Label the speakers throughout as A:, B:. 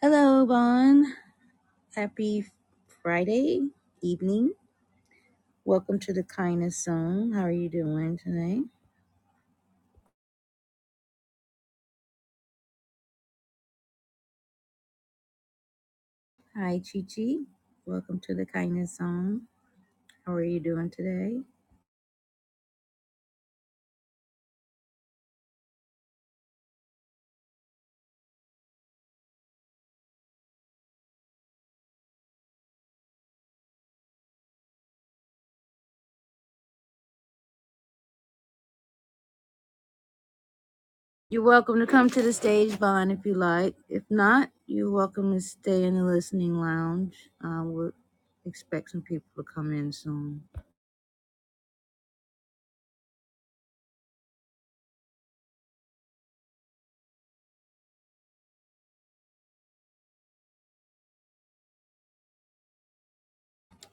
A: Hello, Bon. Happy Friday evening. Welcome to the Kindness Zone. How are you doing today? Hi, Chi Chi. Welcome to the Kindness Zone. How are you doing today? You're welcome to come to the stage, Bon, if you like. If not, you're welcome to stay in the listening lounge. Uh, we'll expect some people to come in soon.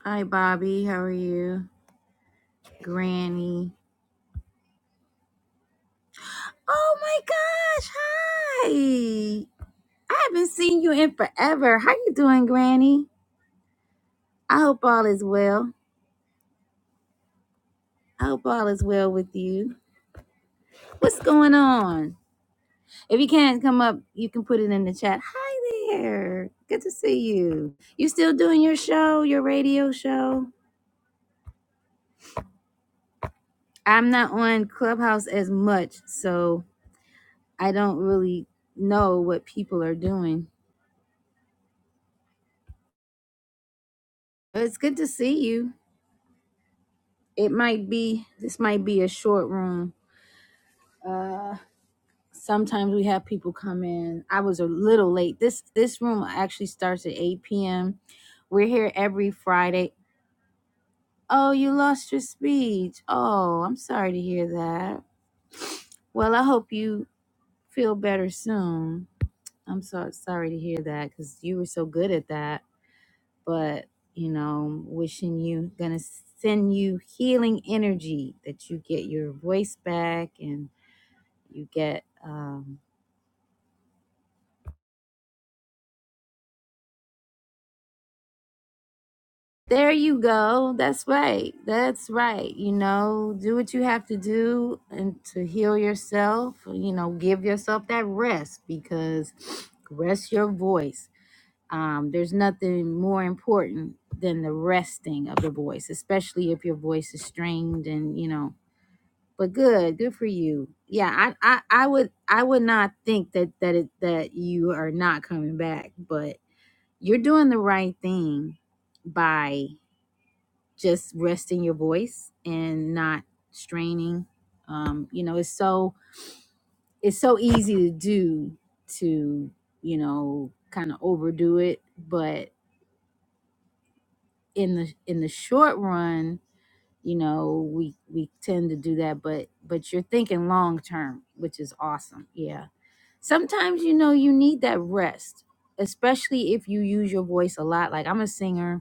A: Hi, Bobby. How are you? Granny. Oh my gosh. Hi. I haven't seen you in forever. How you doing, Granny? I hope all is well. I hope all is well with you. What's going on? If you can't come up, you can put it in the chat. Hi there. Good to see you. You still doing your show, your radio show? I'm not on Clubhouse as much, so I don't really know what people are doing. But it's good to see you. It might be this might be a short room. Uh. sometimes we have people come in. I was a little late. This this room actually starts at 8 p.m. We're here every Friday. Oh, you lost your speech. Oh, I'm sorry to hear that. Well, I hope you feel better soon. I'm so sorry to hear that because you were so good at that. But you know, wishing you gonna send you healing energy that you get your voice back and you get um, There you go. That's right. That's right. You know, do what you have to do and to heal yourself. You know, give yourself that rest because rest your voice. Um, there's nothing more important than the resting of the voice, especially if your voice is strained and you know. But good, good for you. Yeah, I, I, I would, I would not think that that it, that you are not coming back, but you're doing the right thing by just resting your voice and not straining um you know it's so it's so easy to do to you know kind of overdo it but in the in the short run you know we we tend to do that but but you're thinking long term which is awesome yeah sometimes you know you need that rest especially if you use your voice a lot like i'm a singer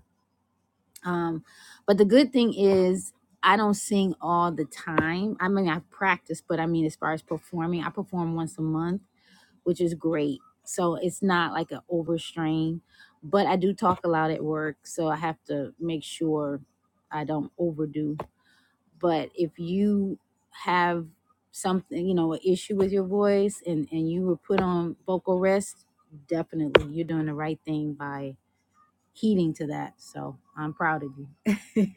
A: Um, but the good thing is I don't sing all the time. I mean, I practice, but I mean, as far as performing, I perform once a month, which is great. So it's not like an overstrain, but I do talk a lot at work, so I have to make sure I don't overdo. But if you have something, you know, an issue with your voice and and you were put on vocal rest, definitely you're doing the right thing by heeding to that. So I'm proud of you.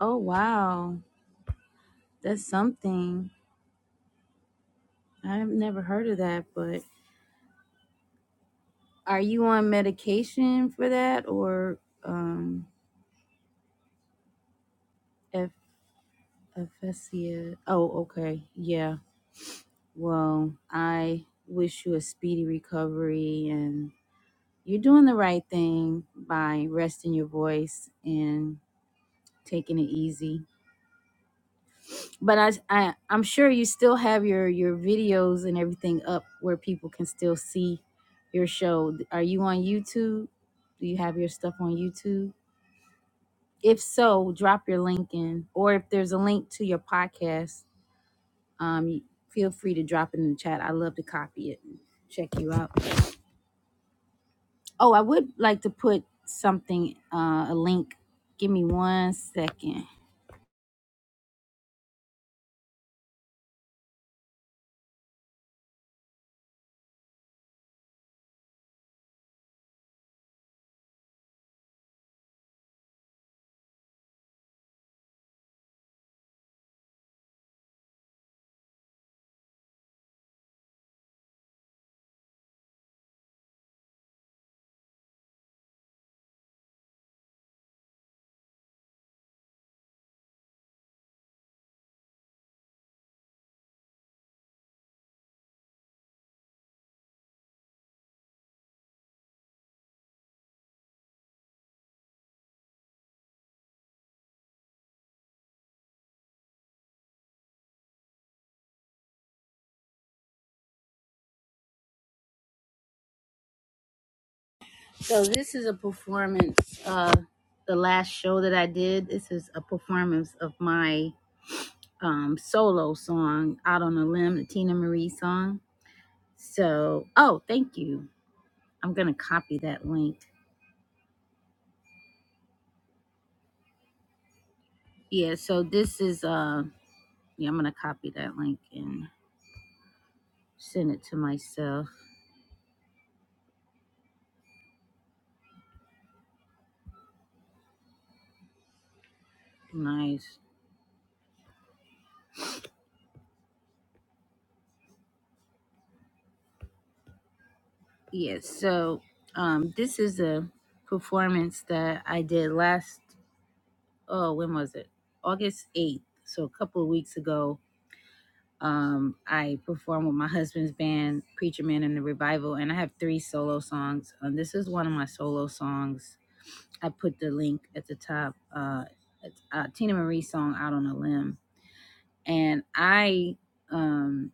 A: Oh, wow. That's something. I've never heard of that, but are you on medication for that or um F- aphasia? Oh, okay. Yeah. Well, I wish you a speedy recovery and you're doing the right thing by resting your voice and taking it easy. but I, I I'm sure you still have your your videos and everything up where people can still see your show. Are you on YouTube? Do you have your stuff on YouTube? If so, drop your link in, or if there's a link to your podcast, um, you- feel free to drop it in the chat. I love to copy it and check you out. Oh, I would like to put something, uh, a link. Give me one second. So this is a performance. Uh, the last show that I did, this is a performance of my um, solo song "Out on a Limb," the Tina Marie song. So, oh, thank you. I'm gonna copy that link. Yeah. So this is. Uh, yeah, I'm gonna copy that link and send it to myself. Nice. Yeah. So um, this is a performance that I did last. Oh, when was it? August 8th. So a couple of weeks ago Um, I perform with my husband's band, Preacher Man and the Revival, and I have three solo songs. Um, this is one of my solo songs. I put the link at the top. Uh, it's uh, Tina Marie's song "Out on a Limb," and I um,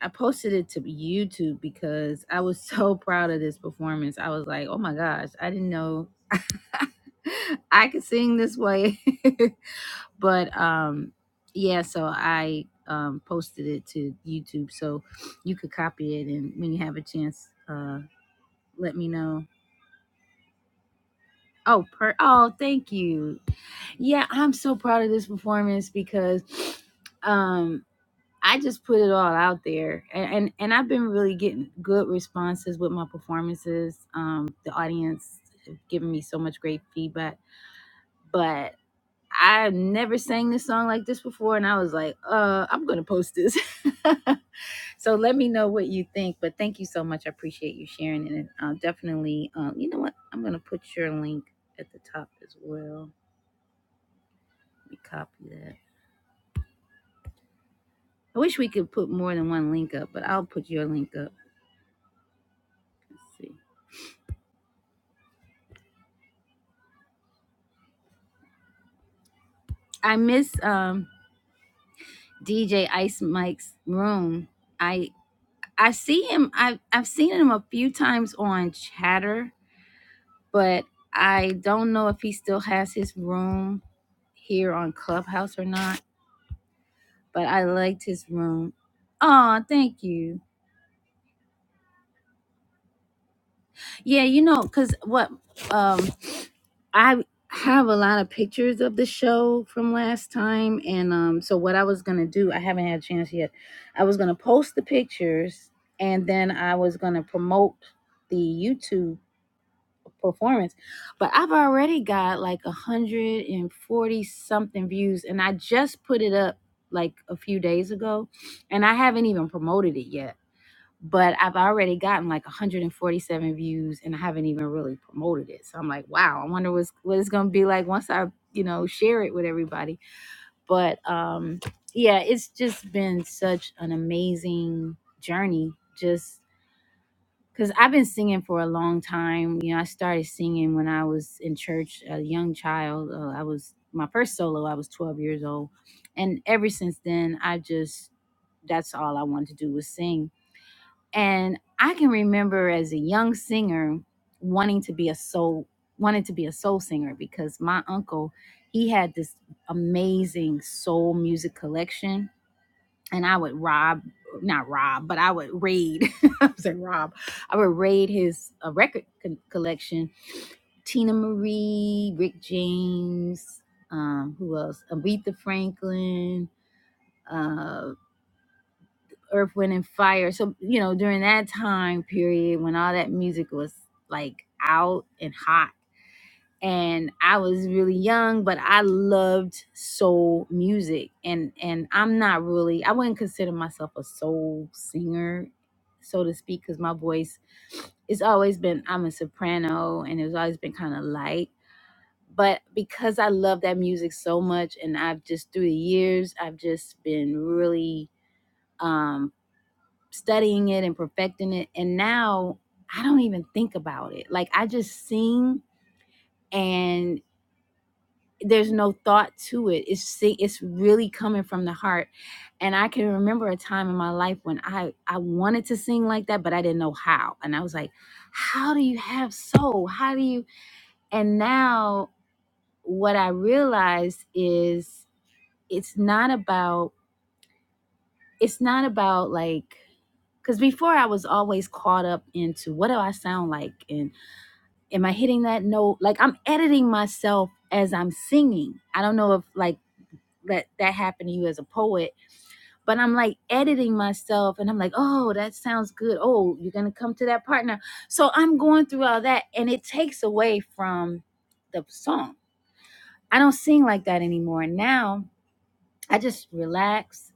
A: I posted it to YouTube because I was so proud of this performance. I was like, "Oh my gosh, I didn't know I could sing this way." but um yeah so i um posted it to youtube so you could copy it and when you have a chance uh let me know oh per oh thank you yeah i'm so proud of this performance because um i just put it all out there and and, and i've been really getting good responses with my performances um the audience have given me so much great feedback but. I never sang this song like this before, and I was like, uh, I'm gonna post this. so let me know what you think. But thank you so much. I appreciate you sharing it. uh, definitely, um, you know what? I'm gonna put your link at the top as well. Let me copy that. I wish we could put more than one link up, but I'll put your link up. Let's see. I miss um, DJ Ice Mike's room. I I see him. I've I've seen him a few times on Chatter but I don't know if he still has his room here on Clubhouse or not. But I liked his room. Oh, thank you. Yeah, you know, cause what um I have a lot of pictures of the show from last time, and um, so what I was gonna do, I haven't had a chance yet. I was gonna post the pictures, and then I was gonna promote the YouTube. performance. But I've already got like 140 something views, and I just put it up like a few days ago, and I haven't even promoted it yet. But I've already gotten like 147 views, and I haven't even really promoted it. So I'm like, wow, I wonder what's, what it's gonna be like once I, you know, share it with everybody. But um, yeah, it's just been such an amazing journey. Just because I've been singing for a long time. You know, I started singing when I was in church, a young child. Uh, I was my first solo. I was 12 years old, and ever since then, I just that's all I wanted to do was sing. And I can remember as a young singer wanting to be a soul wanted to be a soul singer because my uncle he had this amazing soul music collection and I would rob, not rob, but I would raid. I was saying rob. I would raid his uh, record co- collection. Tina Marie, Rick James, um, who else? Aretha Franklin, uh, Earth, Wind, and Fire. So you know, during that time period when all that music was like out and hot and I was really young, but I loved soul music. And and I'm not really I wouldn't consider myself a soul singer, so to speak, because my voice it's always been I'm a soprano and it's always been kind of light. But because I love that music so much and I've just through the years I've just been really um studying it and perfecting it. And now I don't even think about it. Like I just sing and. there's no thought to it it's si- it's really coming from the heart and i can remember a time in my life when i i wanted to sing like that but i didn't know how and i was like how do you have soul how do you and now what i realized is it's not about it's not about like because before i was always caught up into what do i sound like and am i hitting that note like i'm editing myself as i'm singing i don't know if like Let that happen to you as a poet but i'm like editing myself and i'm like oh that sounds good oh you're gonna come to that part now." so i'm going through all that and it takes away from the song i don't sing like that anymore now i just relax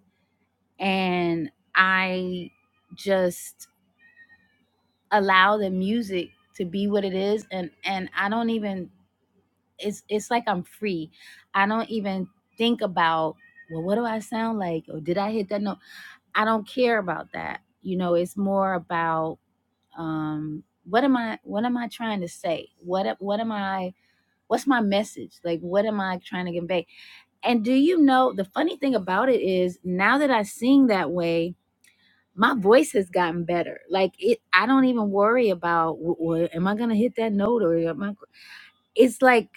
A: and i just allow the music to be what it is and and i don't even it's it's like i'm free i don't even think about well what do i sound like or did i hit that note I don't care about that. You know, it's more about um, what am I what am I trying to say? What what am I what's my message? Like what am I trying to convey? And do you know the funny thing about it is now that I sing that way, my voice has gotten better. Like it I don't even worry about w- am I going to hit that note or am I it's like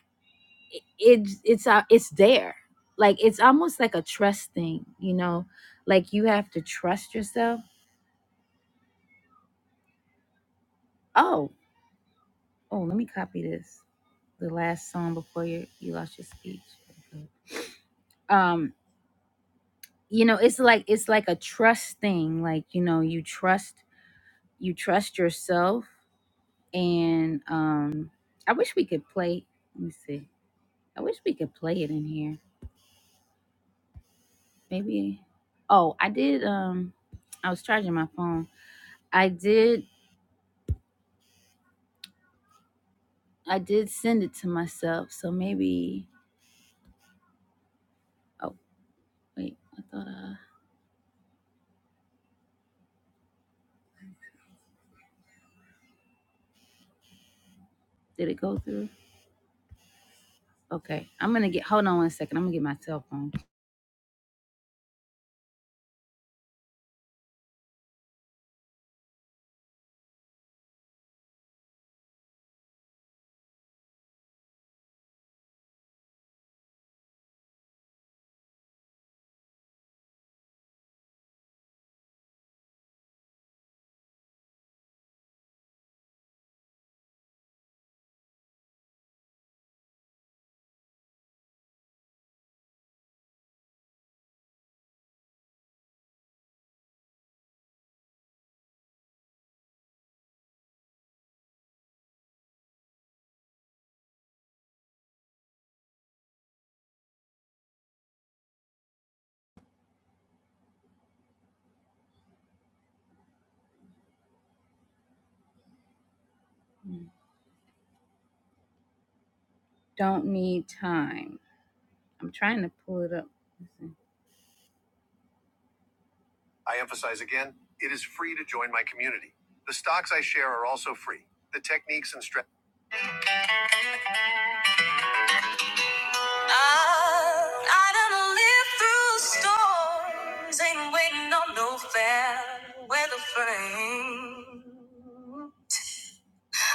A: it, it's it's uh, it's there. Like it's almost like a trust thing, you know? Like you have to trust yourself Oh. Oh, let me copy this. The last song before you you lost your speech. Okay. Um, you know, it's like it's like a trust thing. Like you know, you trust you trust yourself, and um, I wish we could play. Let me see. I wish we could play it in here. Maybe. Oh, I did. Um, I was charging my phone. I did. I did send it to myself. So maybe. Oh wait, I thought. Uh, did it go through? Okay, I'm gonna get. Hold on one second. I'm gonna get my cell phone. Don't need time. I'm trying to pull it up. Listen. I emphasize again, it is free to join my community. The stocks I share are also free. The techniques and strategies. I I done lived through storms, ain't waiting on no fair weather frame.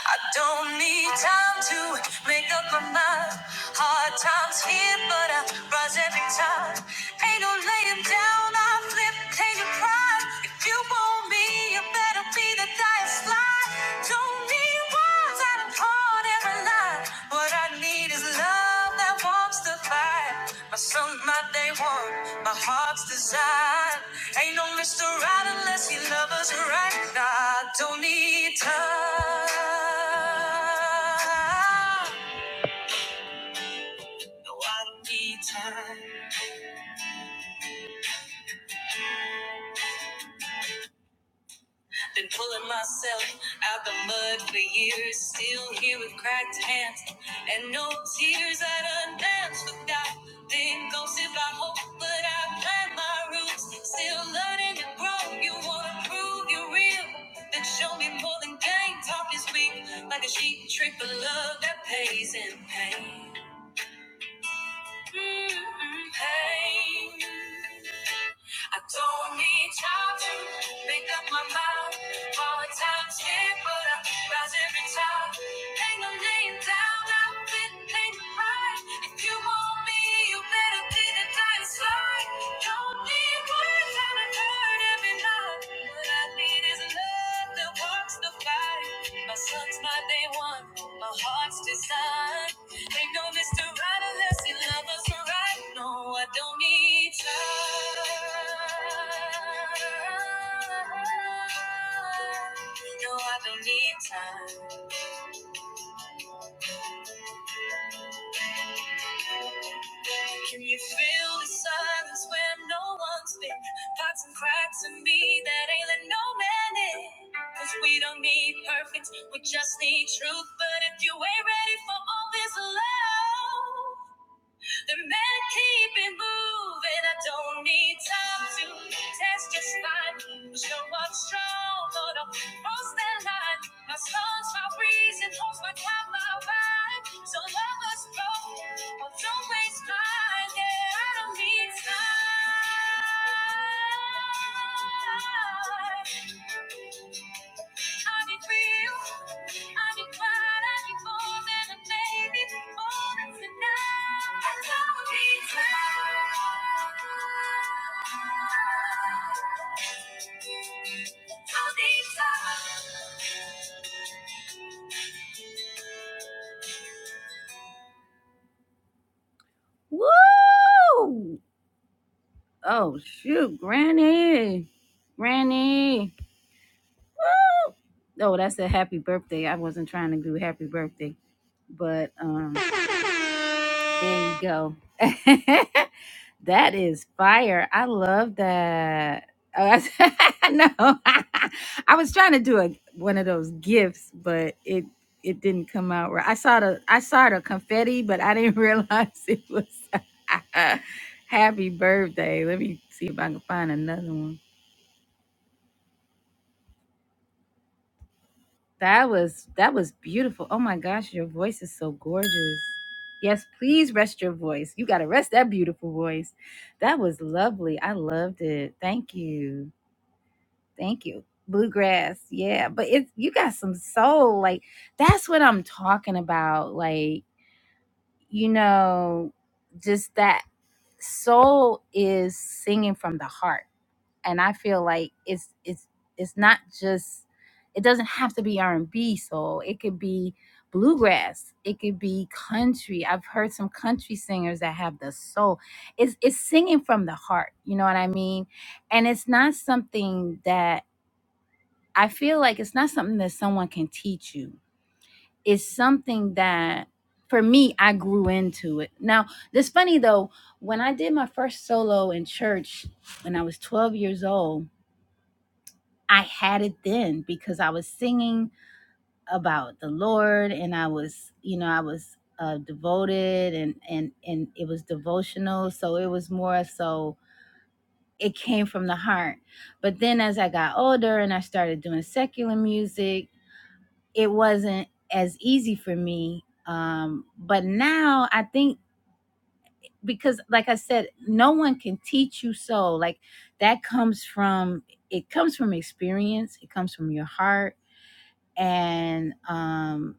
A: I don't need time to make up my mind. Hard times here, but I rise every time. Ain't no laying down, I flip, pay your pride. If you want me, you better be the dice fly. Don't need words, I done poured every line. What I need is love that warms the fire. My sun, my day one, my heart's desire. Ain't no Mr. Right unless you love us right. Now I don't need time. No, I don't need time. Been pulling myself out the mud for years, still here with cracked hands and no tears. I'd undance without being ghosted by hope, but I plant my roots, still learning to grow. You wanna prove you're real, then show me more than gang talk is weak, like a sheep trick for love that pays in pain. Mm-mm, pain. I don't need time to make up my mind. Volatile's here, but I rise every time. Hang a laying down, I've been paying the price. If you want me, you better be the dying slide. Don't need words and a hurt every night. What I need is love that walks the fight. My son's my day one, my heart's design. Ain't no Mr. Right unless he loves us right. No, I don't need time. No, I don't need time. Can you feel the silence where no one's been? Pots and cracks in me that ain't let no man in. Cause we don't need perfect, we just need truth. But if you ain't ready for all this love. The men keep it moving. I don't need time to test just fine. Show up strong, but I'll cross that line. My songs, my reason, holds my time, my ride. So love us both, but don't waste mine. Yeah, I don't need time. So Woo! Oh shoot, Granny, Granny. Oh, that's a happy birthday. I wasn't trying to do happy birthday, but um, there you go. That is fire. I love that. Oh, I I know. I was trying to do a one of those gifts, but it it didn't come out right. I saw the I saw the confetti, but I didn't realize it was happy birthday. Let me see if I can find another one. That was that was beautiful. Oh my gosh, your voice is so gorgeous. Yes, please rest your voice. You got to rest that beautiful voice. That was lovely. I loved it. Thank you. Thank you. Bluegrass. Yeah. But it's you got some soul. Like that's what I'm talking about. Like, you know, just that soul is singing from the heart. And I feel like it's it's it's not just it doesn't have to be R&B soul. It could be bluegrass. It could be country. I've heard some country singers that have the soul. It's it's singing from the heart. You know what I mean? And it's not something that I feel like it's not something that someone can teach you. It's something that for me I grew into it. Now, it's funny though, when I did my first solo in church when I was 12 years old, I had it then because I was singing about the Lord and I was, you know, I was uh, devoted and and and it was devotional, so it was more so it came from the heart. But then as I got older and I started doing secular music it wasn't as easy for me. Um, but now I think because, like I said, no one can teach you so. Like that comes from it comes from experience. It comes from your heart. And um,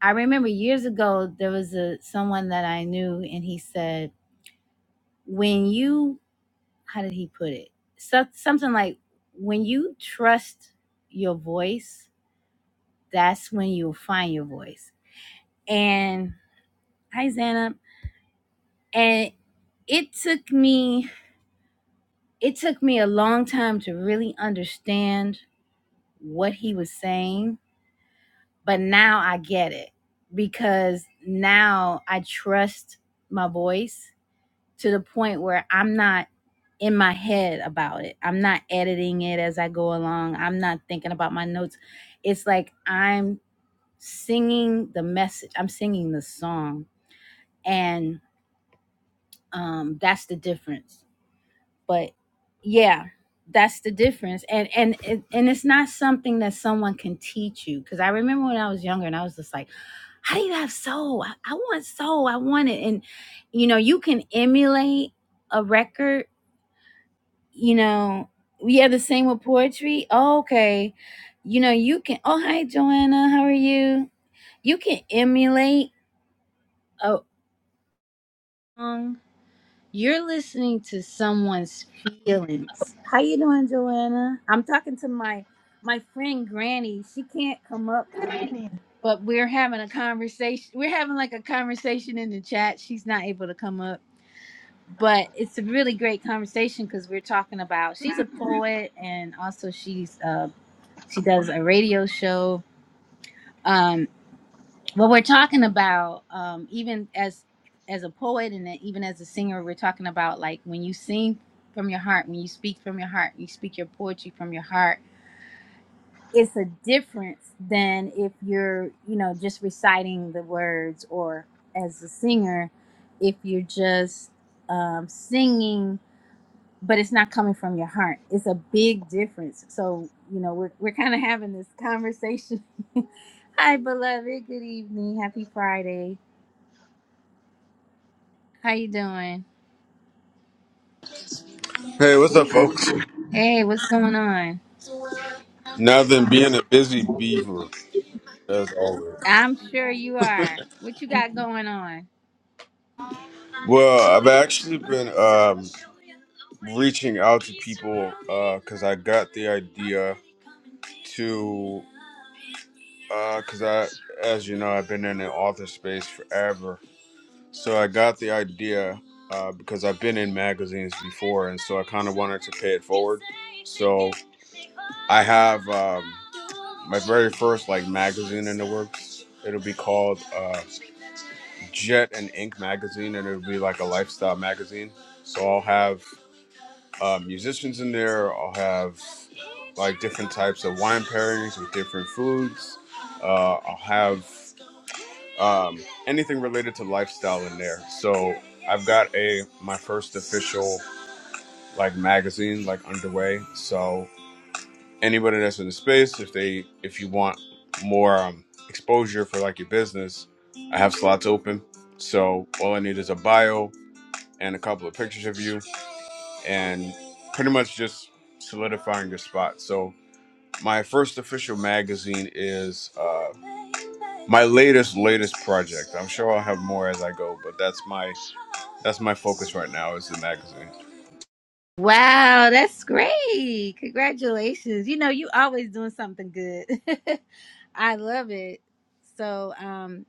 A: I remember years ago there was a someone that I knew, and he said, "When you, how did he put it? So, something like when you trust your voice, that's when you'll find your voice." And hi, Zana and it took me it took me a long time to really understand what he was saying but now i get it because now i trust my voice to the point where i'm not in my head about it i'm not editing it as i go along i'm not thinking about my notes it's like i'm singing the message i'm singing the song and um that's the difference but yeah that's the difference and and and and it's not something that someone can teach you because i remember when i was younger and i was just like how do you have soul I, I want soul i want it and you know you can emulate a record you know we have the same with poetry oh, okay you know you can oh hi joanna how are you you can emulate a song You're listening to someone's feelings. How you doing, Joanna? I'm talking to my my friend Granny. She can't come up,
B: Good evening.
A: but we're having a conversation. We're having like a conversation in the chat. She's not able to come up, but it's a really great conversation because we're talking about. She's a poet, and also she's uh she does a radio show. Um what we're talking about um, even as as a poet and then even as a singer, we're talking about like when you sing from your heart, when you speak from your heart, you speak your poetry from your heart. It's a difference than if you're you know just reciting the words, or as a singer, if you're just um, singing, but it's not coming from your heart. It's a big difference. So you know we're we're kind of having this conversation. Hi, beloved. Good evening. Happy Friday. How you doing?
C: Hey, what's up, folks?
A: Hey, what's going on?
C: Nothing being a busy beaver, as always.
A: I'm sure you are. What you got going on?
C: Well, I've actually been um, reaching out to people because I got the idea to, because I, as you know, I've been in the author space forever. So I got the idea uh, because I've been in magazines before, and so I kind of wanted to pay it forward. So I have um, my very first like magazine in the works. It'll be called uh, Jet and Ink magazine, and it'll be like a lifestyle magazine. So I'll have uh, musicians in there. I'll have like different types of wine pairings with different foods. Uh, I'll have um, anything related to lifestyle in there. So I've got a my first official like magazine like underway. So anybody that's in the space, if they if you want more um, exposure for like your business, I have slots open. So all I need is a bio and a couple of pictures of you and pretty much just solidifying your spot. So my first official magazine is uh, my latest latest project. I'm sure I'll have more as I go, but that's my that's my focus right now is the magazine.
A: Wow, that's great. Congratulations. You know, you always doing something good. I love it. So, um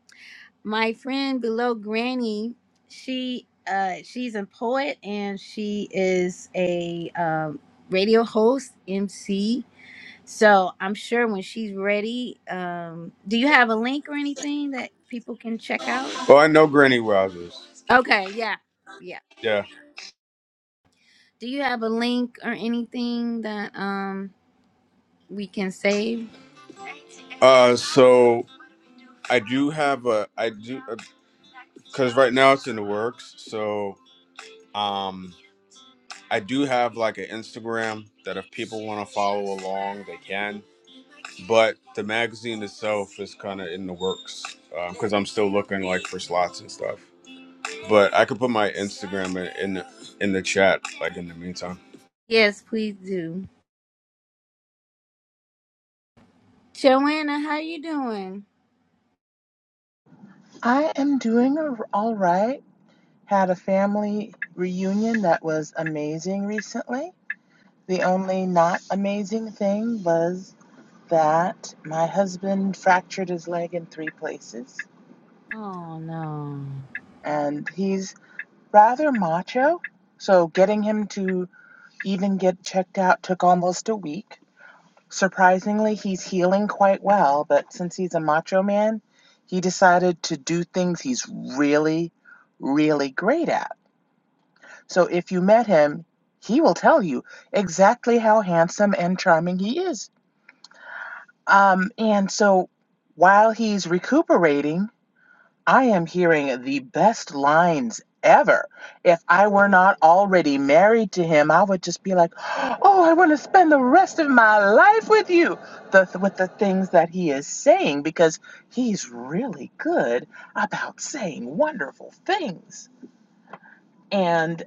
A: my friend below Granny, she uh she's a poet and she is a um radio host, MC. So, I'm sure when she's ready, um do you have a link or anything that people can check out?
C: Well, I know Granny Wowzers.
A: Okay, yeah. Yeah.
C: Yeah.
A: Do you have a link or anything that um we can save?
C: Uh, so I do have a I do because right now it's in the works. So um, I do have like an Instagram that if people want to follow along, they can. but the magazine itself is kind of in the works because I'm still looking like for slots and stuff. But I could put my Instagram in in the, in the chat like in the meantime.
A: Yes, please do. Joanna, how you doing?
B: I am doing ar- all right. Had a family reunion that was amazing recently. The only not amazing thing was that my husband fractured his leg in three places,
A: Oh no.
B: and he's rather macho. So getting him to even get checked out took almost a week. Surprisingly, he's healing quite well, but since he's a macho man, he decided to do things he's really, really great at So if you met him, he will tell you exactly how handsome and charming he is. Um, and so while he's recuperating, I am hearing the best lines ever. If I were not already married to him, I would just be like, "Oh, I want to spend the rest of my life with you." The, with the things that he is saying because he's really good about saying wonderful things. And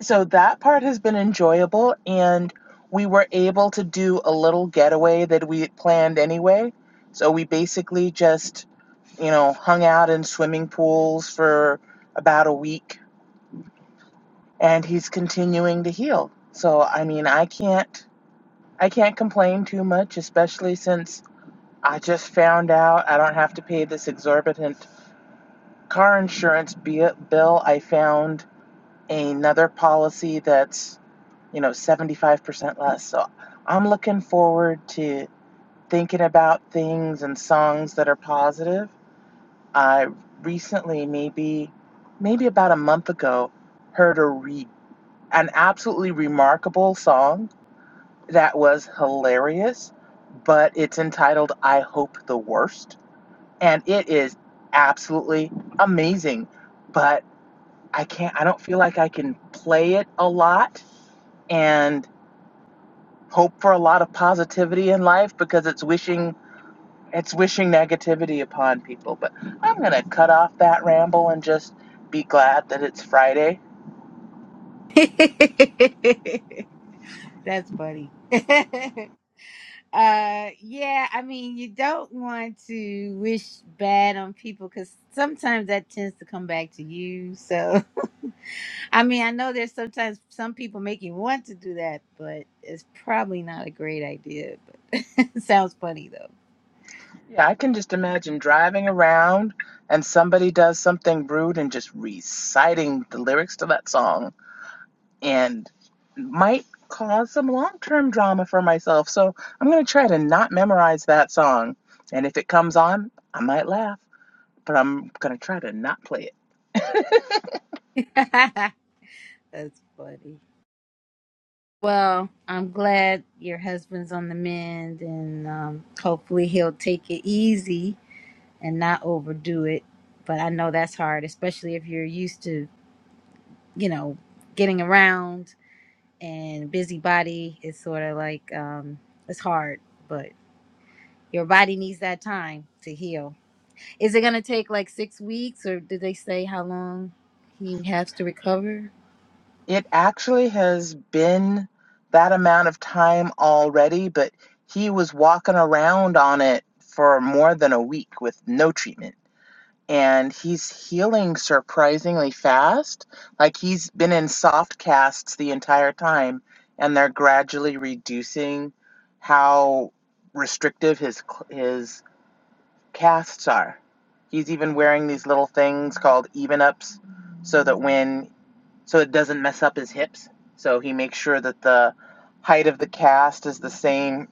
B: so that part has been enjoyable. And we were able to do a little getaway that we had planned anyway. So we basically just, you know, hung out in swimming pools for about a week and he's continuing to heal. So I mean, I can't I can't complain too much, especially since I just found out I don't have to pay this exorbitant car insurance bi- bill. I found another policy that's you know, 75% less. So I'm looking forward to thinking about things and songs that are positive. I recently, maybe, maybe about a month ago, heard a re- an absolutely remarkable song that was hilarious, but it's entitled I Hope the Worst. And it is absolutely amazing, but I can't, I don't feel like I can play it a lot. and. hope for a lot of positivity in life because it's wishing it's wishing negativity upon people. But I'm gonna cut off that ramble and just be glad that it's Friday.
A: That's funny. uh yeah, I mean you don't want to wish bad on people cuz sometimes that tends to come back to you. So I mean, I know there's sometimes some people make you want to do that, but it's probably not a great idea. But it sounds funny though.
B: Yeah, I can just imagine driving around and somebody does something rude and just reciting the lyrics to that song and might cause some long-term drama for myself. So I'm gonna try to not memorize that song. And if it comes on, I might laugh, but I'm gonna try to not play it.
A: That's funny. Well, I'm glad your husband's on the mend, and um, hopefully he'll take it easy and not overdo it. But I know that's hard, especially if you're used to, you know, getting around and busybody It's sort of like um it's hard, but your body needs that time to heal. Is it gonna take like six weeks or did they say how long he has to recover?
B: It actually has been that amount of time already, but he was walking around on it for more than a week with no treatment. And he's healing surprisingly fast. Like he's been in soft casts the entire time, and they're gradually reducing how restrictive his cl- his casts are. He's even wearing these little things called even ups, so that when so it doesn't mess up his hips. So he makes sure that the height of the cast is the same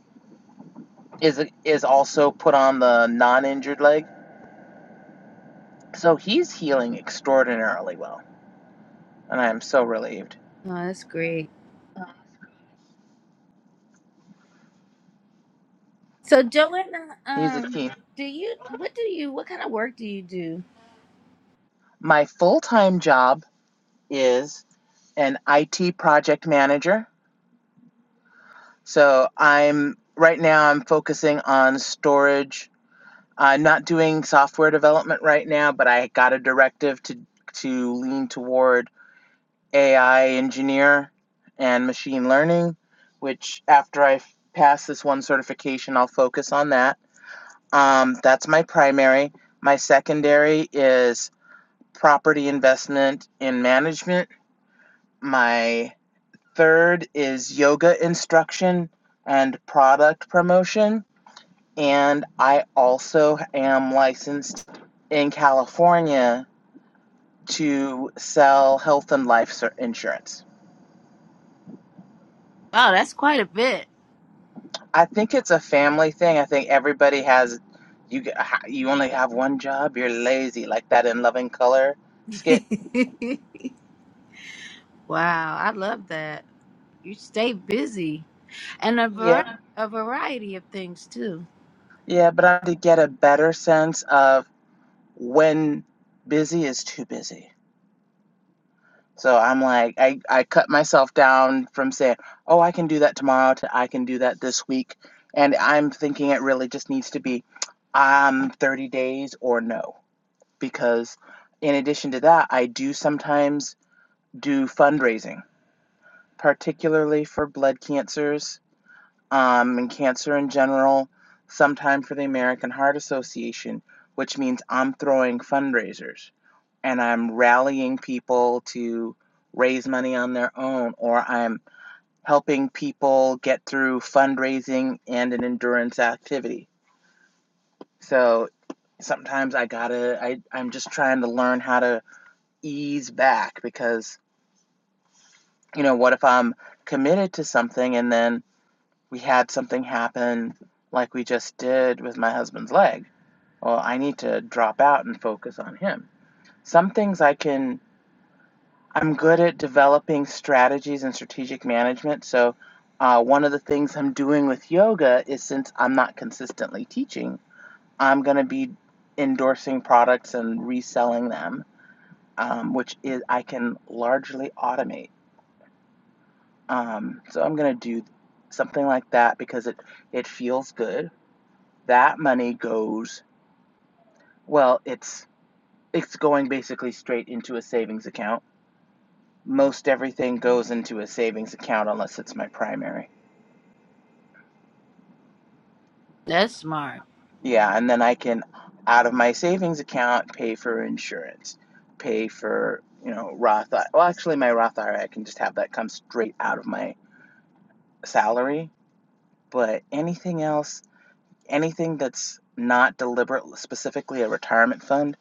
B: is is also put on the non-injured leg. So he's healing extraordinarily well, and I am so relieved.
A: Oh, that's great. So Joanna,
B: He's a
A: um,
B: team.
A: do you what do you what kind of work do you do?
B: My full-time job is an IT project manager. So I'm right now I'm focusing on storage. I'm not doing software development right now, but I got a directive to to lean toward AI engineer and machine learning, which after I pass this one certification, I'll focus on that. Um, that's my primary. My secondary is property investment and management. My third is yoga instruction and product promotion. And I also am licensed in California to sell health and life insurance.
A: Oh, that's quite a bit.
B: I think it's a family thing. I think everybody has you g- ha- you only have one job. You're lazy like that in Loving Color skit.
A: wow, I love that. You stay busy. and a, vari-
B: Yeah.
A: a variety of things too.
B: Yeah, but I did get a better sense of when busy is too busy. So I'm like I I cut myself down from saying, "Oh, I can do that tomorrow," to "I can do that this week." And I'm thinking it really just needs to be um 30 days or no because in addition to that, I do sometimes do fundraising particularly for blood cancers um, and cancer in general, sometime for the American Heart Association, which means I'm throwing fundraisers and I'm rallying people to raise money on their own, or I'm helping people get through fundraising and an endurance activity. So sometimes I gotta, I, I'm just trying to learn how to ease back because, you know, what if I'm committed to something and then we had something happen like we just did with my husband's leg. Well, I need to drop out and focus on him. Some things I can, I'm good at developing strategies and strategic management. So, uh, one of the things I'm doing with yoga is since I'm not consistently teaching, I'm going to be endorsing products and reselling them, um, which is I can largely automate. Um, so I'm going to do something like that because it it feels good That money goes, well, it's it's going basically straight into a savings account. Most everything goes into a savings account unless it's my primary.
A: That's smart.
B: Yeah, and then I can out of my savings account pay for insurance, pay for, you know, Roth. Well, actually my Roth IRA can just have that come straight out of my salary, but anything else, anything that's not deliberate specifically a retirement fund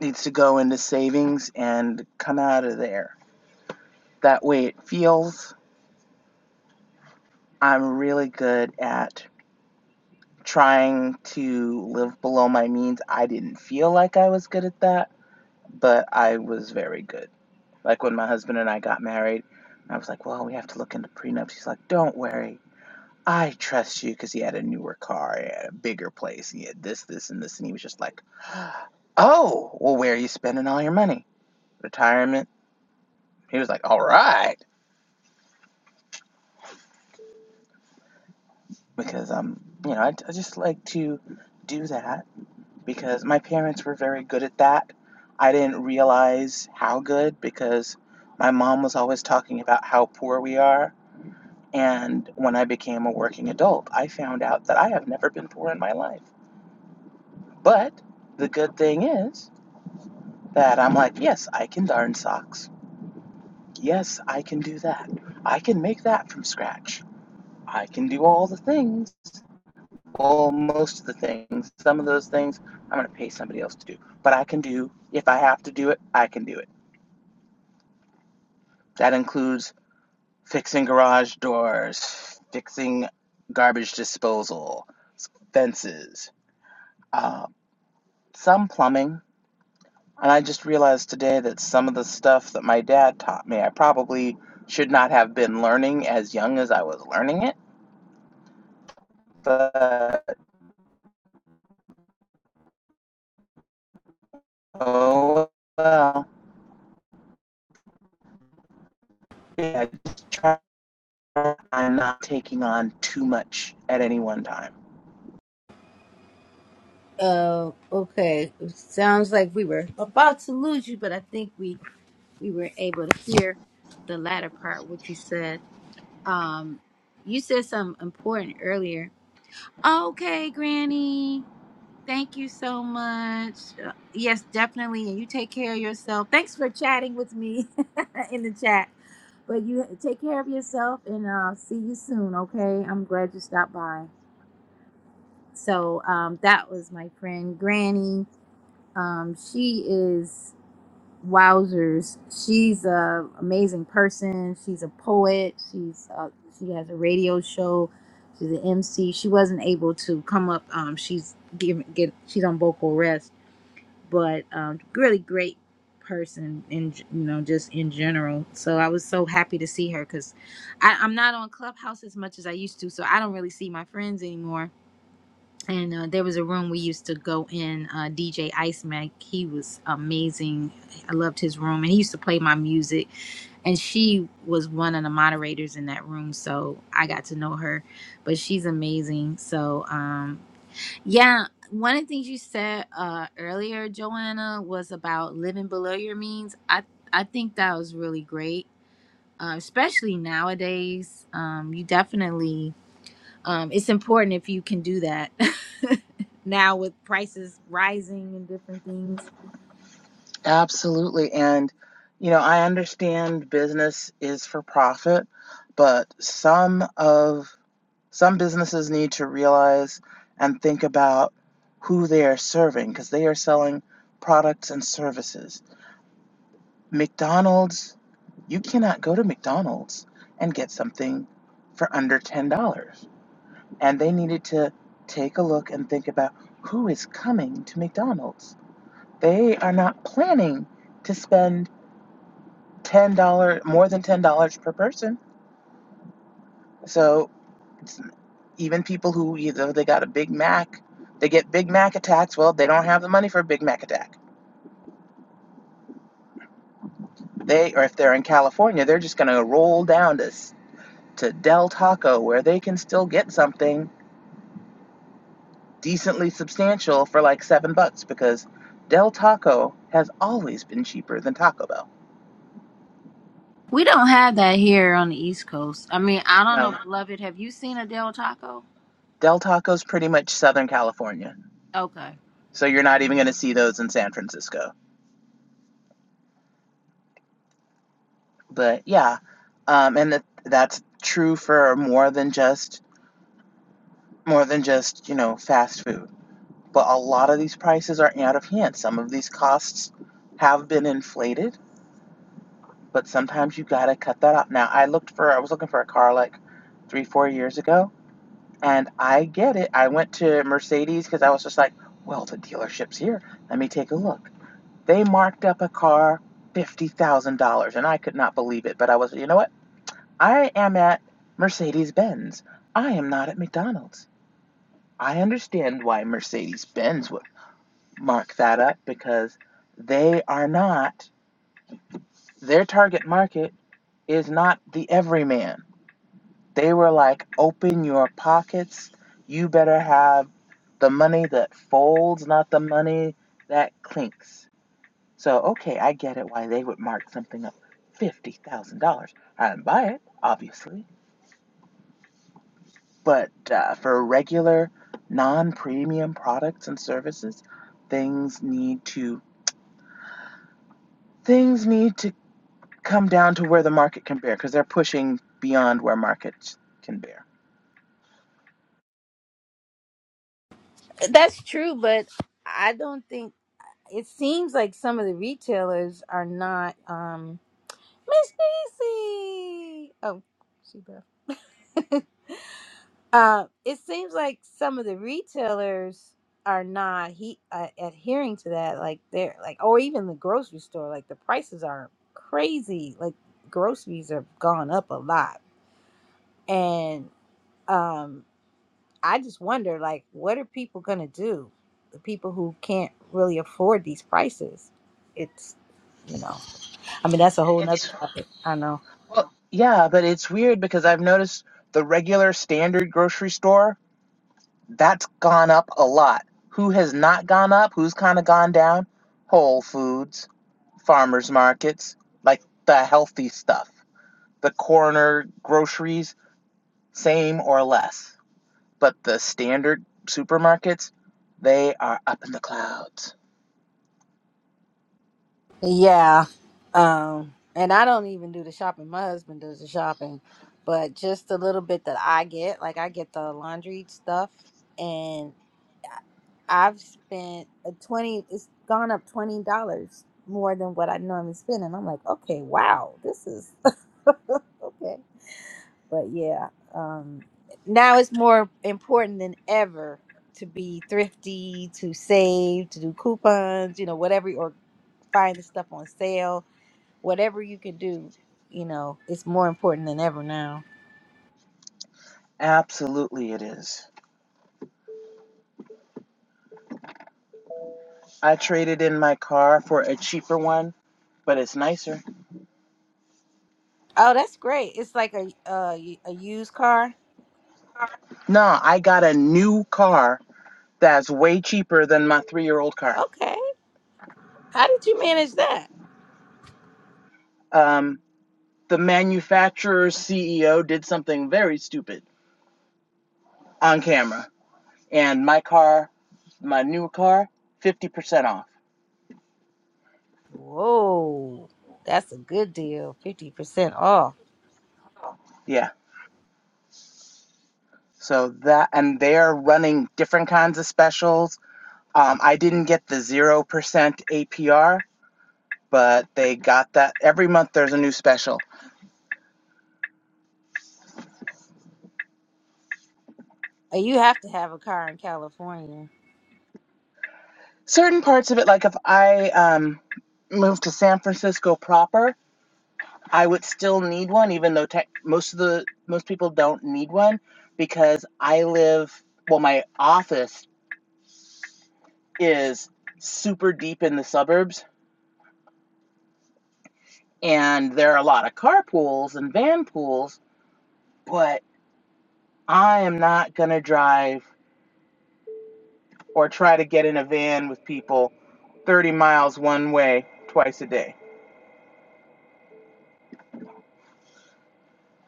B: needs to go into savings and come out of there that way it feels. I'm really good at trying to live below my means. I didn't feel like I was good at that, but I was very good. Like when my husband and I got married, I was like, well, we have to look into prenups. He's like, don't worry. I trust you because he had a newer car, he had a bigger place, he had this, this, and this. And he was just like, oh, well, where are you spending all your money? Retirement? He was like, all right. Because, um, you know, I, I just like to do that because my parents were very good at that. I didn't realize how good because my mom was always talking about how poor we are. And when I became a working adult, I found out that I have never been poor in my life. But the good thing is that I'm like, yes, I can darn socks. Yes, I can do that. I can make that from scratch. I can do all the things. Well, most of the things. Some of those things I'm going to pay somebody else to do. But I can do, if I have to do it, I can do it That includes fixing garage doors, fixing garbage disposal, fences, uh, some plumbing. And I just realized today that some of the stuff that my dad taught me, I probably should not have been learning as young as I was learning it. But oh well, yeah, just try. I'm not taking on too much at any one time.
A: Oh, okay. It sounds like we were about to lose you, but I think we we were able to hear the latter part what you said. Um, you said something important earlier. Okay, Granny. Thank you so much. Uh, yes, definitely. And you take care of yourself. Thanks for chatting with me in the chat. But you take care of yourself, and I'll see you soon. Okay. I'm glad you stopped by. So um, that was my friend Granny. Um, she is wowzers. She's a amazing person. She's a poet. She's uh she has a radio show. She's an MC. She wasn't able to come up. Um, she's given get she's on vocal rest, but um, really great person in g- you know just in general. So I was so happy to see her because I'm not on Clubhouse as much as I used to, so I don't really see my friends anymore and uh, there was a room we used to go in uh, dj ice mac he was amazing i loved his room and he used to play my music and she was one of the moderators in that room so i got to know her but she's amazing so um yeah one of the things you said uh earlier joanna was about living below your means i i think that was really great uh, especially nowadays um you definitely um, it's important if you can do that now with prices rising and different things.
B: Absolutely. And, you know, I understand business is for profit, but some of some businesses need to realize and think about who they are serving because they are selling products and services. McDonald's, you cannot go to McDonald's and get something for under $10. And they needed to take a look and think about who is coming to McDonald's. They are not planning to spend ten dollar more than ten dollars per person. So even people who either they got a Big Mac, they get Big Mac attacks. Well, they don't have the money for a Big Mac attack. They or if they're in California, they're just gonna roll down to to Del Taco where they can still get something decently substantial for like seven bucks because Del Taco has always been cheaper than Taco Bell.
A: We don't have that here on the East Coast. I mean, I don't know,
B: No,
A: beloved. Have you seen a Del Taco?
B: Del Taco's pretty much Southern California,
A: Okay.
B: so you're not even gonna see those in San Francisco. but yeah um and that that's true for more than just more than just you know fast food but a lot of these prices are out of hand some of these costs have been inflated but sometimes you gotta cut that up now i looked for i was looking for a car like three four years ago and i get it i went to mercedes because i was just like well the dealership's here let me take a look they marked up a car $50000 and i could not believe it but i was you know what I am at Mercedes Benz. I am not at McDonald's. I understand why Mercedes Benz would mark that up because they are not, their target market is not the everyman. They were like, open your pockets. You better have the money that folds, not the money that clinks. So, okay, I get it why they would mark something up $50,000. I'd buy it, obviously. But uh, for regular, non premium products and services, things need to things need to come down to where the market can bear because they're pushing beyond where markets can bear.
A: That's true, but I don't think it seems like some of the retailers are not. Um, Miss Stacy. Oh, she left. Uh, it seems like some of the retailers are not he uh, adhering to that. Like they're like, or even the grocery store. Like the prices are crazy. Like groceries have gone up a lot, and um, I just wonder, like, what are people gonna do? The people who can't really afford these prices. It's you know, I mean, that's a whole nother
B: It's
A: topic. I know.
B: well, yeah, but it's weird because I've noticed the regular standard grocery store that's gone up a lot. Who has not gone up? Who's kind of gone down? Whole Foods, farmers markets, like the healthy stuff, the corner groceries same or less. But the standard supermarkets, they are up in the clouds.
A: Yeah. Um, and I don't even do the shopping. My husband does the shopping. But just a little bit that I get, like I get the laundry stuff and I've spent a twenty it's gone up twenty dollars more than what I normally spend and I'm like, okay, wow, this is okay. But yeah, um now it's more important than ever to be thrifty, to save, to do coupons, you know, whatever or find the stuff on sale whatever you can do, you know, it's more important than ever now.
B: Absolutely, it is. I traded in my car for a cheaper one, but it's nicer.
A: Oh, that's great. It's like a uh, y- a used car.
B: No, I got a new car that's way cheaper than my three year old car.
A: Okay. How did you manage that?
B: Um, the manufacturer's CEO did something very stupid on camera, and my car, my new car, 50% off.
A: Whoa. That's a good deal. 50% off.
B: Yeah. So that, and they're running different kinds of specials Um, I didn't get the 0% APR, but they got that. Every month there's a new special.
A: And You have to have a car in California.
B: Certain parts of it, like if I um, moved to San Francisco proper, I would still need one, even though tech, most of the most people don't need one because I live. Well, my office is super deep in the suburbs, and there are a lot of carpools and van pools. But I am not gonna drive or try to get in a van with people 30 miles one way twice a day.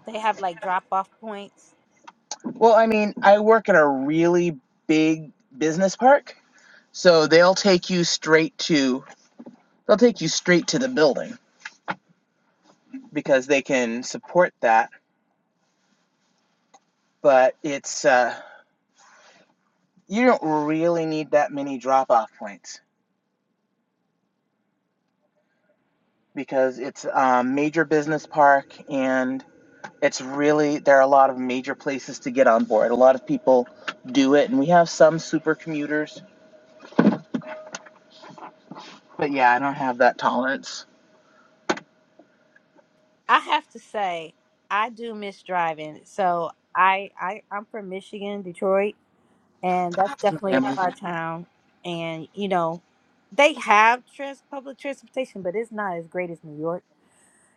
A: They have like drop off points.
B: Well, I mean, I work at a really big business park, so they'll take you straight to they'll take you straight to the building because they can support that, but it's uh you don't really need that many drop-off points because it's a major business park and it's really there are a lot of major places to get on board. A lot of people do it and we have some super commuters But yeah, I don't have that tolerance.
A: I have to say, I do miss driving. So I, I I'm from Michigan, Detroit and
B: I
A: that's
B: have some
A: definitely a
B: family.
A: car town. And you know, they have trans public transportation, but it's not as great as New York.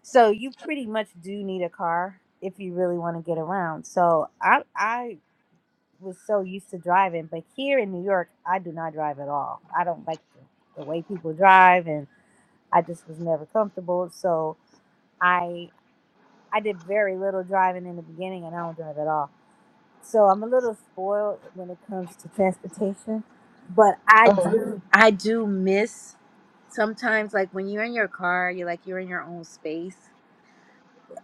A: So you pretty much do need a car if you really want to get around. So I I was so used to driving, but here in New York, I do not drive at all. I don't like the, the way people drive, and I just was never comfortable. So I I did very little driving in the beginning, and I don't drive at all so I'm a little spoiled when it comes to transportation, but I
B: Oh,
A: do I do miss sometimes like when you're in your car, you're like you're in your own space.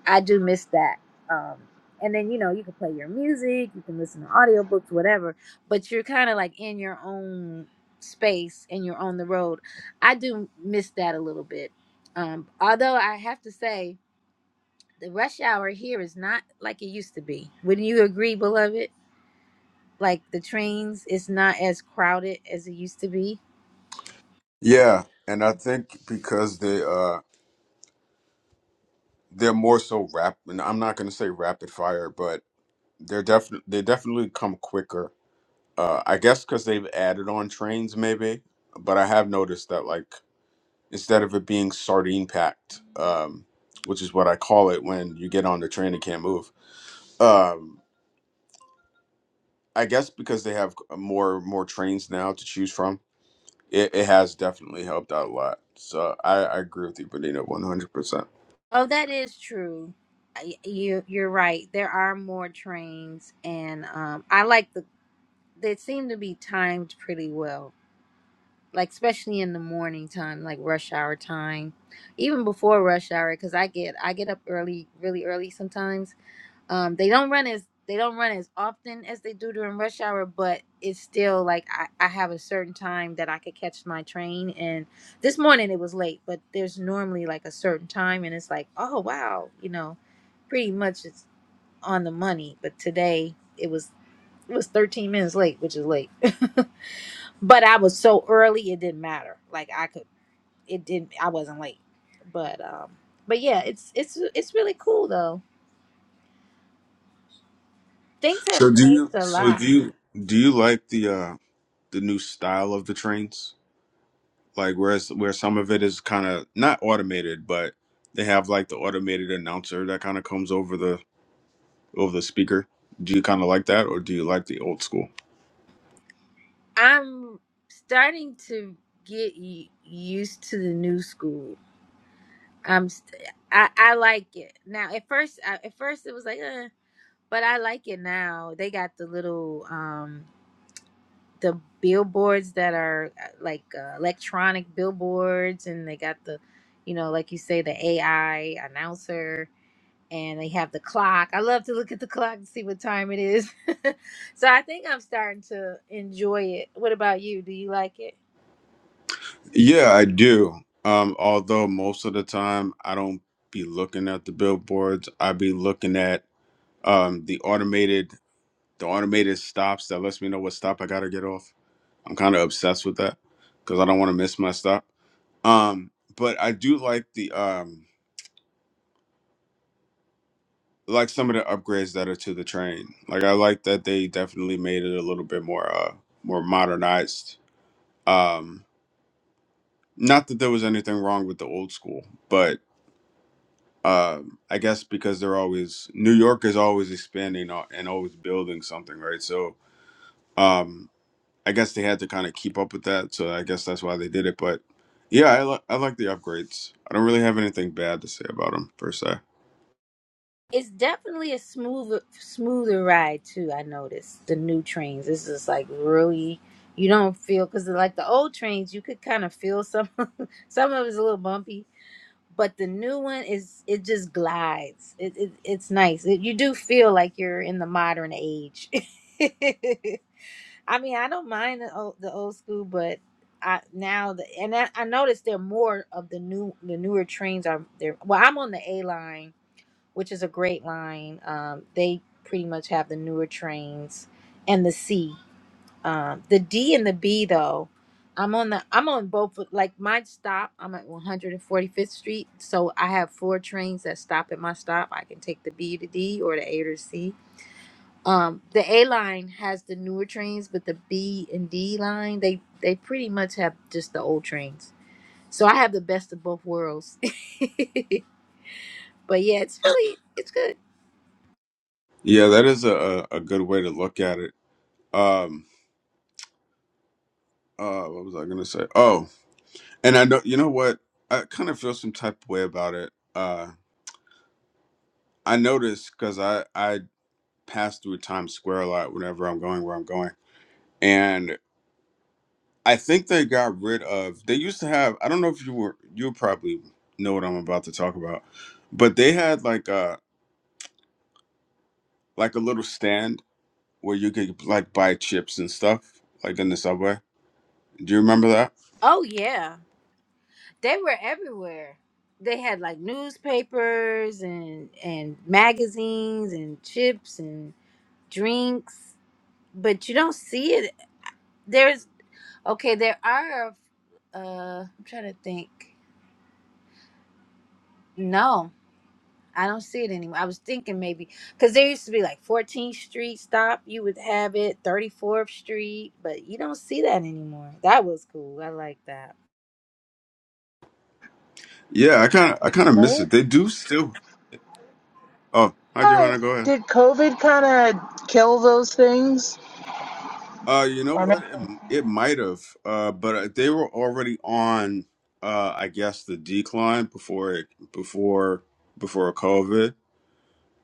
A: I do miss that. Um and then you know, you can play your music, you can listen to audiobooks, whatever, but you're kind of like in your own space and you're on the road. I do miss that a little bit. Um although I have to say the rush hour here is not like it used to be. Wouldn't you agree, beloved? like the trains is not as crowded as it used to be.
C: Yeah, and I think because they uh they're more so rap, and I'm not gonna say rapid fire, but they're definitely they definitely come quicker. Uh, I guess because they've added on trains maybe, but I have noticed that like instead of it being sardine packed, um, which is what I call it when you get on the train and can't move Um, I guess because they have more more trains now to choose from, it, it has definitely helped out a lot. So I, I agree with you, Benita, one hundred percent.
A: Oh, that is true. I- You you're right. There are more trains, and um, I like the. They seem to be timed pretty well, like especially in the morning time, like rush hour time, even before rush hour, because I get I get up early, really early sometimes Um, they don't run as they don't run as often as they do during rush hour, but it's still like I, I have a certain time that I could catch my train. And this morning it was late, but there's normally like a certain time, and it's like, oh wow, you know, pretty much it's on the money. But today it was it was 13 minutes late, which is late, but I was so early it didn't matter. Like I could, it didn't. I wasn't late, but um, but yeah, it's it's it's really cool though. Things have
C: So do you
A: changed a
C: so
A: lot.
C: do you do you like the uh the new style of the trains? Like whereas where some of it is kind of not automated, but they have like the automated announcer that kind of comes over the over the speaker. Do you kind of like that, or do you like the old school?
A: I'm starting to get y- used to the new school. I'm st- I I like it now. At first, I, at first it was like, uh, but I like it now. They got the little um the billboards that are uh, like uh, electronic billboards, and they got the, you know, like you say, the AI announcer, and they have the clock. I love to look at the clock and see what time it is. so I think I'm starting to enjoy it. What about you? Do you like it?
C: Yeah, I do. Um, although most of the time I don't be looking at the billboards. I be looking at um the automated the automated stops that lets me know what stop I gotta get off. I'm kind of obsessed with that because I don't want to miss my stop. Um, but I do like the um like some of the upgrades that are to the train. Like I like that they definitely made it a little bit more uh more modernized. Um, not that there was anything wrong with the old school, but um, I guess because they're always New York is always expanding al- and always building something, right? So um, I guess they had to kind of keep up with that. So I guess that's why they did it. But yeah, I, li- I like the upgrades. I don't really have anything bad to say about them per se.
A: It's definitely a smoother smoother ride too. I noticed the new trains. This is like really you don't feel because like the old trains, you could kind of feel some some of it's a little bumpy, but the new one is it just glides. It, it it's nice. It, you do feel like you're in the modern age. I mean, I don't mind the old, the old school, but I now the and I, I noticed there are more of the new the newer trains are there. Well, I'm on the A line which is a great line. Um, they pretty much have the newer trains and the C. Um, the D and the B though, I'm on the I'm on both. Like my stop, I'm at 145th Street, so I have four trains that stop at my stop. I can take the B to D or the A to C. Um, the A line has the newer trains, but the B and D line they they pretty much have just the old trains. So I have the best of both worlds. but yeah, it's really it's good.
C: Yeah, that is a, a, a good way to look at it. Um, uh, what was I gonna say? Oh, and I know you know what I kind of feel some type of way about it. Uh, I noticed because I I pass through Times Square a lot whenever I'm going where I'm going, and I think they got rid of. They used to have. I don't know if you were. You probably know what I'm about to talk about, but they had like a like a little stand where you could like buy chips and stuff like in the subway. Do you remember that?
A: Oh yeah. they were everywhere. They had like newspapers and and magazines and chips and drinks, but you don't see it. There's okay, there are. Uh, I'm trying to think. No, I don't see it anymore. I was thinking maybe because there used to be like 14th Street stop. You would have it 34th Street, but you don't see that anymore. That was cool. I like that.
C: Yeah, I kind of I
B: COVID,
C: kind of miss
B: COVID?
C: it. They do still. Oh, hi
B: Hi.
C: Joanna, go ahead.
B: Did COVID kind of kill those things?
C: Uh, you know
B: Or ma-
C: what? It, it might have. Uh, but uh, they were already on. Uh, I guess the decline before it before before COVID.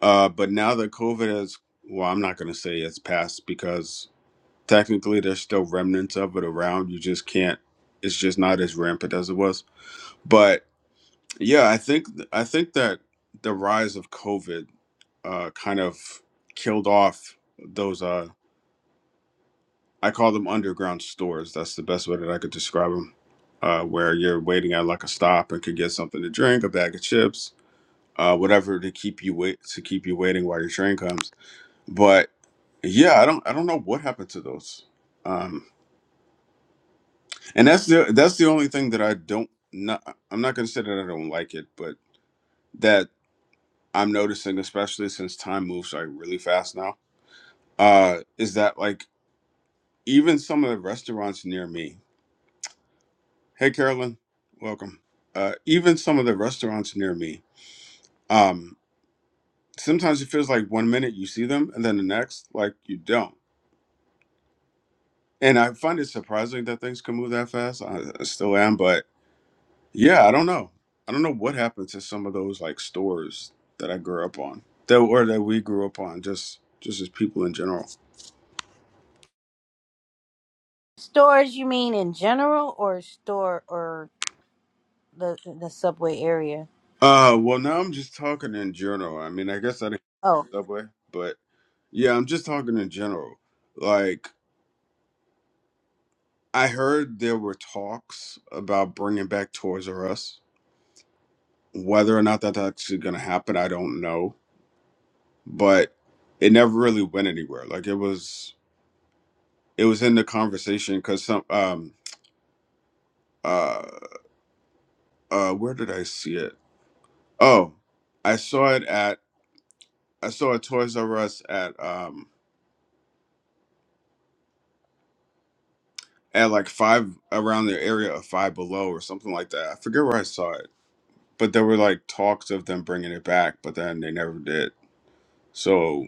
C: Uh, but now that COVID has, well, I'm not going to say it's passed because technically there's still remnants of it around. You just can't. It's just not as rampant as it was. But yeah, I think I think that the rise of COVID uh, kind of killed off those. Uh, I call them underground stores. That's the best way that I could describe them. Uh, where you're waiting at like a stop and could get something to drink, a bag of chips, uh, whatever to keep you wait to keep you waiting while your train comes but yeah i don't i don't know what happened to those um and that's the that's the only thing that i don't not i'm not gonna say that i don't like it but that i'm noticing especially since time moves like really fast now uh is that like even some of the restaurants near me hey carolyn welcome uh even some of the restaurants near me um sometimes it feels like one minute you see them and then the next like you don't and i find it surprising that things can move that fast i, I still am but Yeah, I don't know. I don't know what happened to some of those like stores that I grew up on, that or that we grew up on, just just as people in general.
A: Stores, you mean in general, or store or the the subway area?
C: Uh, well, now I'm just talking in general. I mean, I guess I didn't
A: Oh,
C: subway, but yeah, I'm just talking in general. Like I heard there were talks about bringing back Toys R Us. Whether or not that's actually going to happen, I don't know, but it never really went anywhere. Like it was, it was in the conversation because some um uh, uh where did I see it? Oh, I saw it at I saw a Toys R Us at um at like five around the area of five below or something like that. I forget where I saw it, but there were like talks of them bringing it back, but then they never did. So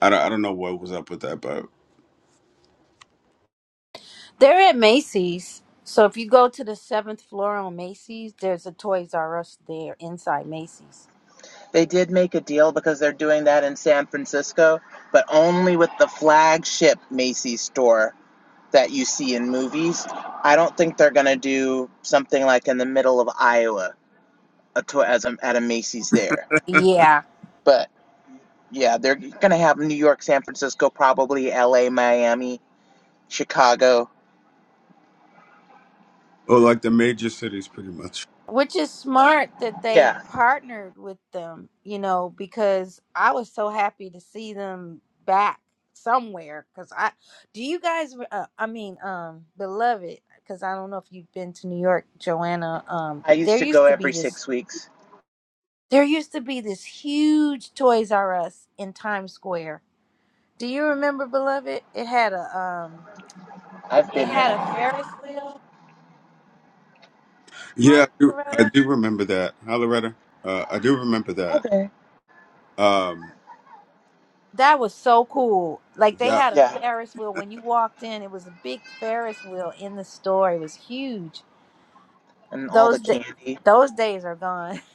C: I don't, I don't know what was up with that, but
A: they're at Macy's. So if you go to the seventh floor on Macy's, there's a Toys R Us there inside Macy's.
B: they did make a deal because they're doing that in San Francisco, but only with the flagship Macy's store that you see in movies. I don't think they're gonna do something like in the middle of Iowa, a to- as a, at a Macy's there.
A: Yeah,
B: But yeah, they're gonna have New York, San Francisco, probably L.A., Miami, Chicago.
C: oh, like the major cities pretty much.
A: which is smart that they
B: Yeah,
A: partnered with them, you know, because I was so happy to see them back somewhere. Because I, do you guys, uh, I mean, um, Beloved, because I don't know if you've been to New York, Joanna, um,
B: I
A: there
B: used to go
A: used to be
B: every
A: this.
B: six weeks.
A: There used to be this huge Toys R Us in Times Square Do you remember, beloved? It had a um,
B: I've
A: it
B: been
A: had a
B: there.
A: Ferris wheel. Hi,
C: Yeah, I
A: Miss
C: do, I
A: Loretta.
C: do remember that. Hi, Loretta. Uh, I do remember
B: Hi
C: that.
B: there.
C: Um,
A: That was so cool. Like they
C: that
A: had a
B: Yeah,
A: Ferris wheel when you walked in. It was a big Ferris wheel in the store. It was huge.
B: and all the
A: Those da-
B: candy.
A: those days are gone.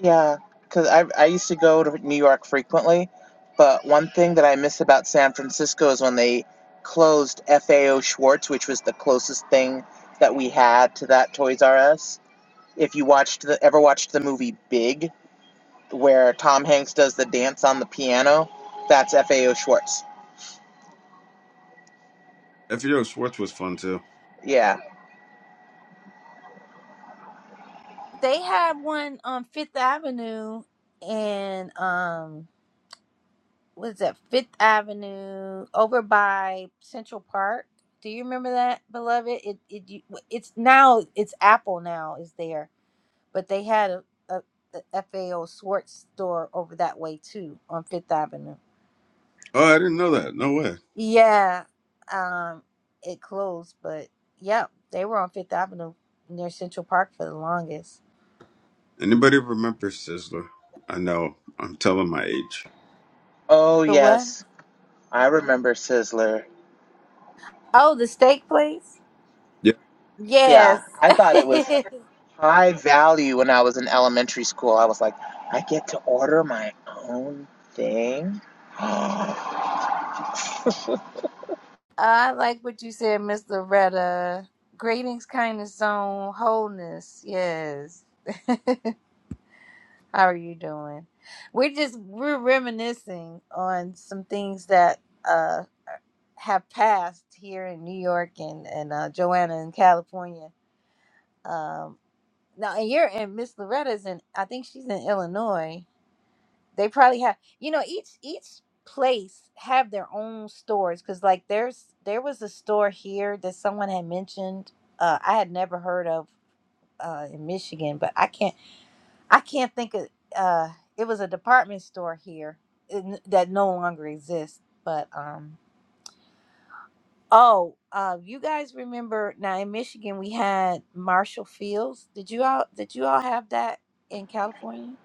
B: Yeah, because I, I used to go to New York frequently, but one thing that I miss about San Francisco is when they closed FAO Schwartz, which was the closest thing that we had to that Toys R Us. If you watched the ever watched the movie Big, where Tom Hanks does the dance on the piano, that's FAO Schwartz.
C: FBO Schwartz was fun too.
B: Yeah.
A: They had one on Fifth Avenue and um, what is that? Fifth Avenue over by Central Park. Do you remember that, beloved? It it you- it's now it's Apple now is there but they had a, a, a FAO Swartz store over that way too on Fifth Avenue.
C: Oh, I didn't know that. No way.
A: Yeah, um, it closed, but yeah, they were on Fifth Avenue near Central Park for the longest.
C: Anybody remember Sizzler? I know I'm telling my age.
B: Oh
A: The what?
B: yes, I remember Sizzler.
A: Oh, the steak place.
C: Yeah,
B: Yeah,
A: Yes.
B: I thought it was high value when I was in elementary school. I was like, I get to order my own thing? no,
A: I like what you said, Miss Loretta. Greetings, kindness, zone, wholeness. Yes. How are you doing? We're just we're reminiscing on some things that uh have passed here in New York and and uh, Joanna in California. Um, now and you're and Miss Loretta's in I think she's in Illinois. They probably have you know each each place have their own stores because like there's there was a store here that someone had mentioned uh, I had never heard of uh, in Michigan, but I can't. I can't think of. Uh, it was a department store here in, that no longer exists. But um, oh, uh, you guys remember now in Michigan we had Marshall Fields. Did you all? Did you all have that in California?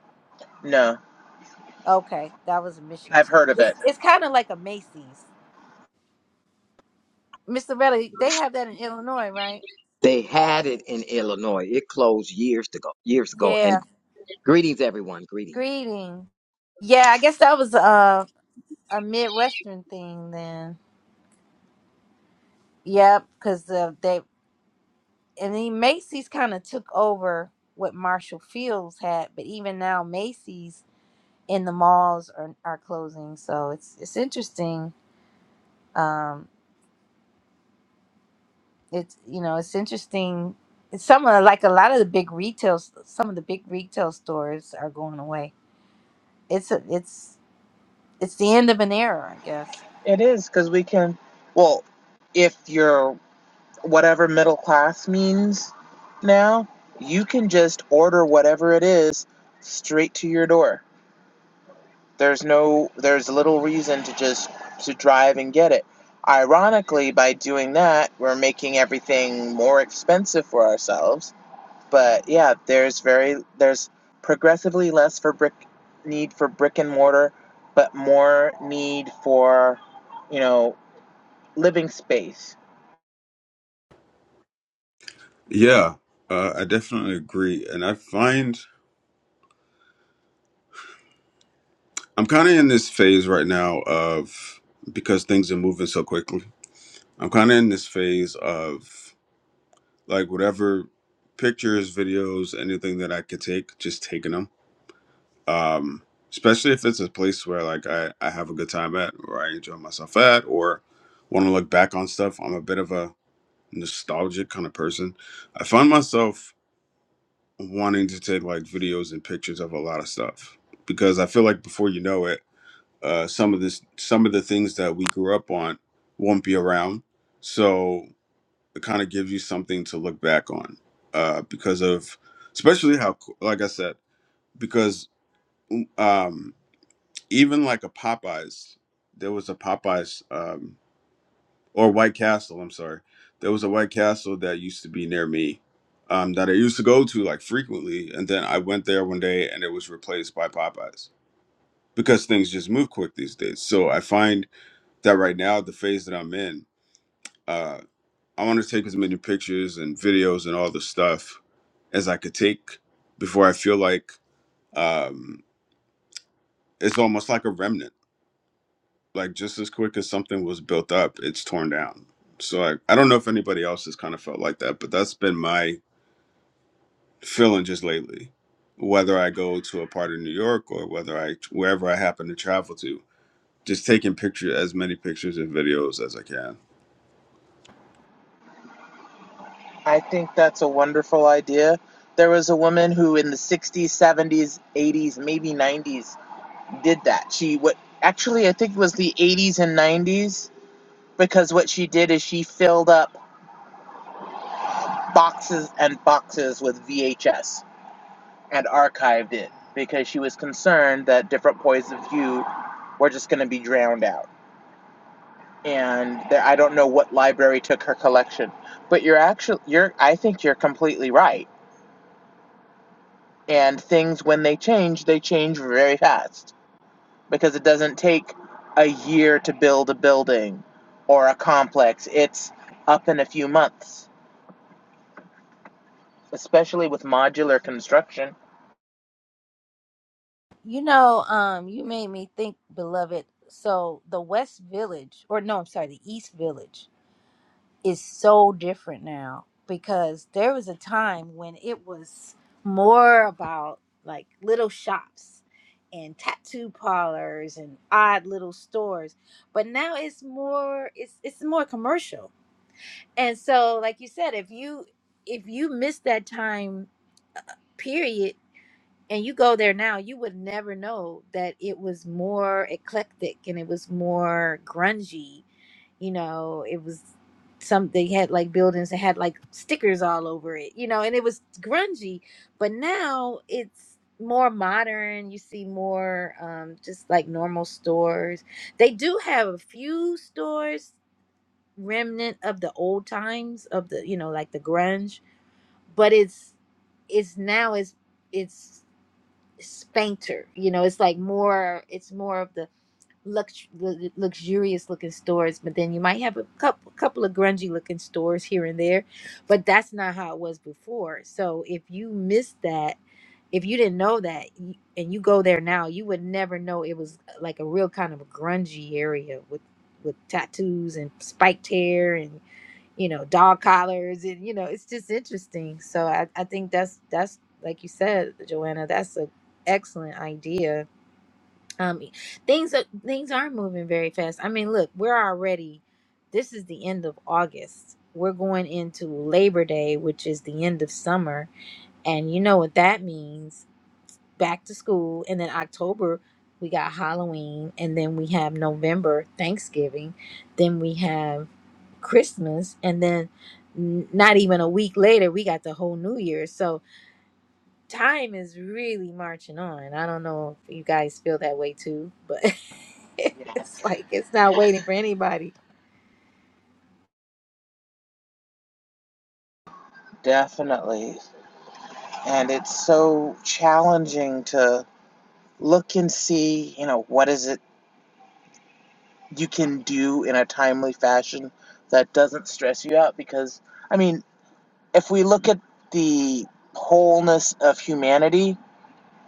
A: Okay, that was a Michigan.
B: I've
A: Store.
B: heard of
A: It's
B: it.
A: it's kind of like a Macy's. Mr. Relly, they have that in Illinois, right?
D: They had it in Illinois. It closed years ago. Years ago. And
A: Yeah.
D: greetings, everyone. Greetings.
A: Greeting. Yeah, I guess that was uh, a Midwestern thing then. Yep, because the, they. and then Macy's kind of took over what Marshall Fields had, but even now Macy's in the malls are are closing. So it's it's interesting. Um, it's you know it's interesting. It's some of like a lot of the big retail, s- some of the big retail stores are going away. It's a, it's it's the end of an era, I guess.
B: It is because we can, well, if you're whatever middle class means now, you can just order whatever it is straight to your door. There's no there's little reason to just to drive and get it. Ironically, by doing that, we're making everything more expensive for ourselves. But yeah, there's very there's progressively less for brick need for brick and mortar, but more need for, you know, living space.
C: yeah, uh, I definitely agree. And I find I'm kind of in this phase right now of because things are moving so quickly. I'm kind of in this phase of like whatever pictures, videos, anything that I could take, just taking them. Um, especially if it's a place where like I, I have a good time at, or I enjoy myself at, or want to look back on stuff. I'm a bit of a nostalgic kind of person. I find myself wanting to take like videos and pictures of a lot of stuff because I feel like before you know it, uh, some of this, some of the things that we grew up on won't be around. So it kind of gives you something to look back on uh, because of, especially how, co- like I said, because um, even like a Popeyes, there was a Popeyes. Um, or White Castle. I'm sorry. There was a White Castle that used to be near me um, that I used to go to like frequently. And then I went there one day and it was replaced by Popeyes because things just move quick these days. So I find that right now, the phase that I'm in, uh, I want to take as many pictures and videos and all the stuff as I could take before I feel like um, it's almost like a remnant like just as quick as something was built up, it's torn down. So I, I don't know if anybody else has kind of felt like that, but that's been my feeling just lately. Whether I go to a part of New York or whether I wherever I happen to travel to, just taking pictures as many pictures and videos as I can.
B: I think that's a wonderful idea. There was a woman who in the 60s, 70s, 80s, maybe 90s did that. She what actually I think it was the 80s and 90s because what she did is she filled up boxes and boxes with VHS and archived it because she was concerned that different points of view were just going to be drowned out. And there, I don't know what library took her collection, but you're actually you're I think you're completely right. And things when they change, they change very fast because it doesn't take a year to build a building or a complex. It's up in a few months, especially with modular construction.
A: You know, um, you made me think, beloved. So the West Village, or no, I'm sorry, the East Village is so different now because there was a time when it was more about like little shops and tattoo parlors and odd little stores but now it's more it's it's more commercial and so like you said if you if you miss that time uh, period and you go there now, you would never know that it was more eclectic and it was more grungy. You know, it was some they had like buildings that had like stickers all over it, you know, and it was grungy. But now it's more modern. You see more um, just like normal stores. They do have a few stores remnant of the old times of the, you know, like the grunge, but it's it's now it's it's fainter. You know, it's like more. It's more of the lux lu- luxurious looking stores, but then you might have a couple couple of grungy looking stores here and there, but that's not how it was before. So if you missed that, if you didn't know that, y- and you go there now, you would never know it was uh, like a real kind of a grungy area with with tattoos and spiked hair and you know, dog collars and you know, it's just interesting. So I, I think that's that's like you said, Joanna, that's an excellent idea. Um e, things are things are moving very fast. I mean, look, we're already this is the end of August. We're going into Labor Day, which is the end of summer, and you know what that means. Back to school and then October we got Halloween and then we have November Thanksgiving. Then we have Christmas, and then n- not even a week later, we got the whole New Year. So time is really marching on. I don't know if you guys feel that way too, but it's
B: Yes.
A: like it's not waiting for anybody.
B: Definitely. And it's so challenging to look and see, you know, what is it you can do in a timely fashion that doesn't stress you out because I mean, if we look at the wholeness of humanity,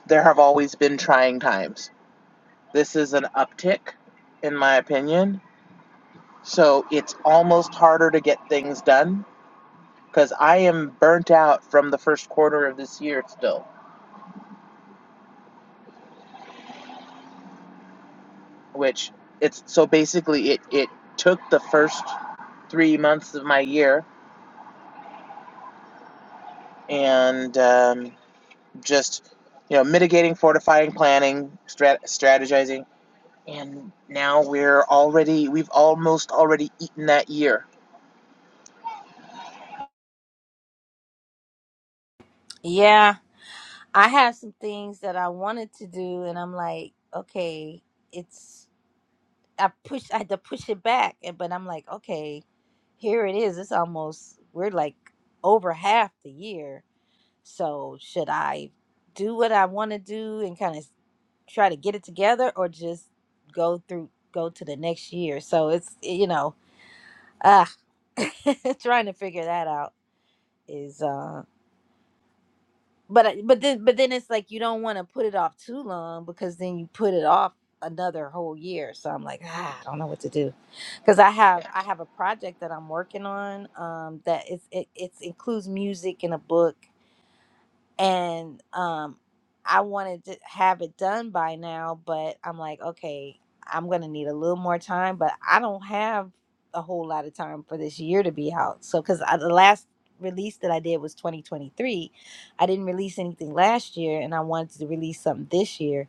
B: there have always been trying times This is an uptick, in my opinion. So it's almost harder to get things done because I am burnt out from the first quarter of this year still, which it's so basically it, it took the first three months of my year and um, just you know mitigating fortifying planning strat- strategizing and now we're already we've almost already eaten that year
A: Yeah, I have some things that I wanted to do, and I'm like, okay, it's I push I had to push it back, and but I'm like, okay, here it is. It's almost we're like over half the year, So, should I do what I want to do and kind of try to get it together or just go through go to the next year? So, it's eh, you know, ah trying to figure that out is uh but I- but then but then it's like you don't want to put it off too long because then you put it off another whole year. So I'm like, ah, I don't know what to do because I have I have a project that I'm working on um, that is it, it includes music and a book and um i wanted to have it done by now but i'm like okay i'm gonna need a little more time but i don't have a whole lot of time for this year to be out so because the last release that i did was 2023 i didn't release anything last year and i wanted to release something this year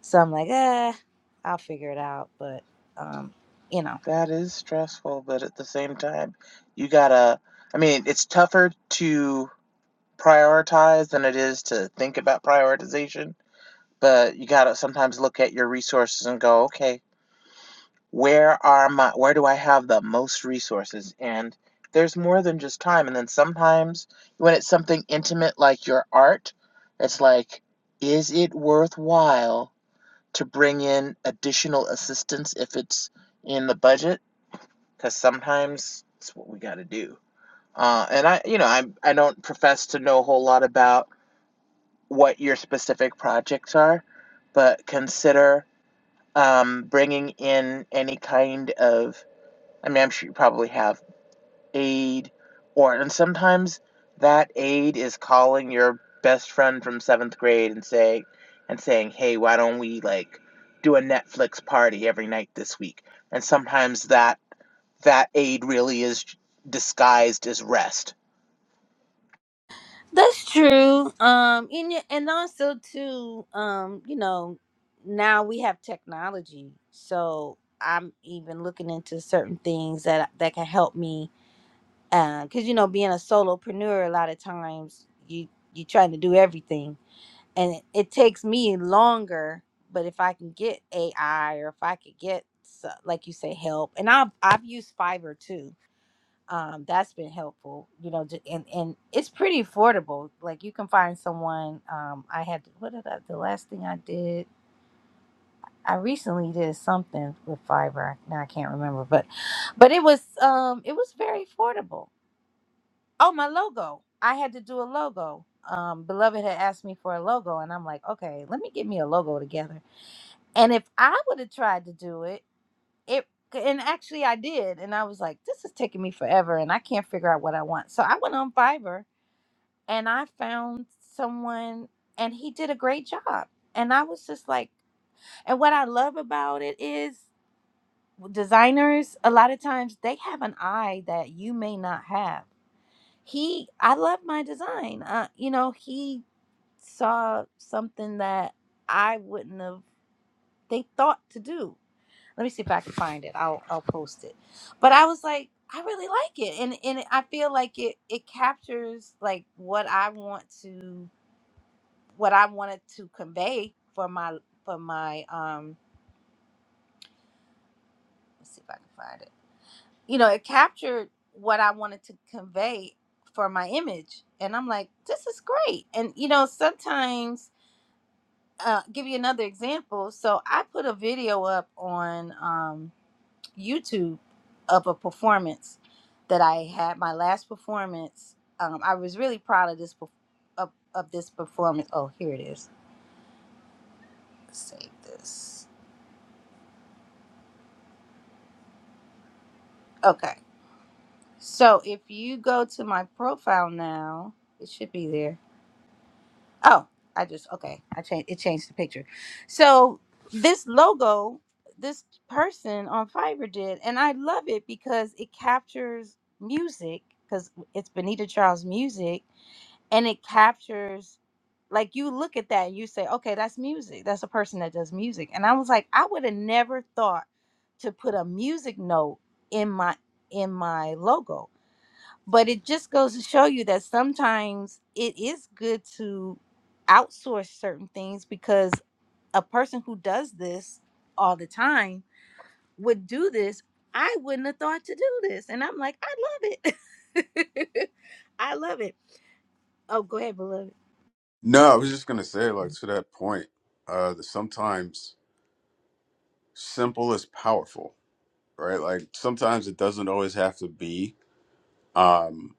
A: so i'm like ah i'll figure it out but um you know
B: That is stressful, but at the same time, you gotta, I mean, it's tougher to prioritize than it is to think about prioritization, but you gotta sometimes look at your resources and go, okay, where are my, where do I have the most resources? And there's more than just time. And then sometimes when it's something intimate like your art, it's like, is it worthwhile to bring in additional assistance if it's in the budget? because sometimes it's what we got to do. Uh, and I, you know, I I don't profess to know a whole lot about what your specific projects are, but consider um, bringing in any kind of. I mean, I'm sure you probably have aid, or and sometimes that aid is calling your best friend from seventh grade and say, and saying, hey, why don't we like do a Netflix party every night this week? And sometimes that that aid really is disguised as rest.
A: That's true. Um, and y- and also too, um, you know, now we have technology, so I'm even looking into certain things that that can help me. Because you know, being a solopreneur, a lot of times you you trying to do everything, and it, it takes me longer. But if I can get AI, or if I could get so- like you say help, and I've I've used Fiverr too um, that's been helpful, you know, ju- and and it's pretty affordable. Like you can find someone. Um, I had what did I, the last thing I did? I recently did something with fiber. Now I can't remember, but but it was um it was very affordable. Oh, my logo! I had to do a logo. Um, beloved had asked me for a logo, and I'm like, okay, let me get me a logo together. And if I would have tried to do it, it and actually I did, and I was like, this is taking me forever, and I can't figure out what I want. So I went on Fiverr and I found someone and he did a great job. And I was just like, and what I love about it is designers, a lot of times they have an eye that you may not have. He, I love my design. Uh, you know, he saw something that I wouldn't have, they thought to do. Let me see if I can find it. I'll, I'll post it. But I was like, I really like it. And, and I feel like it, it captures like what I want to what I wanted to convey for my for my um let's see if I can find it. You know, it captured what I wanted to convey for my image. And I'm like, this is great. And you know, sometimes uh give you another example. So I put a video up on um YouTube of a performance that I had my last performance. Um I was really proud of this perf- of, of this performance. Oh, here it is. Save this. Okay So if you go to my profile now, it should be there. Oh, I just okay. I changed it changed the picture. So this logo, this person on Fiverr did, and I love it because it captures music because it's Benita Charles music, and it captures like you look at that and you say, okay, that's music. That's a person that does music. And I was like, I would have never thought to put a music note in my in my logo but it just goes to show you that sometimes it is good to outsource certain things because a person who does this all the time would do this i wouldn't have thought to do this and i'm like i love it i love it oh go ahead beloved
C: No, I was just gonna say, like to that point, uh, that sometimes simple is powerful, right? Like sometimes it doesn't always have to be um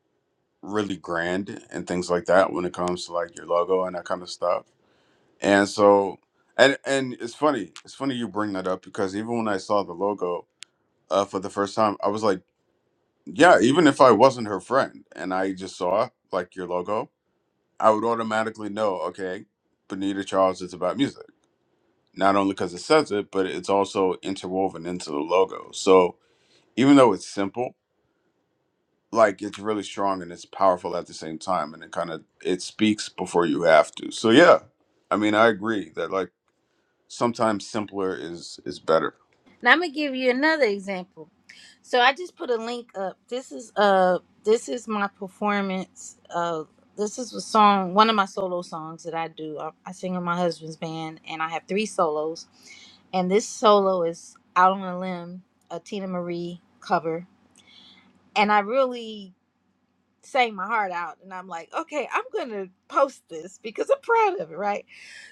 C: really grand and things like that when it comes to like your logo and that kind of stuff And so, and and it's funny. It's funny you bring that up because even when I saw the logo uh, for the first time, I was like, yeah. Even if I wasn't her friend and I just saw like your logo, I would automatically know. Okay, Bonita Charles is about music. Not only because it says it, but it's also interwoven into the logo. So even though it's simple, like it's really strong and it's powerful at the same time, and it kind of it speaks before you have to. So yeah, I mean, I agree that like sometimes simpler is is better.
A: now i'm gonna give you another example So I just put a link up. This is uh this is my performance. Uh this is a song, one of my solo songs that I do. I, I sing in my husband's band and I have three solos. And this solo is out on a limb, a Tina Marie cover. And I really sang my heart out and I'm like, okay, I'm gonna post this because I'm proud of it, right?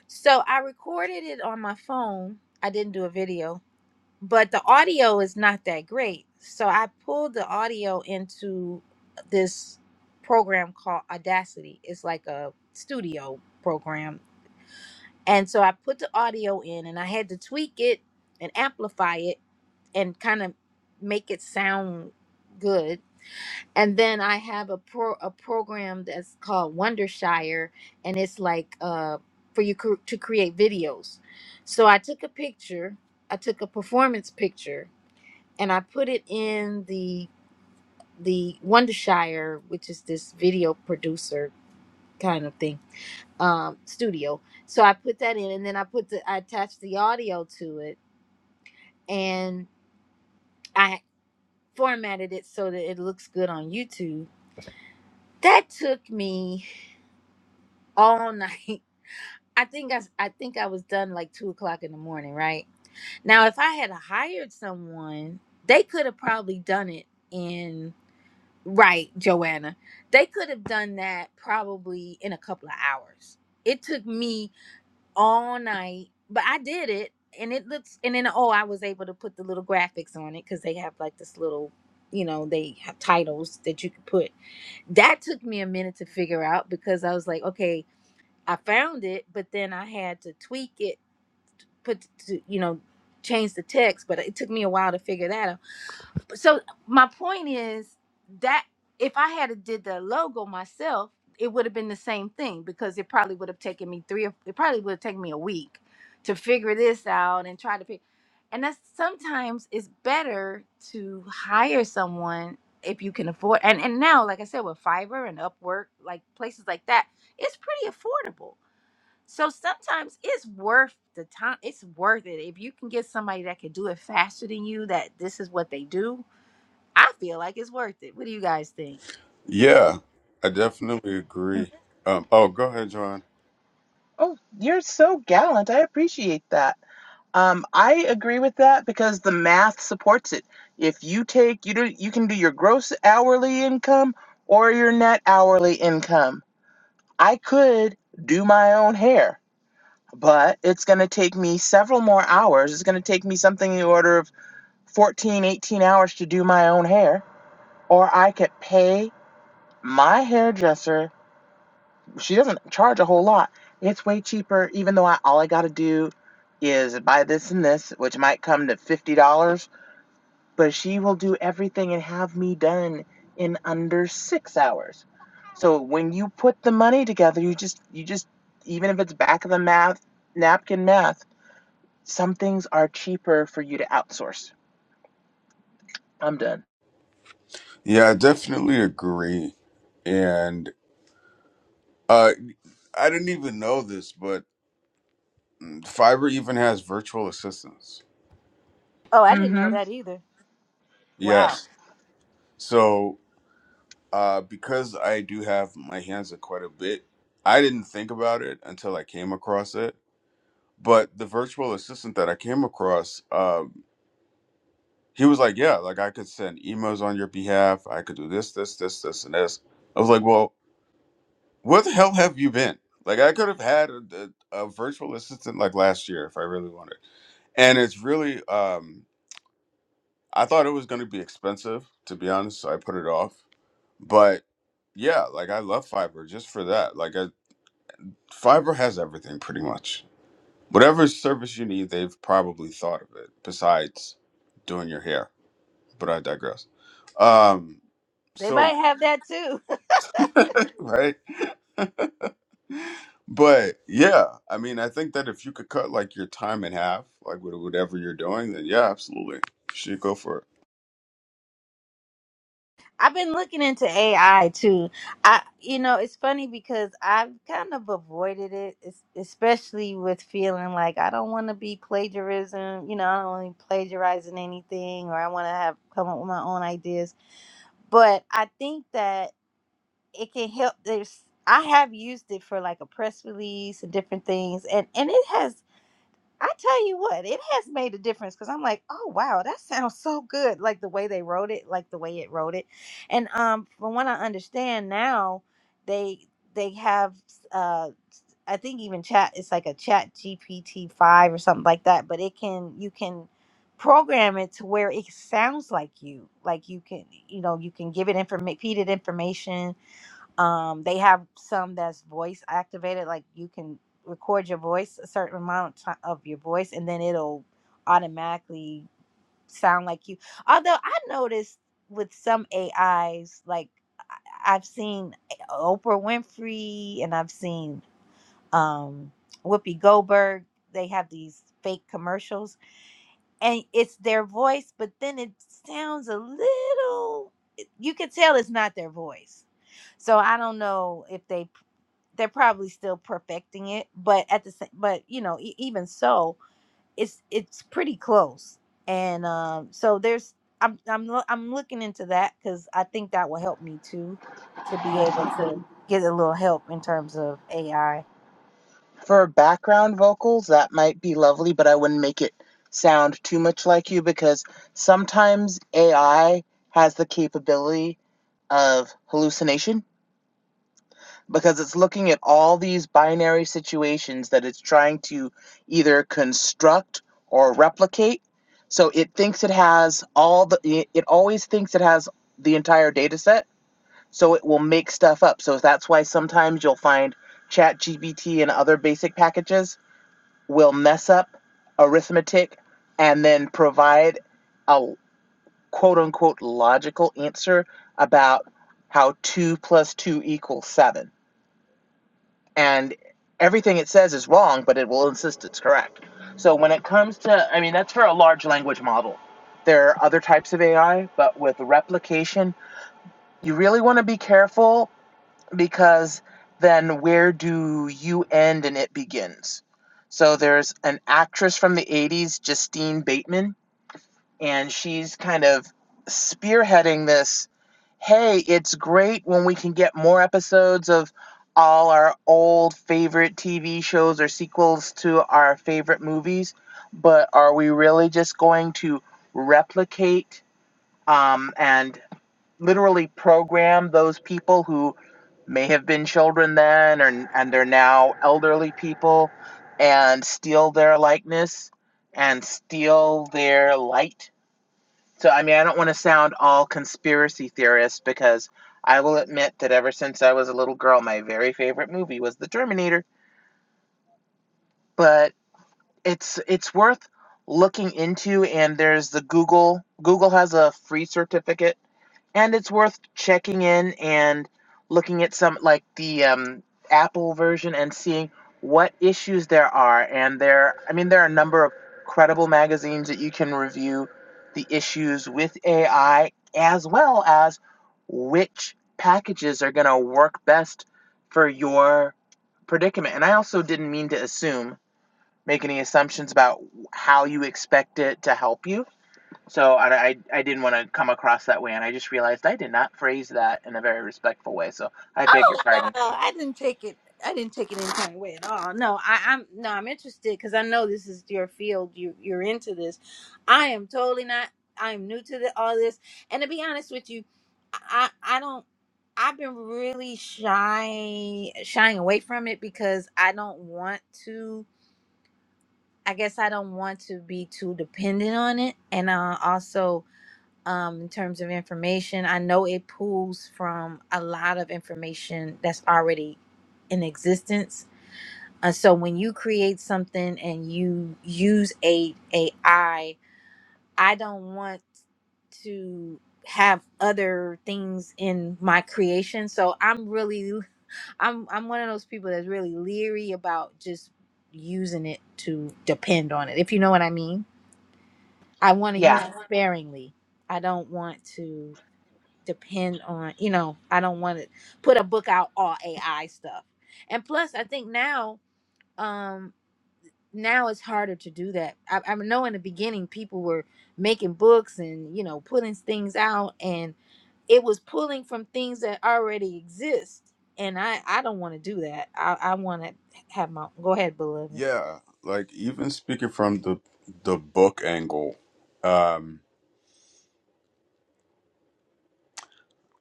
A: So I recorded it on my phone. I didn't do a video but the audio is not that great. So I pulled the audio into this program called Audacity. It's like a studio program. And so I put the audio in and I had to tweak it and amplify it and kind of make it sound good. And then I have a pro a program that's called Wondershire and it's like uh for you cr- to create videos. So I took a picture, I took a performance picture and I put it in the the Wondershire, which is this video producer kind of thing, um, studio. So I put that in, and then I put the I attached the audio to it, and I formatted it so that it looks good on YouTube. That took me all night. I think I, s- I think I was done like two o'clock in the morning, right? Now, if I had hired someone, they could have probably done it in. Right, Joanna. They could have done that probably in a couple of hours. It took me all night, but I did it and it looks and then oh, I was able to put the little graphics on it cuz they have like this little, you know, they have titles that you could put. That took me a minute to figure out because I was like, okay, I found it, but then I had to tweak it, put to, you know, change the text, but it took me a while to figure that out so my point is that if I had a did the logo myself, it would have been the same thing because it probably would have taken me three. or It probably would have taken me a week to figure this out and try to figure. And that's sometimes it's better to hire someone if you can afford. And and now, like I said, with Fiverr and Upwork, like places like that, it's pretty affordable. So sometimes it's worth the time. It's worth it if you can get somebody that can do it faster than you. That this is what they do I feel like it's worth it. What do you guys think?
C: Yeah, I definitely agree. Um, oh, go ahead, John.
B: Oh, you're so gallant. I appreciate that. Um, I agree with that because the math supports it. If you take you do you can do your gross hourly income or your net hourly income. I could do my own hair, but it's going to take me several more hours. It's going to take me something in the order of 14, 18 hours to do my own hair, or I could pay my hairdresser she doesn't charge a whole lot. It's way cheaper, even though I, all I got to do is buy this and this, which might come to $50, but she will do everything and have me done in under six hours. So when you put the money together, you just, you just, even if it's back of the math, napkin math, some things are cheaper for you to outsource. I'm done.
C: Yeah, I definitely agree. And uh, I didn't even know this, but mm, Fiverr even has virtual assistants.
A: Oh, I didn't
B: Mhm.
A: know that either. Wow.
C: Yes. So uh, because I do have my hands at quite a bit, I didn't think about it until I came across it. But the virtual assistant that I came across uh, he was like, Yeah, like I could send emails on your behalf. I could do this, this, this, this, and this. I was like, Well, where the hell have you been? Like, I could have had a, a, a virtual assistant like last year if I really wanted. And it's really, um, I thought it was going to be expensive, to be honest. So I put it off. But yeah, like I love Fiverr just for that. Like, I, Fiverr has everything pretty much. Whatever service you need, they've probably thought of it besides doing your hair. But I digress. Um,
A: They
C: so.
A: might have that too.
C: right? But yeah, I mean, I think that if you could cut like your time in half, like with whatever you're doing, then yeah, absolutely, you should go for it.
A: I've been looking into AI too. I you know, it's funny because I've kind of avoided it, es- especially with feeling like I don't want to be plagiarism, you know, I don't want to be plagiarizing anything or I want to have come up with my own ideas. But I think that it can help there's I have used it for like a press release and different things and and it has I tell you what, it has made a difference because I'm like, oh wow, that sounds so good. Like the way they wrote it, like the way it wrote it, and um, from what I understand now, they they have uh, I think even chat, it's like a Chat GPT five or something like that, but it can you can program it to where it sounds like you, like you can you know you can give it information, feed it information, um, they have some that's voice activated, like you can record your voice a certain amount of ti- of your voice, and then it'll automatically sound like you. Although I noticed with some AIs, like I- I've seen Oprah Winfrey and I've seen um, Whoopi Goldberg, they have these fake commercials, and it's their voice, but then it sounds a little. You could tell it's not their voice. So I don't know if they they're probably still perfecting it but at the same but you know e- even so it's it's pretty close and um so there's i'm i'm, loo- I'm looking into that because i think that will help me too to be able to get a little help in terms of ai
B: For background vocals, that might be lovely, but I wouldn't make it sound too much like you because sometimes AI has the capability of hallucination because it's looking at all these binary situations that it's trying to either construct or replicate. So it thinks it has all the, it always thinks it has the entire data set, so it will make stuff up. So that's why sometimes you'll find ChatGPT and other basic packages will mess up arithmetic and then provide a quote unquote logical answer about how 2 plus 2 equals 7. And everything it says is wrong, but it will insist it's correct. So when it comes to, I mean, that's for a large language model. There are other types of AI, but with replication, you really want to be careful because then where do you end and it begins? So there's an actress from the 80s, Justine Bateman, and she's kind of spearheading this. Hey, it's great when we can get more episodes of all our old favorite TV shows or sequels to our favorite movies, but are we really just going to replicate um, and literally program those people who may have been children then or, and they're now elderly people and steal their likeness and steal their light. So, I mean, I don't want to sound all conspiracy theorist because I will admit that ever since I was a little girl, my very favorite movie was The Terminator. But it's it's worth looking into, and there's the Google. Google has a free certificate and it's worth checking in and looking at some like the um, apple version and seeing what issues there are and there i mean there are a number of credible magazines that you can review the issues with ai as well as which packages are going to work best for your predicament and i also didn't mean to assume make any assumptions about how you expect it to help you so I, I, I didn't want to come across that way, and I just realized I did not phrase that in a very respectful way. So I beg your
A: Oh no,
B: pardon.
A: I didn't take it. I didn't take it any kind of way at all. No, I, I'm no, I'm interested because I know this is your field. You you're into this. I am totally not. I'm new to the, all this, and to be honest with you, I I don't. I've been really shy shying away from it because I don't want to. I guess I don't want to be too dependent on it, and uh, also um, in terms of information. I know it pulls from a lot of information that's already in existence. And so when you create something and you use a AI, I don't want to have other things in my creation. So I'm really I'm I'm one of those people that's really leery about just using it to depend on it. If you know what I mean. I want to use it
B: Yeah,
A: Yeah. sparingly. I don't want to depend on you know i don't want to put a book out all ai stuff and plus i think now um now it's harder to do that i, I know in the beginning people were making books and you know putting things out and it was pulling from things that already exist and i i don't want to do that i i want to have my go ahead beloved
C: Yeah, like even speaking from the the book angle, um,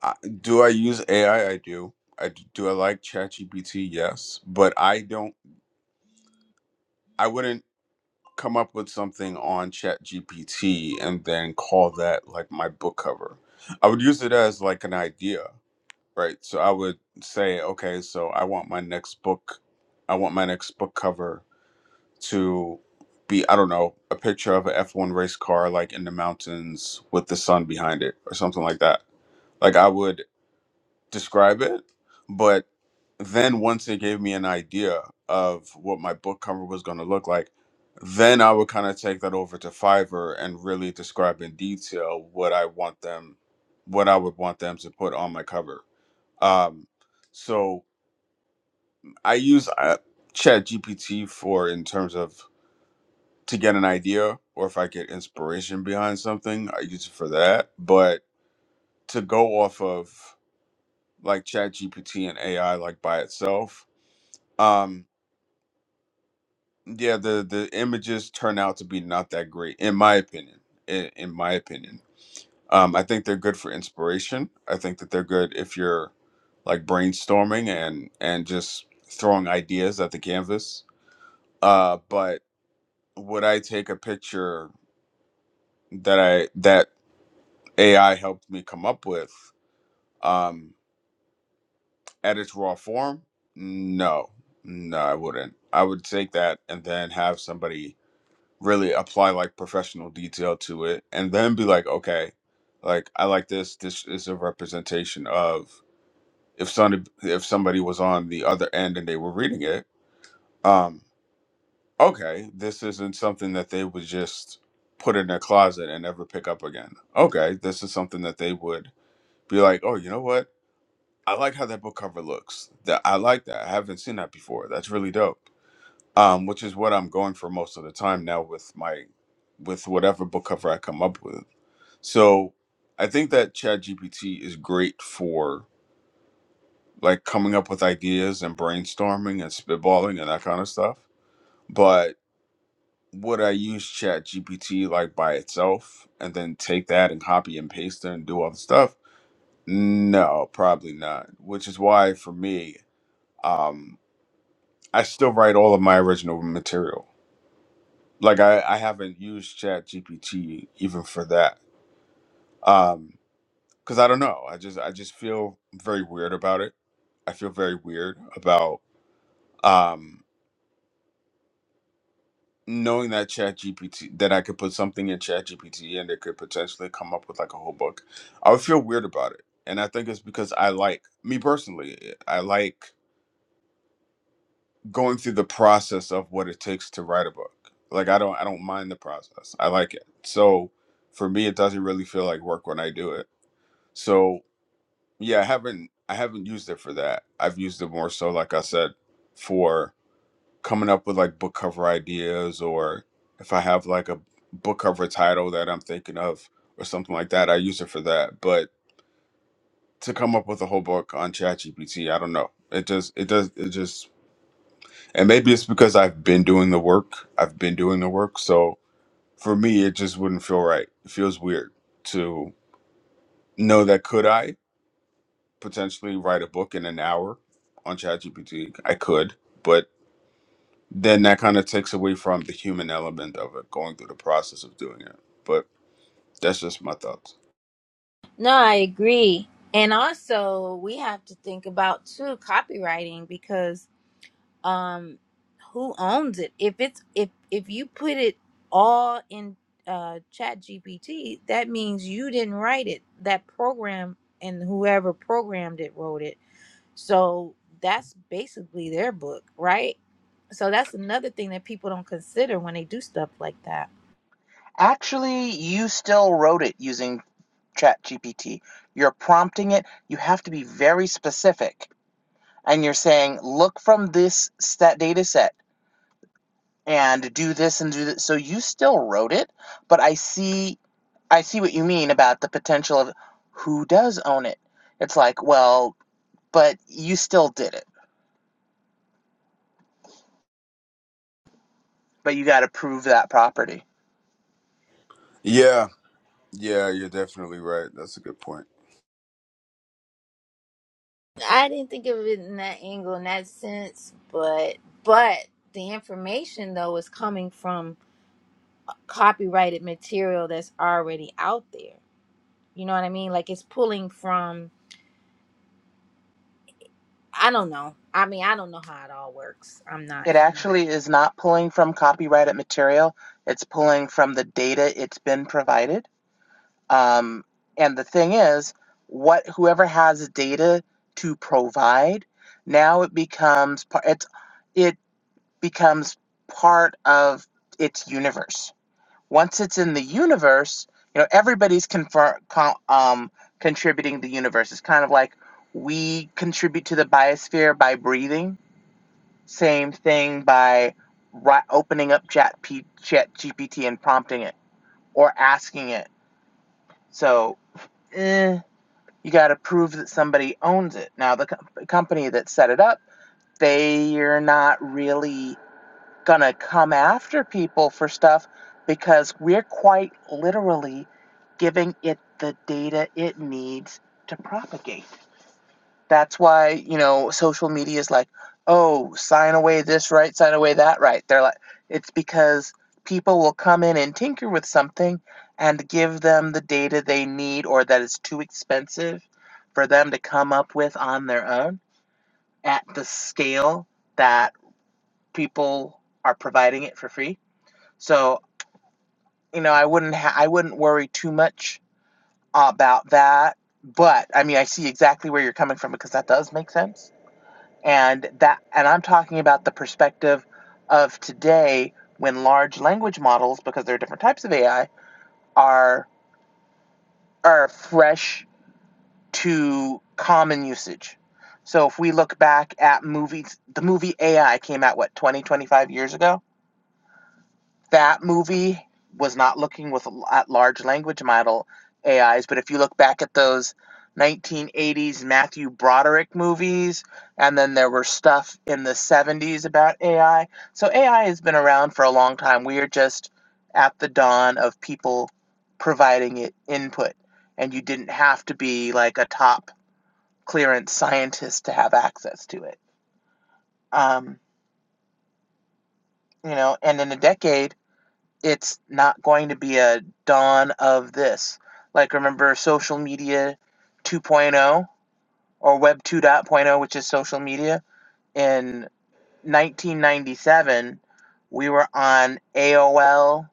C: I, do I use AI? I I do. I d- do. I like ChatGPT? Yes, but I don't. I wouldn't come up with something on ChatGPT and then call that like my book cover. I would use it as like an idea, Right. So I would say, okay, so I want my next book, I want my next book cover to be, I don't know, a picture of an F1 race car like in the mountains with the sun behind it or something like that. Like I would describe it, but then once it gave me an idea of what my book cover was going to look like, then I would kind of take that over to Fiverr and really describe in detail what I want them, what I would want them to put on my cover um, so I use uh, Chat GPT for in terms of to get an idea or if I get inspiration behind something, I use it for that. But to go off of like Chat GPT and AI like by itself, um, yeah, the the images turn out to be not that great in my opinion. In, in my opinion, um, I think they're good for inspiration. I think that they're good if you're like brainstorming and and just throwing ideas at the canvas Uh, but would I take a picture that I that AI helped me come up with um, at its raw form? No, no, I wouldn't. I would take that and then have somebody really apply like professional detail to it, and then be like, okay, like I like this. This is a representation of if some if somebody was on the other end and they were reading it. Um, okay, this isn't something that they would just put in their closet and never pick up again. Okay, this is something that they would be like, oh, you know what? I like how that book cover looks. That I like that. I haven't seen that before. That's really dope. Um, which is what I'm going for most of the time now with my with whatever book cover I come up with. So I think that ChatGPT is great for like coming up with ideas and brainstorming and spitballing and that kind of stuff. but. would I use Chat GPT like by itself and then take that and copy and paste it and do all the stuff? No, probably not. Which is why for me, um, I still write all of my original material. Like I, I haven't used Chat GPT even for that. Um, because I don't know. I just I just feel very weird about it. I feel very weird about um knowing that chat gpt that i could put something in chat gpt and it could potentially come up with like a whole book i would feel weird about it and i think it's because i like me personally i like going through the process of what it takes to write a book like i don't i don't mind the process i like it so for me it doesn't really feel like work when i do it so yeah i haven't i haven't used it for that i've used it more so like i said for. coming up with like book cover ideas or if I have like a book cover title that I'm thinking of or something like that, I use it for that. But to come up with a whole book on ChatGPT, I don't know. It does it does it just and maybe it's because I've been doing the work. I've been doing the work. So for me it just wouldn't feel right. It feels weird to know that could I potentially write a book in an hour on ChatGPT? I could, but then that kind of takes away from the human element of it going through the process of doing it but that's just my thoughts
A: no i agree and also we have to think about too copywriting because um who owns it if it's if if you put it all in uh chat gpt that means you didn't write it that program and whoever programmed it wrote it so that's basically their book right so that's another thing that people don't consider when they do stuff like that
B: actually, you still wrote it using ChatGPT. You're prompting it. You have to be very specific, and you're saying, "Look from this stat data set and do this and do this." So you still wrote it, but I see I see what you mean about the potential of who does own it. It's like, well, but you still did it. but you got to prove that property.
C: yeah yeah you're definitely right that's a good point
A: i didn't think of it in that angle in that sense but but the information though is coming from copyrighted material that's already out there You know what I mean? Like it's pulling from I don't know. I mean, I don't know how it all works. I'm not
B: It
A: in
B: actually is not pulling from copyrighted material, it's pulling from the data it's been provided. Um, and the thing is, what whoever has data to provide, now it becomes par- it's it becomes part of its universe. Once it's in the universe, you know everybody's confer- con- um, contributing the universe. It's kind of like we contribute to the biosphere by breathing Same thing by ri- opening up Chat, P- Chat GPT and prompting it or asking it. So, eh, you got to prove that somebody owns it. Now, the co- company that set it up, they're not really gonna come after people for stuff because we're quite literally giving it the data it needs to propagate. That's why, you know, social media is like, oh, sign away this right, sign away that right. They're like, it's because people will come in and tinker with something and give them the data they need or that is too expensive for them to come up with on their own at the scale that people are providing it for free. So, you know, I wouldn't ha- I wouldn't worry too much about that, but I mean, I see exactly where you're coming from because that does make sense And that and I'm talking about the perspective of today when large language models, because there are different types of AI, are are fresh to common usage. So if we look back at movies, the movie AI came out what 20, 25 years ago that movie was not looking with at large language model AIs, but if you look back at those 1980s Matthew Broderick movies, and then there were stuff in the 70s about AI. So AI has been around for a long time. We are just at the dawn of people providing it input, and you didn't have to be like a top clearance scientist to have access to it. Um, you know, and in a decade it's not going to be a dawn of this. Like, remember social media 2.0 or Web 2.0, which is social media? In 1997, we were on AOL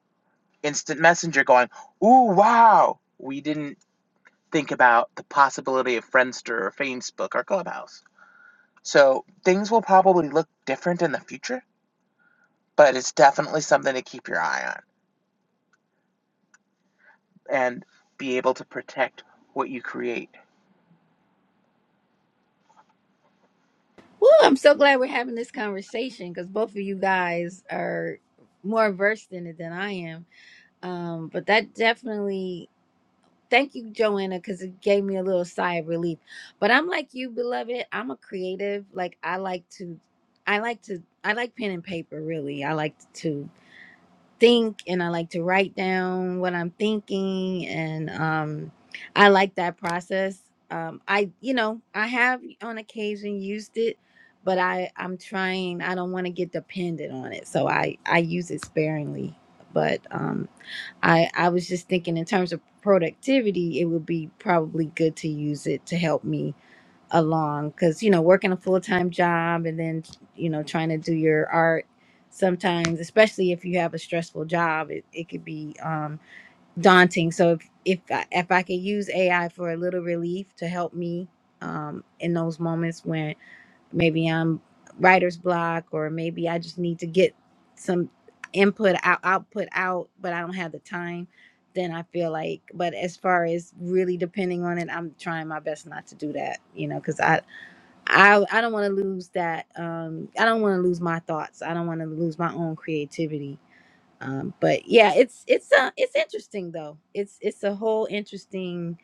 B: Instant Messenger going, Ooh, wow! We didn't think about the possibility of Friendster or Facebook or Clubhouse. So things will probably look different in the future, but it's definitely something to keep your eye on and be able to protect what you create
A: Woo, I'm so glad we're having this conversation because both of you guys are more versed in it than I am. Um, but that definitely, thank you, Joanna, because it gave me a little sigh of relief. But I'm like you, beloved. I'm a creative. Like I like to, I like to, I like pen and paper. Really, I like to. think and I like to write down what I'm thinking and um I like that process. Um I you know, I have on occasion used it, but I I'm trying I don't want to get dependent on it. So I I use it sparingly. But um I I was just thinking in terms of productivity, it would be probably good to use it to help me along because you know working a full-time job and then you know trying to do your art sometimes especially if you have a stressful job it, it could be um daunting so if if I, if I could use ai for a little relief to help me um in those moments when maybe i'm writer's block or maybe i just need to get some input out output out but i don't have the time then i feel like but as far as really depending on it i'm trying my best not to do that you know because i I I don't want to lose that. Um, I don't want to lose my thoughts. I don't want to lose my own creativity. Um, but yeah, it's it's uh, it's interesting though. It's it's a whole interesting.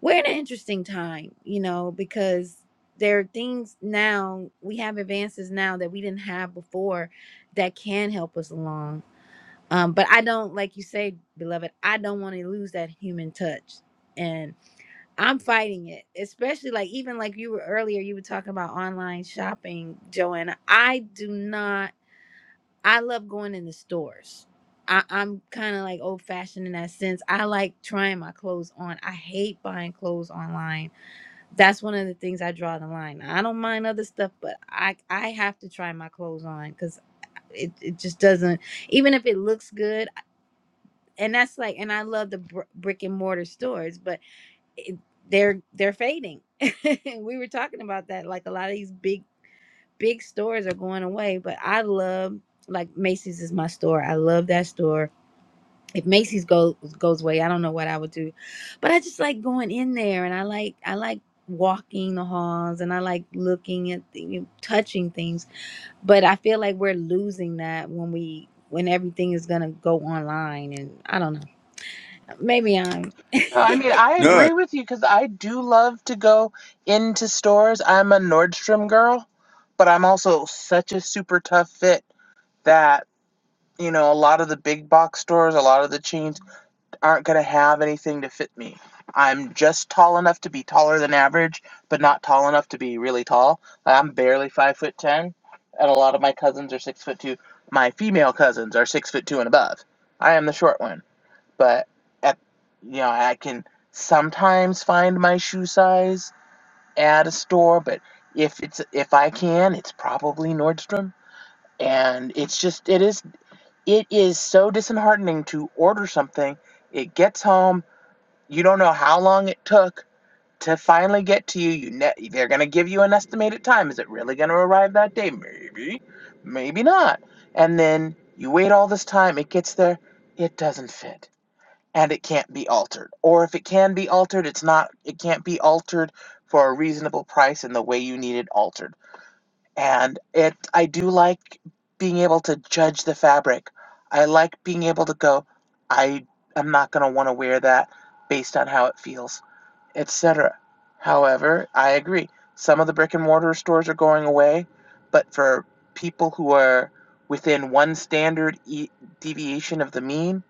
A: We're in an interesting time, you know, because there are things now we have advances now that we didn't have before that can help us along. Um, but I don't like you say, beloved. I don't want to lose that human touch, I'm fighting it, especially like even like you were earlier, you were talking about online shopping, Joanna. I do not, I love going in the stores. I, I'm kind of like old fashioned in that sense. I like trying my clothes on. I hate buying clothes online. That's one of the things I draw the line. I don't mind other stuff, but I I have to try my clothes on because it, it just doesn't, even if it looks good. And that's like, and I love the br- brick and mortar stores, but it- they're they're fading. and we were talking about that. Like a lot of these big big stores are going away, but I love like Macy's is my store. I love that store. If Macy's goes goes away, I don't know what I would do, but I just like going in there and I like I like walking the halls and I like looking at the, you know, touching things. But I feel like we're losing that when we when everything is gonna go online and I don't know. Maybe I'm
B: No, I mean, I
A: maybe.
C: no
B: agree with you because I do love to go into stores. I'm a Nordstrom girl, but I'm also such a super tough fit that, you know, a lot of the big box stores, a lot of the chains aren't going to have anything to fit me. I'm just tall enough to be taller than average, but not tall enough to be really tall. Like, I'm barely five foot ten, and a lot of my cousins are six foot two. My female cousins are six foot two and above. I am the short one but at, you know I can sometimes find my shoe size at a store, but if it's if I can, it's probably Nordstrom. And it's just it is it is so disheartening to order something. It gets home, you don't know how long it took to finally get to you. You ne- they're gonna give you an estimated time. Is it really gonna arrive that day? Maybe, maybe not. And then you wait all this time. It gets there. It doesn't fit and it can't be altered. Or if it can be altered, it's not it can't be altered for a reasonable price in the way you need it altered. And it I do like being able to judge the fabric. I like being able to go I am not going to want to wear that based on how it feels, etc. However, I agree. Some of the brick and mortar stores are going away, but for people who are within one standard e- deviation of the mean,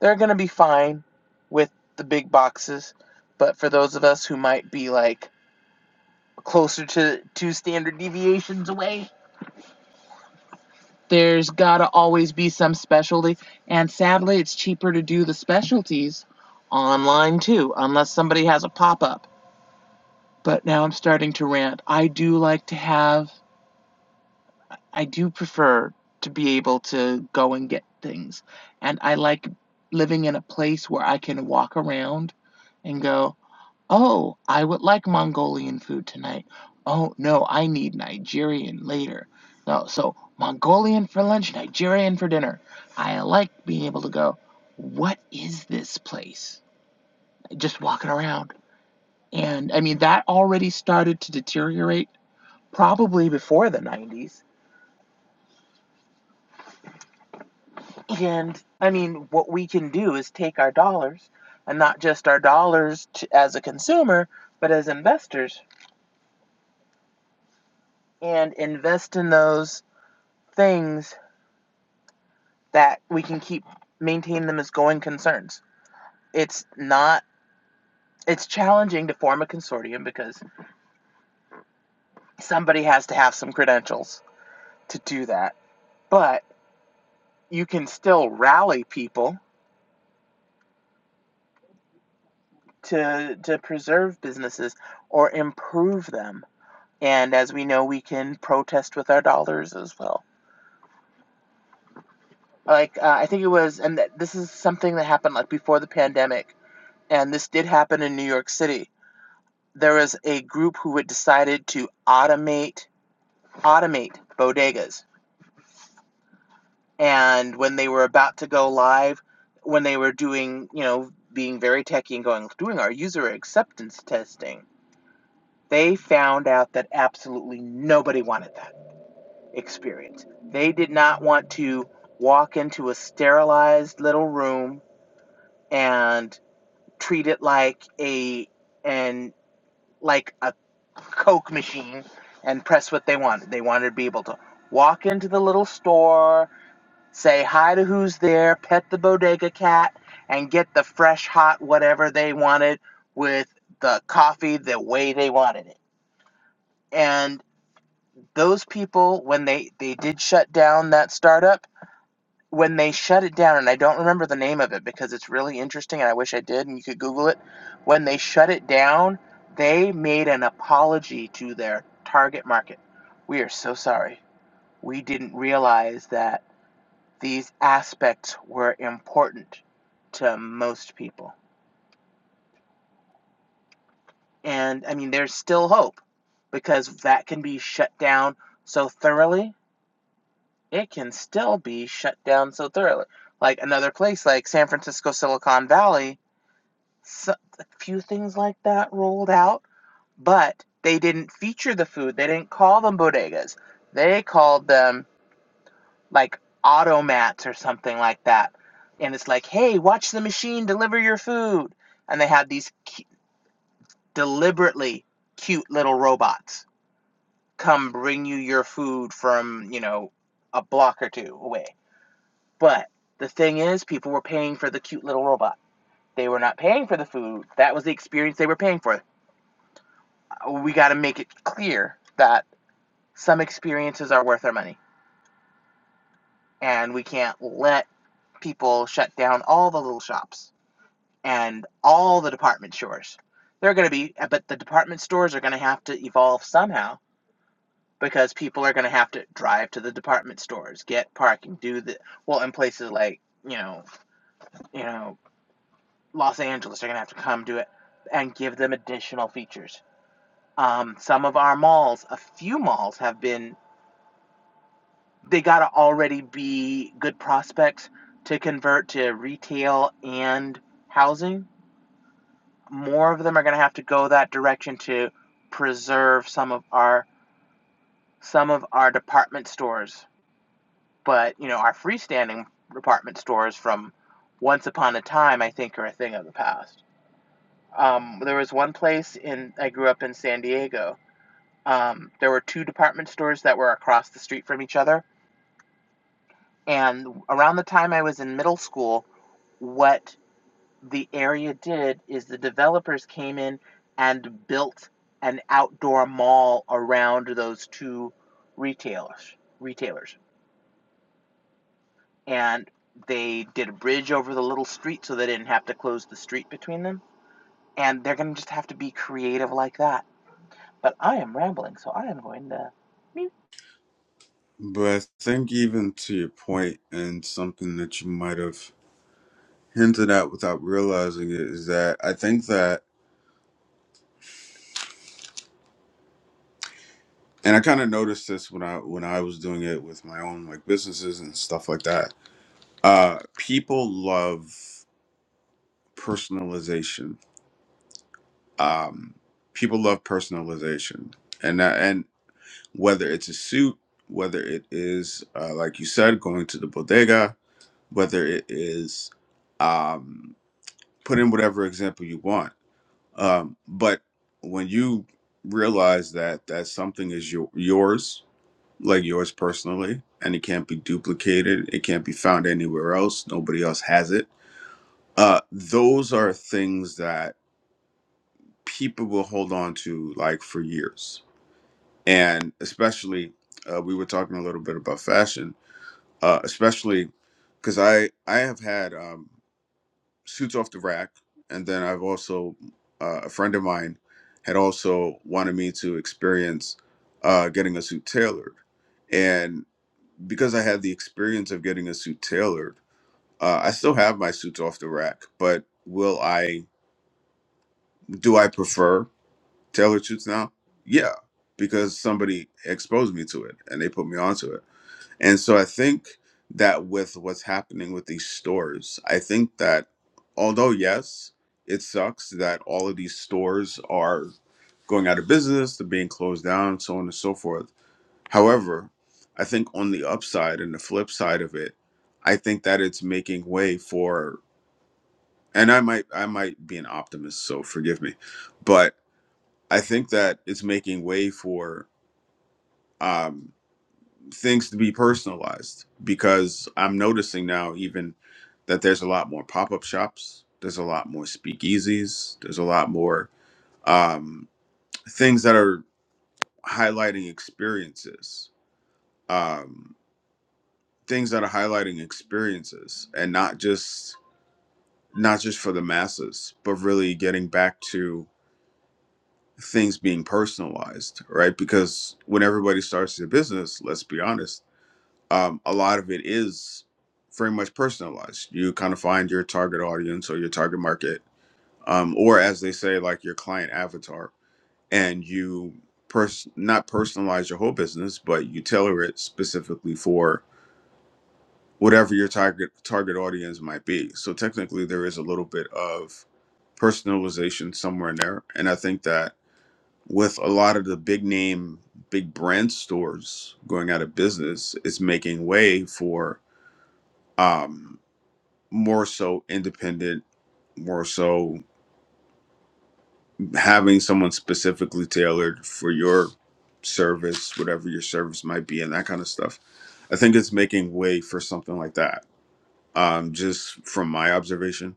B: they're going to be fine with the big boxes. But for those of us who might be like closer to two standard deviations away, there's got to always be some specialty. And sadly, it's cheaper to do the specialties online too, unless somebody has a pop up. But now I'm starting to rant. I do like to have, I do prefer to be able to go and get things. And I like living in a place where I can walk around and go, Oh, I would like Mongolian food tonight. Oh, no, I need Nigerian later. No, so Mongolian for lunch, Nigerian for dinner. I like being able to go, what is this place? Just walking around. And I mean, that already started to deteriorate probably before the 90s. And I mean, what we can do is take our dollars and not just our dollars to, as a consumer, but as investors and invest in those things that we can keep maintain them as going concerns. It's not it's challenging to form a consortium because somebody has to have some credentials to do that. But you can still rally people to to preserve businesses or improve them. And as we know, we can protest with our dollars as well. Like uh, I think it was, and th- this is something that happened like before the pandemic, and this did happen in New York City. There was a group who had decided to automate automate bodegas. And when they were about to go live, when they were doing, you know, being very techy and going, doing our user acceptance testing, they found out that absolutely nobody wanted that experience. They did not want to walk into a sterilized little room and treat it like a and like a coke machine and press what they wanted. They wanted to be able to walk into the little store Say hi to who's there, pet the bodega cat, and get the fresh, hot, whatever they wanted with the coffee the way they wanted it. And those people, when they, they did shut down that startup, when they shut it down, and I don't remember the name of it because it's really interesting and I wish I did, and you could Google it. When they shut it down, they made an apology to their target market. We are so sorry. We didn't realize that these aspects were important to most people. And I mean, there's still hope because that can be shut down so thoroughly. It can still be shut down so thoroughly. Like another place like San Francisco, Silicon Valley, so, a few things like that rolled out, but they didn't feature the food. They didn't call them bodegas. They called them like automats or something like that. And it's like, hey, watch the machine deliver your food. And they have these cu- deliberately cute little robots come bring you your food from, you know, a block or two away. But the thing is, people were paying for the cute little robot. They were not paying for the food. That was the experience they were paying for. We got to make it clear that some experiences are worth our money. And we can't let people shut down all the little shops and all the department stores. They're going to be, but the department stores are going to have to evolve somehow because people are going to have to drive to the department stores, get parking, do the well in places like you know, you know, Los Angeles they are going to have to come do it and give them additional features. Um, some of our malls, a few malls have been, they got to already be good prospects to convert to retail and housing more of them are going to have to go that direction to preserve some of our some of our department stores, but you know, our freestanding department stores from once upon a time, I think, are a thing of the past. Um, there was one place in I grew up in San Diego. Um, there were two department stores that were across the street from each other, and around the time I was in middle school, what the area did is the developers came in and built an outdoor mall around those two retailers retailers and they did a bridge over the little street so they didn't have to close the street between them and they're going to just have to be creative like that but i am rambling so i am going to mute
C: but i think even to your point and something that you might have hinted at without realizing it is that i think that and i kind of noticed this when i when i was doing it with my own like businesses and stuff like that uh people love personalization um people love personalization and that- and whether it's a suit, whether it is, uh, like you said, going to the bodega, whether it is, um, put in whatever example you want. Um, but when you realize that that something is your, yours, like yours personally, and it can't be duplicated, it can't be found anywhere else, nobody else has it, uh, those are things that people will hold on to like for years. And especially, uh, we were talking a little bit about fashion uh, especially because I I have had um, suits off the rack, and then I've also uh, a friend of mine had also wanted me to experience uh, getting a suit tailored, and because I had the experience of getting a suit tailored, uh, I still have my suits off the rack. But will I do I prefer tailored suits now? Yeah, because somebody exposed me to it and they put me onto it And so I think that with what's happening with these stores, I think that although, yes, it sucks that all of these stores are going out of business, they're being closed down, so on and so forth. However, I think on the upside and the flip side of it, I think that it's making way for and I might I might be an optimist, so forgive me. But I think that it's making way for um, things to be personalized because I'm noticing now even that there's a lot more pop-up shops, there's a lot more speakeasies, there's a lot more um, things that are highlighting experiences, um, things that are highlighting experiences, and not just not just for the masses, but really getting back to things being personalized, right? Because when everybody starts their business, let's be honest um, a lot of it is very much personalized. You kind of find your target audience or your target market, um, or as they say, like your client avatar, and you pers- not personalize your whole business, but you tailor it specifically for whatever your target target audience might be. So technically, there is a little bit of personalization somewhere in there, and I think that with a lot of the big name, big brand stores going out of business, it's making way for. Um, more so independent, more so having someone specifically tailored for your service, whatever your service might be, and that kind of stuff. I think it's making way for something like that. Um, just from my observation,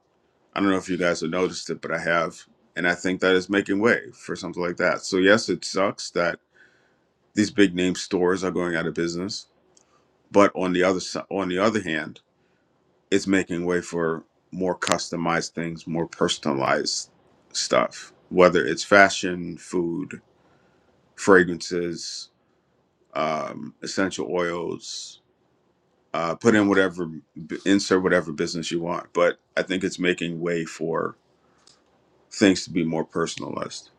C: I don't know if you guys have noticed it, but I have, and I think that is making way for something like that. So yes, it sucks that these big name stores are going out of business, but on the other si- on the other hand it's making way for more customized things, more personalized stuff, whether it's fashion, food, fragrances, um, essential oils. Uh, put in whatever, insert whatever business you want. But I think it's making way for things to be more personalized.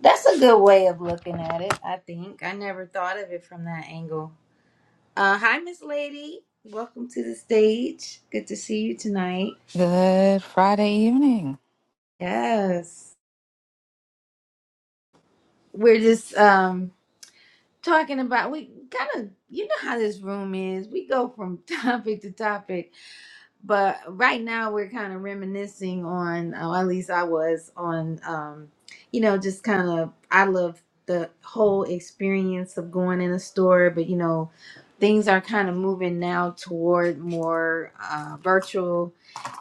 A: That's a good way of looking at it, I think. I never thought of it from that angle. Uh, hi, Miss Lady. Welcome to the stage. Good to see you tonight.
E: Good Friday evening.
A: Yes. We're just um talking about we kind of you know how this room is. We go from topic to topic but right now we're kind of reminiscing on oh, at least i was on um you know just kind of i love the whole experience of going in a store but you know things are kind of moving now toward more uh, virtual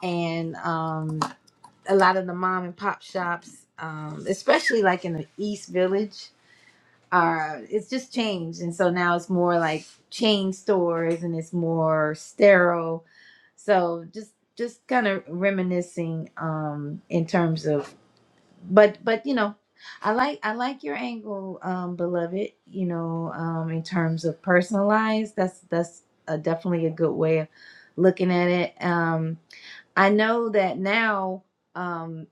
A: and um a lot of the mom and pop shops um especially like in the east village are it's just changed and so now it's more like chain stores and it's more sterile so just just kind of reminiscing um in terms of but but you know i like i like your angle um beloved you know um in terms of personalized that's that's uh definitely a good way of looking at it um i know that now um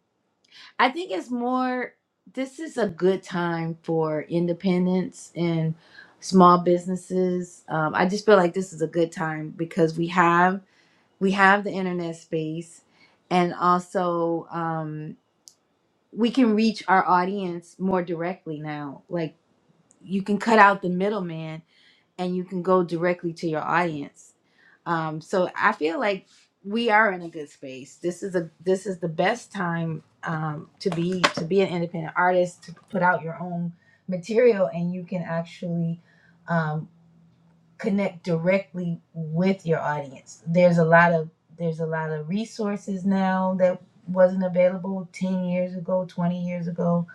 A: i think it's more this is a good time for independence and small businesses um i just feel like this is a good time because we have we have the internet space and also um, we can reach our audience more directly now like you can cut out the middleman and you can go directly to your audience um, so i feel like we are in a good space this is a this is the best time um, to be to be an independent artist to put out your own material and you can actually um, connect directly with your audience. There's a lot of there's a lot of resources now that wasn't available 10 years ago, 20 years ago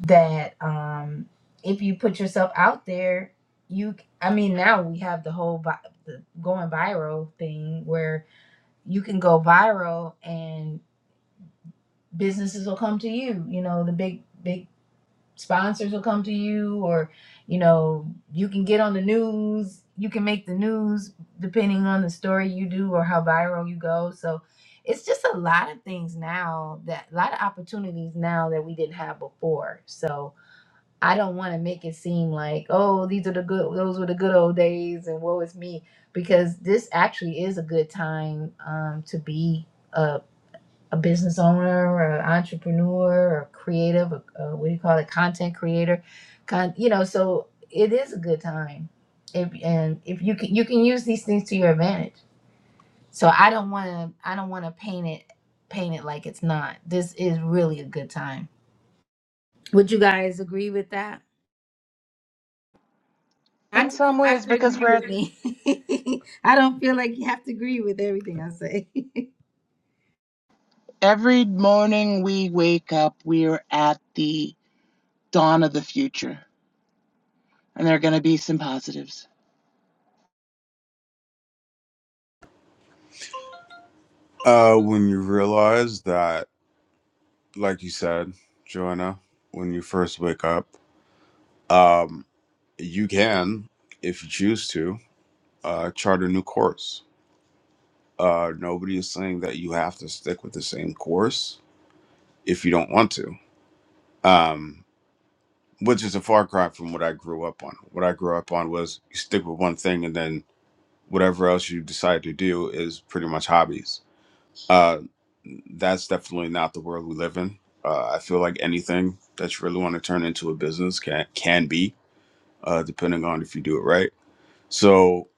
A: that um if you put yourself out there, you I mean now we have the whole vi- the going viral thing where you can go viral and businesses will come to you, you know, the big big sponsors will come to you or you know you can get on the news you can make the news depending on the story you do or how viral you go so it's just a lot of things now that a lot of opportunities now that we didn't have before so i don't want to make it seem like oh these are the good those were the good old days and woe is me because this actually is a good time um, to be a business owner or an entrepreneur or creative, or, uh, what do you call it, content creator, con- you know. So it is a good time, if and if you can you can use these things to your advantage. So I don't want to I don't want to paint it paint it like it's not. This is really a good time. Would you guys agree with that? I
B: in
A: don't think
B: some
A: you
B: ways
A: have to
B: because
A: agree
B: we're at,
A: with me. I don't feel like you have to agree with everything I say.
B: every morning we wake up we're at the dawn and there's
C: Uh, when you realize that, like you said, Joanna, when you first wake up, um, you can, if you choose to, uh, chart a new course Uh, nobody is saying that you have to stick with the same course if you don't want to, um, which is a far cry from what I grew up on. What I grew up on was you stick with one thing and then whatever else you decide to do is pretty much hobbies. Uh, that's definitely not the world we live in. Uh, I feel like anything that you really want to turn into a business can can be, uh, depending on if you do it right. So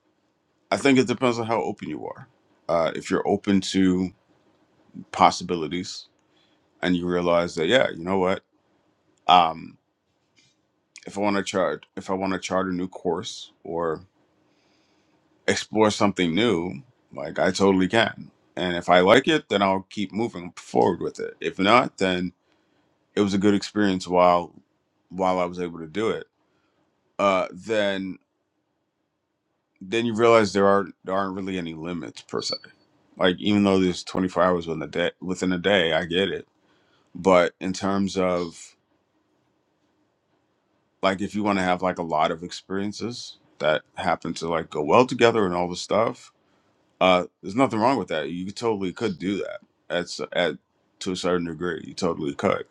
C: I think it depends on how open you are. Uh, if you're open to possibilities, and you realize that yeah you know what um if i want to chart if i want to chart a new course or explore something new like i totally can and if i like it then i'll keep moving forward with it if not then it was a good experience while while i was able to do it uh then then you realize there aren't there aren't really any limits per se like even though there's 24 hours within a day within a day i get it but in terms of like if you want to have like a lot of experiences that happen to like go well together and all this stuff uh there's nothing wrong with that you totally could do that at, s- at to a certain degree you totally could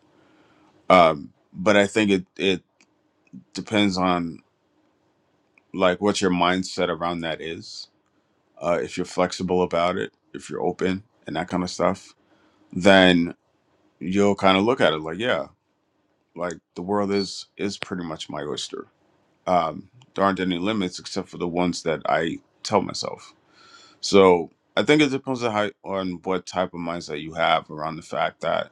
C: um but i think it it depends on like what your mindset around that is uh if you're flexible about it if you're open and that kind of stuff then you'll kind of look at it like yeah like the world is is pretty much my oyster um, there aren't any limits except for the ones that I tell myself. So I think it depends on how, on what type of mindset you have around the fact that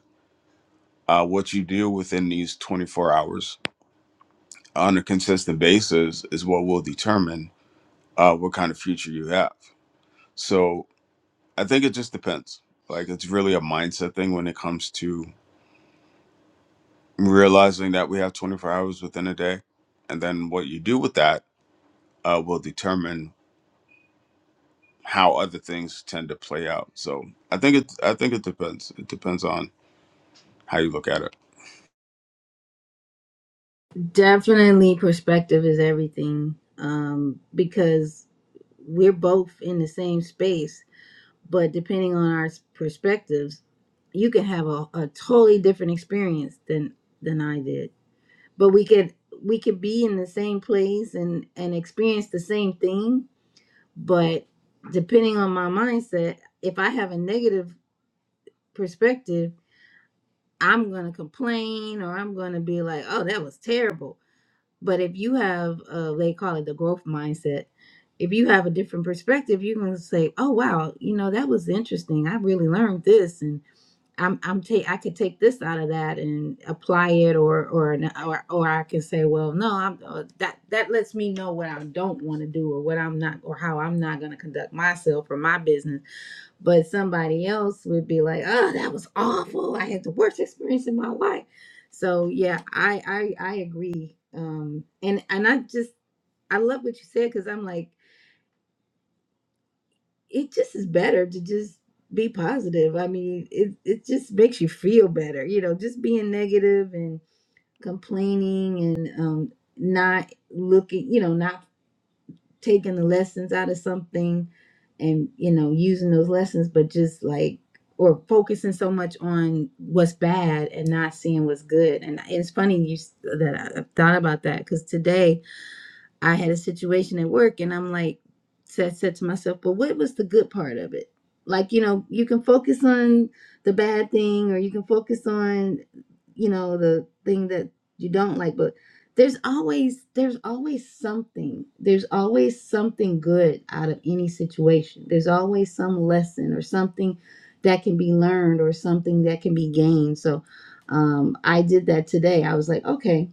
C: uh, what you do within these 24 hours on a consistent basis is what will determine uh, what kind of future you have. So I think it just depends. Like it's really a mindset thing when it comes to realizing that we have 24 hours within a day, and then what you do with that uh, will determine how other things tend to play out. So I think it I think it depends. It depends on how you look at it.
A: Definitely, perspective is everything um, because we're both in the same space but depending on our perspectives you can have a, a totally different experience than than i did but we could we could be in the same place and and experience the same thing but depending on my mindset if i have a negative perspective i'm going to complain or i'm going to be like oh that was terrible but if you have uh they call it the growth mindset if you have a different perspective you're going to say oh wow you know that was interesting i really learned this and I'm I'm take I could take this out of that and apply it or or n- or or I can say well no I'm uh, that that lets me know what I don't want to do or what I'm not or how I'm not going to conduct myself or my business but somebody else would be like oh that was awful I had the worst experience in my life so yeah I I I agree um and and I just I love what you said cuz I'm like it just is better to just be positive. I mean, it it just makes you feel better. You know, just being negative and complaining and um not looking, you know, not taking the lessons out of something and you know, using those lessons but just like or focusing so much on what's bad and not seeing what's good. And it's funny you s- that I I thought about that cuz today I had a situation at work and I'm like said said to myself, well, what was the good part of it? Like, you know, you can focus on the bad thing or you can focus on, you know, the thing that you don't like, but there's always there's always something. There's always something good out of any situation. There's always some lesson or something that can be learned or something that can be gained. So um I did that today. I was like, okay,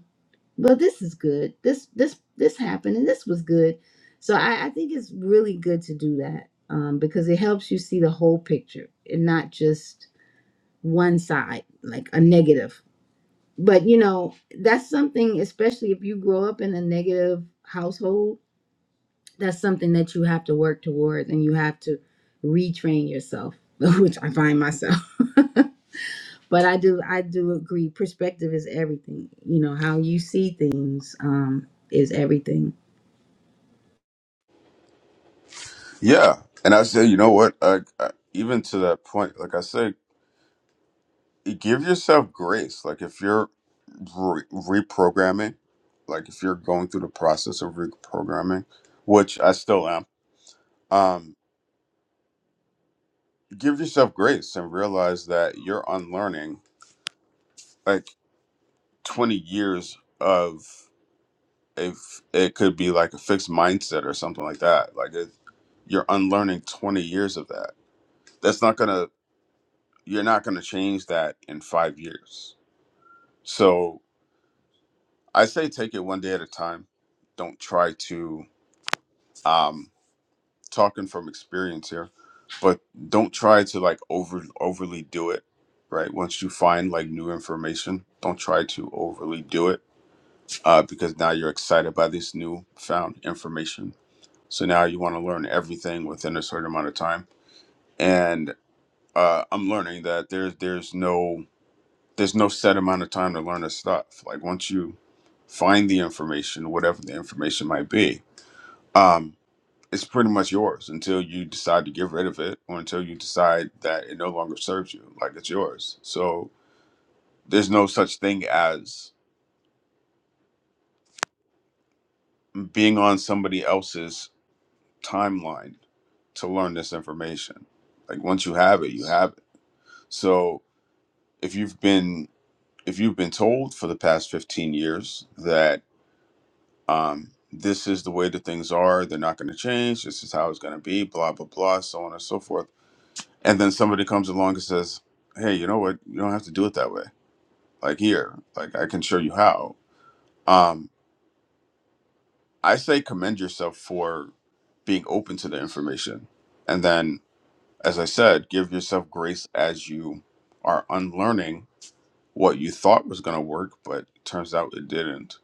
A: well this is good this this this happened and this was good so i, I think it's really good to do that um, because it helps you see the whole picture and not just one side like a negative but you know that's something especially if you grow up in a negative household that's something that you have to work towards and you have to retrain yourself which i find myself but i do i do agree perspective is everything you know how you see things um, is everything
C: Yeah, and I say you know what? I, I, even to that point, like I say, you give yourself grace. Like if you're re- reprogramming, like if you're going through the process of reprogramming, which I still am, um, give yourself grace and realize that you're unlearning like 20 years of if it could be like a fixed mindset or something like that like it, you're unlearning 20 years of that that's not gonna you're not gonna change that in five years so i say take it one day at a time don't try to um talking from experience here but don't try to like over overly do it right once you find like new information don't try to overly do it uh, because now you're excited by this new found information So now you want to learn everything within a certain amount of time. And uh, I'm learning that there's there's no there's no set amount of time to learn this stuff. Like once you find the information, whatever the information might be, um, it's pretty much yours until you decide to get rid of it or until you decide that it no longer serves you. Like it's yours. So there's no such thing as being on somebody else's timeline to learn this information. Like once you have it, you have it. So if you've been if you've been told for the past 15 years that um, this is the way that things are they're not going to change this is how it's going to be blah blah blah so on and so forth and then somebody comes along and says hey you know what you don't have to do it that way like here like i can show you how um, i say commend yourself for being open to the information and then as i said give yourself grace as you are unlearning what you thought was going to work but turns out it didn't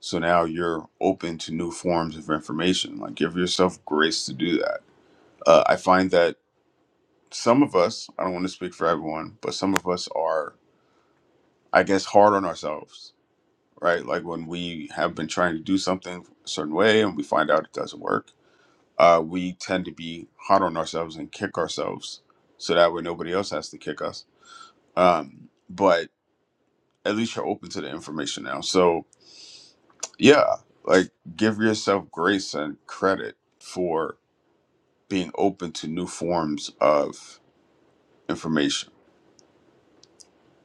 C: So now you're open to new forms of information. Like give yourself grace to do that. Uh, I find that some of us, I don't want to speak for everyone, but some of us are, I guess, hard on ourselves, right? Like when we have been trying to do something a certain way and we find out it doesn't work, uh, we tend to be hard on ourselves and kick ourselves. So that way nobody else has to kick us. Um, but at least you're open to the information now. So yeah, like give yourself grace and credit for being open to new forms of information.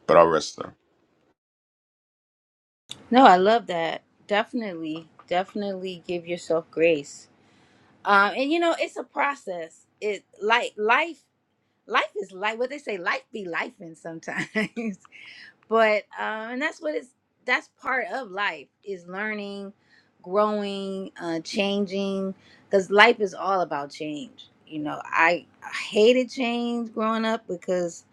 C: But I'll rest there.
A: No, I love that. Definitely, definitely give yourself grace. Um, and you know, it's a process. It like life, life is like what they say, life be life in sometimes. but um, and that's what it's that's part of life is learning, growing, uh, changing. Because life is all about change. You know, I, I hated change growing up because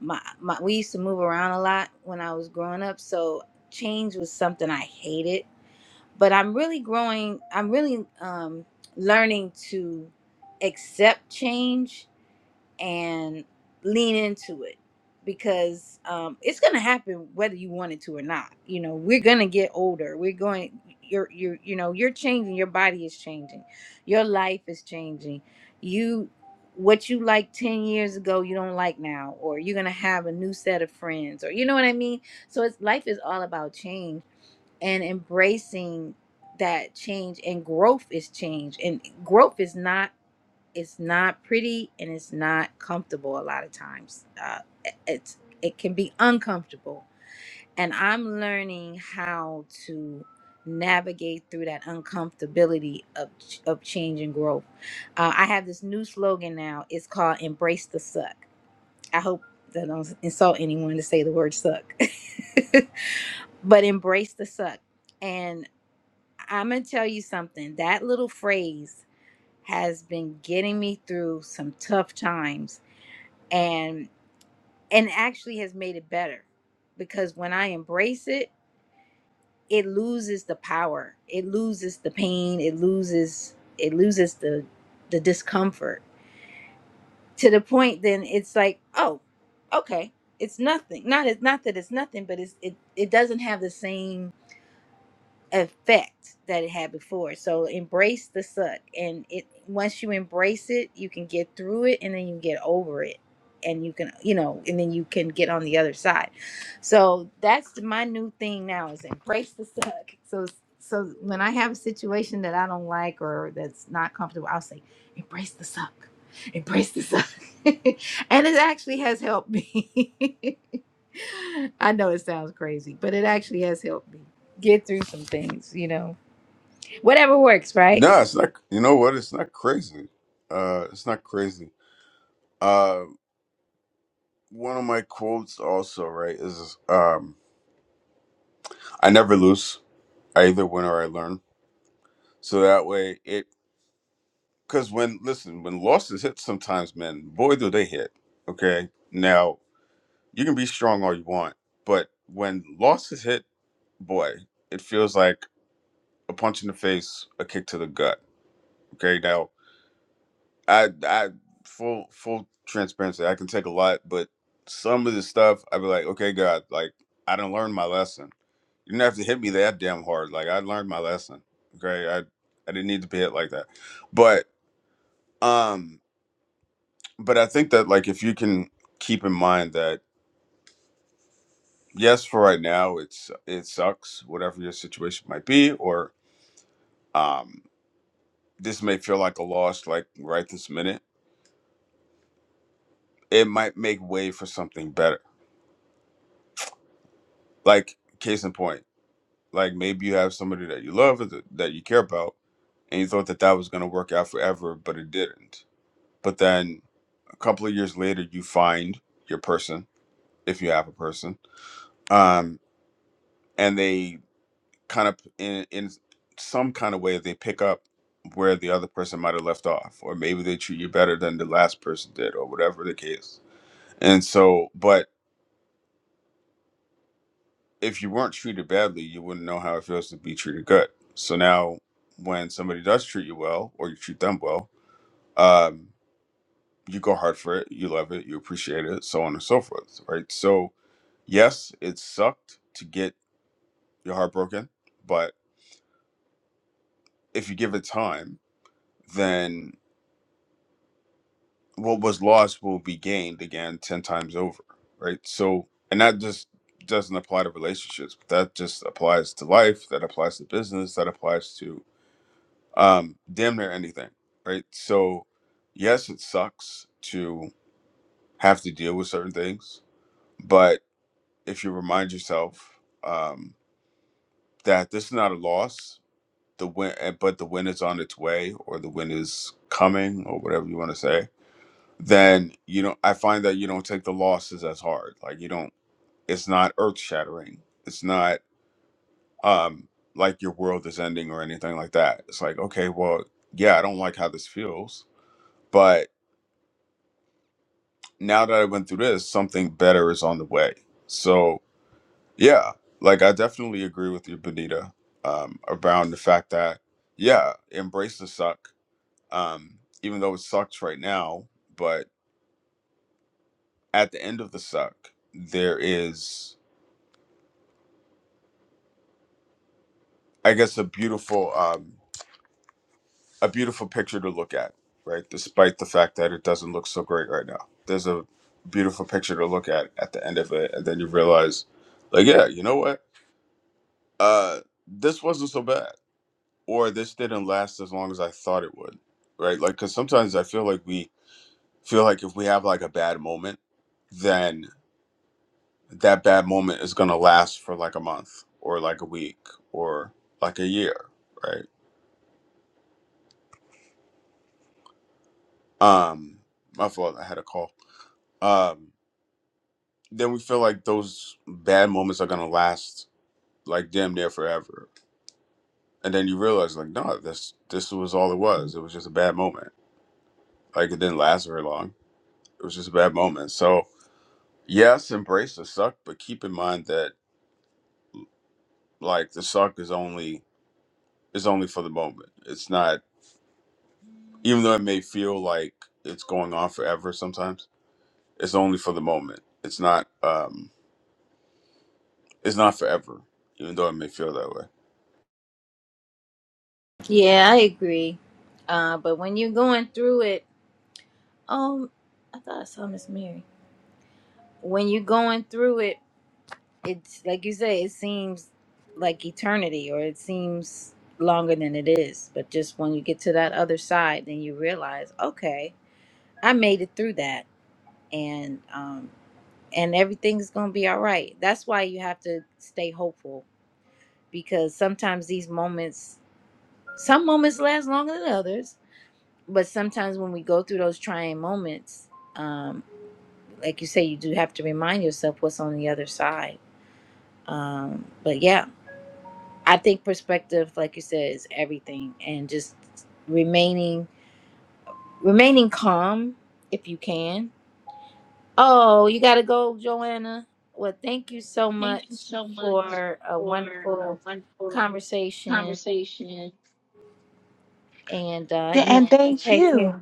A: my, my we used to move around a lot when I was growing up, so change was something I hated but I'm really growing. I'm really um, learning to accept change and lean into it because um, it's going to happen whether you want it to or not. You know, we're going to get older. We're going. You're you're you know you're changing. Your body is changing. Your life is changing. You what you like 10 years ago you don't like now or you're going to have a new set of friends or you know what i mean so it's life is all about change and embracing that change and growth is change and growth is not it's not pretty and it's not comfortable a lot of times uh, it- it's it can be uncomfortable and i'm learning how to navigate through that uncomfortability of of change and growth uh, i have this new slogan now it's called embrace the suck i hope that I don't insult anyone to say the word suck but embrace the suck and. I'm gonna tell you something. That little phrase has been getting me through some tough times and and actually has made it better because when I embrace it, it loses the power. It loses the pain, it loses it loses the the discomfort to the point then it's like, "Oh, okay. It's nothing." Not it's not that it's nothing, but it's it it doesn't have the same effect that it had before. So embrace the suck, and it once you embrace it, you can get through it, and then you can get over it, and you can you know, and then you can get on the other side. So that's my new thing now is embrace the suck. So so when I have a situation that I don't like or that's not comfortable, I'll say embrace the suck, embrace the suck, and it actually has helped me. I know it sounds crazy, but it actually has helped me get through some things, you know. Whatever works, right?
C: No, it's not. You know what? It's not crazy. Uh, it's not crazy. Uh, one of my quotes also right is um, I never lose. I either win or I learn. So that way it because when listen when losses hit sometimes man boy do they hit. Okay, now you can be strong all you want, but when losses hit, boy, it feels like a punch in the face, a kick to the gut. Okay, now I I full full transparency. I can take a lot, but some of the stuff I'd be like, okay, God, like I didn't learn my lesson. You didn't have to hit me that damn hard. Like I learned my lesson. Okay, I I didn't need to be hit like that. But um, but I think that like if you can keep in mind that yes, for right now it's it sucks, whatever your situation might be, or um, this may feel like a loss, like right this minute. It might make way for something better. Like case in point Like maybe you have somebody that you love or that that you care about, and you thought that that was going to work out forever, but it didn't. But then a couple of years later, you find your person, if you have a person, um, and they kind of in in some kind of way they pick up where the other person might have left off, or maybe they treat you better than the last person did, or whatever the case. And so, but if you weren't treated badly, you wouldn't know how it feels to be treated good. So now, when somebody does treat you well, or you treat them well, um, you go hard for it, you love it, you appreciate it, so on and so forth, right? So yes, it sucked to get your heart broken, but if you give it time, then what was lost will be gained again ten times over, right? So, and that just doesn't apply to relationships. That just applies to life. That applies to business. That applies to um, damn near anything, right? So, yes, it sucks to have to deal with certain things, but if you remind yourself um, that this is not a loss, the win, eh, but the win is on its way, or the win is coming, or whatever you want to say, then you know I find that you don't take the losses as hard. Like you don't. It's not earth shattering. It's not um, like your world is ending or anything like that. It's like okay, well, yeah, I don't like how this feels, but now that I went through this, something better is on the way. So yeah, like I definitely agree with you, Benita, um, around the fact that yeah, embrace the suck, um, even though it sucks right now. But at the end of the suck, there is, I guess, a beautiful, um, a beautiful picture to look at, right? Despite the fact that it doesn't look so great right now, there's a beautiful picture to look at at the end of it, and then you realize, like, yeah, you know what? Uh, this wasn't so bad or this didn't last as long as I thought it would, right? Like, because sometimes I feel like we feel like if we have like a bad moment, then that bad moment is gonna last for like a month or like a week or like a year, right? Um, my fault, I had a call. Um, then we feel like those bad moments are gonna last like damn near forever, and then you realize like, no, this this was all it was. It was just a bad moment. Like it didn't last very long. It was just a bad moment. So Yes, embrace the suck, but keep in mind that like the suck is only is only for the moment. It's not even though it may feel like it's going on forever sometimes, it's only for the moment. It's not um it's not forever, even though it may feel that way.
A: Yeah, I agree. Uh, but when you're going through it, um, I thought I saw Miss Mary. When you're going through it, it's like you say, it seems like eternity, or it seems longer than it is. But just when you get to that other side, then you realize, okay, I made it through that, and um, and everything's gonna be all right. That's why you have to stay hopeful because sometimes these moments Some moments last longer than others, but sometimes when we go through those trying moments, um, like you say, you do have to remind yourself what's on the other side. Um, but yeah, I think perspective, like you said, is everything, and just remaining remaining calm if you can. Oh, you gotta go, Joanna. Well, thank you so much for a wonderful conversation, and uh,
B: The
A: you
B: end
A: you take care.
B: you.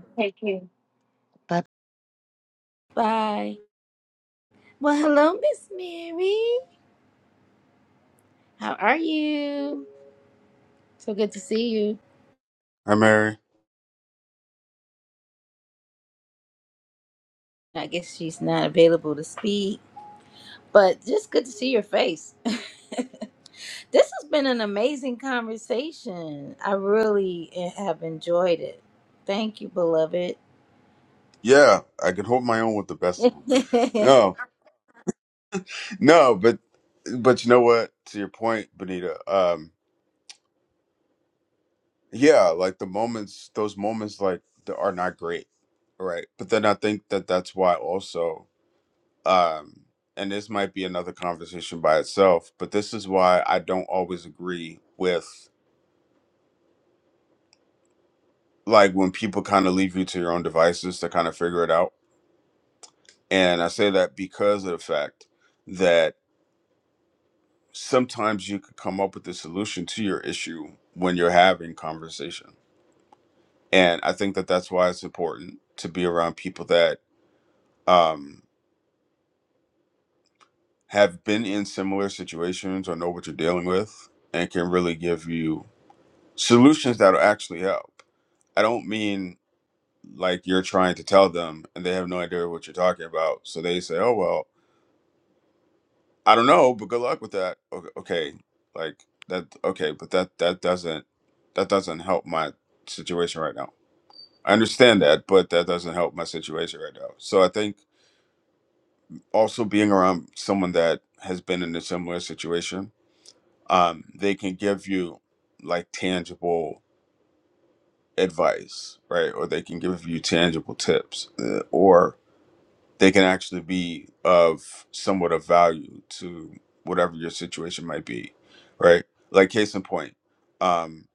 B: bye.
A: Bye. Well, hello, Miss Mary. How are you? So good to see you.
C: Hi Mary.
A: I guess she's not available to speak, but just good to see your face. this has been an amazing conversation. I really eh, have enjoyed it. Thank you, beloved.
C: Yeah, I can hold my own with the best of them.
A: it
C: No. No, but but you know what? To your point, Benita, um yeah, like the moments those moments like that are not great, right? But then I think that that's why also um, and this might be another conversation by itself, but this is why I don't always agree with like when people kind of leave you to your own devices to kind of figure it out. And I say that because of the fact that sometimes you could come up with a solution to your issue when you're having conversation. And I think that that's why it's important to be around people that um, have been in similar situations or know what you're dealing with and can really give you solutions that'll actually help I don't mean like you're trying to tell them and they have no idea what you're talking about. So they say, "Oh well, I don't know, but good luck with that." Okay, okay, like that. Okay, but that that doesn't that doesn't help my situation right now. I understand that, but that doesn't help my situation right now. So I think also being around someone that has been in a similar situation, um, they can give you like tangible advice, right? Or they can give you tangible tips, uh, or they can actually be of somewhat of value to whatever your situation might be right like case in point um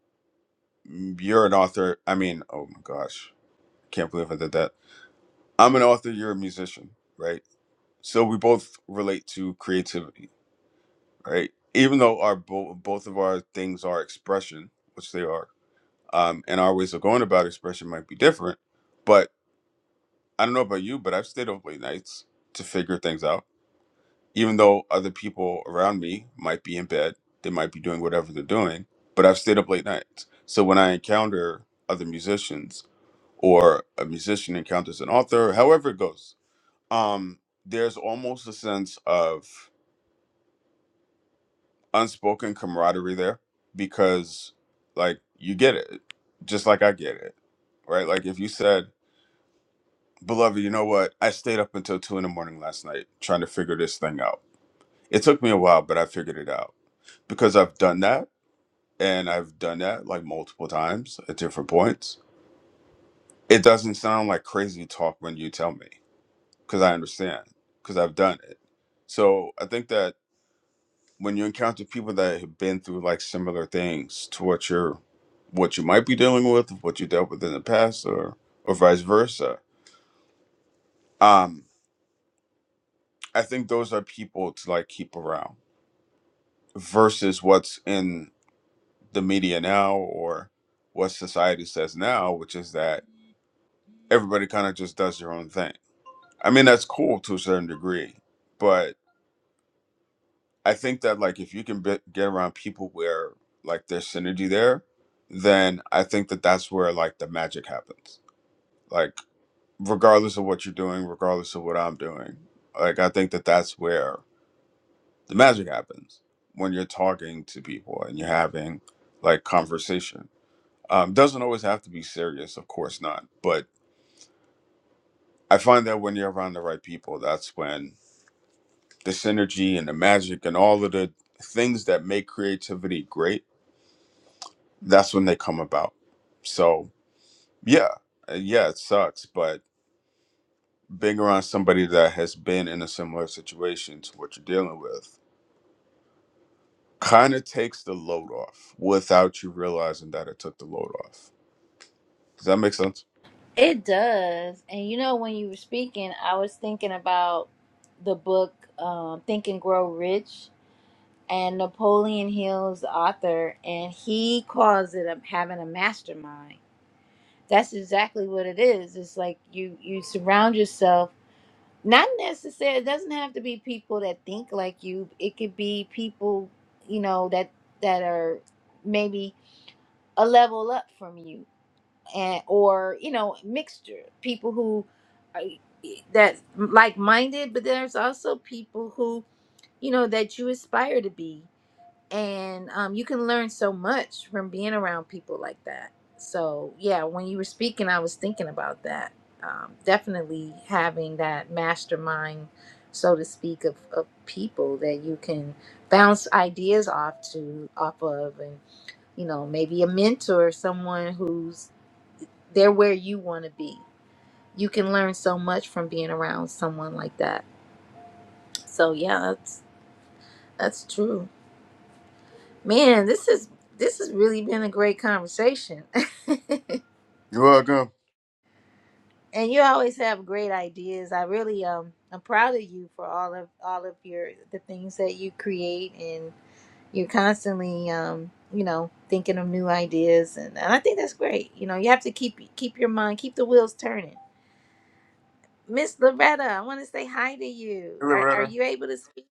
C: you're an author i mean oh my gosh can't believe i did that i'm an author you're a musician right so we both relate to creativity right even though our bo- both of our things are expression which they are um and our ways of going about expression might be different but i don't know about you but i've stayed up late nights to figure things out even though other people around me might be in bed, they might be doing whatever they're doing, but I've stayed up late nights. So when I encounter other musicians or a musician encounters an author, however it goes, um, there's almost a sense of unspoken camaraderie there because, like, you get it, just like I get it, right? Like, if you said, Beloved, you know what? I stayed up until two in the morning last night trying to figure this thing out It took me a while, but I figured it out because I've done that and I've done that like multiple times at different points. It doesn't sound like crazy talk when you tell me because I understand because I've done it. So I think that when you encounter people that have been through like similar things to what you're, what you might be dealing with, what you dealt with in the past, or or vice versa, um, I think those are people to like keep around versus what's in the media now or what society says now, which is that everybody kind of just does their own thing. I mean, that's cool to a certain degree, but I think that like if you can be- get around people where like there's synergy there, then I think that that's where like the magic happens. Like regardless of what you're doing, regardless of what I'm doing, like I think that that's where the magic happens when you're talking to people and you're having like conversations Um, doesn't always have to be serious, of course not. But I find that when you're around the right people, that's when the synergy and the magic and all of the things that make creativity great, that's when they come about. So, yeah, uh, yeah, it sucks. But being around somebody that has been in a similar situation to what you're dealing with kind of takes the load off without you realizing that it took the load off. Does that make sense?
A: does. And you know, when you were speaking, I was thinking about the book um, Think and Grow Rich and Napoleon Hill's the author, and he calls it a, having a mastermind. That's exactly what it is. It's like you you surround yourself. Not necessarily. It doesn't have to be people that think like you. It could be people you know that that are maybe a level up from you, and or you know mixture people who are, that like minded. But there's also people who you know that you aspire to be and um, you can learn so much from being around people like that. So yeah, when you were speaking, I was thinking about that. Um, definitely having that mastermind, so to speak, of, of people that you can bounce ideas off to off of, and you know maybe a mentor, someone who's they're where you want to be. You can learn so much from being around someone like that. So yeah, that's that's true. Man, this is this has really been a great conversation.
C: You're welcome.
A: and you always have great ideas. I really um I'm proud of you for all of all of your the things that you create and you're constantly um you know thinking of new ideas and, and I think that's great. You know, you have to keep keep your mind, keep the wheels turning. Miss Loretta, I want to say hi to you.
C: Hey,
A: Are are
C: Loretta.
A: you able to speak?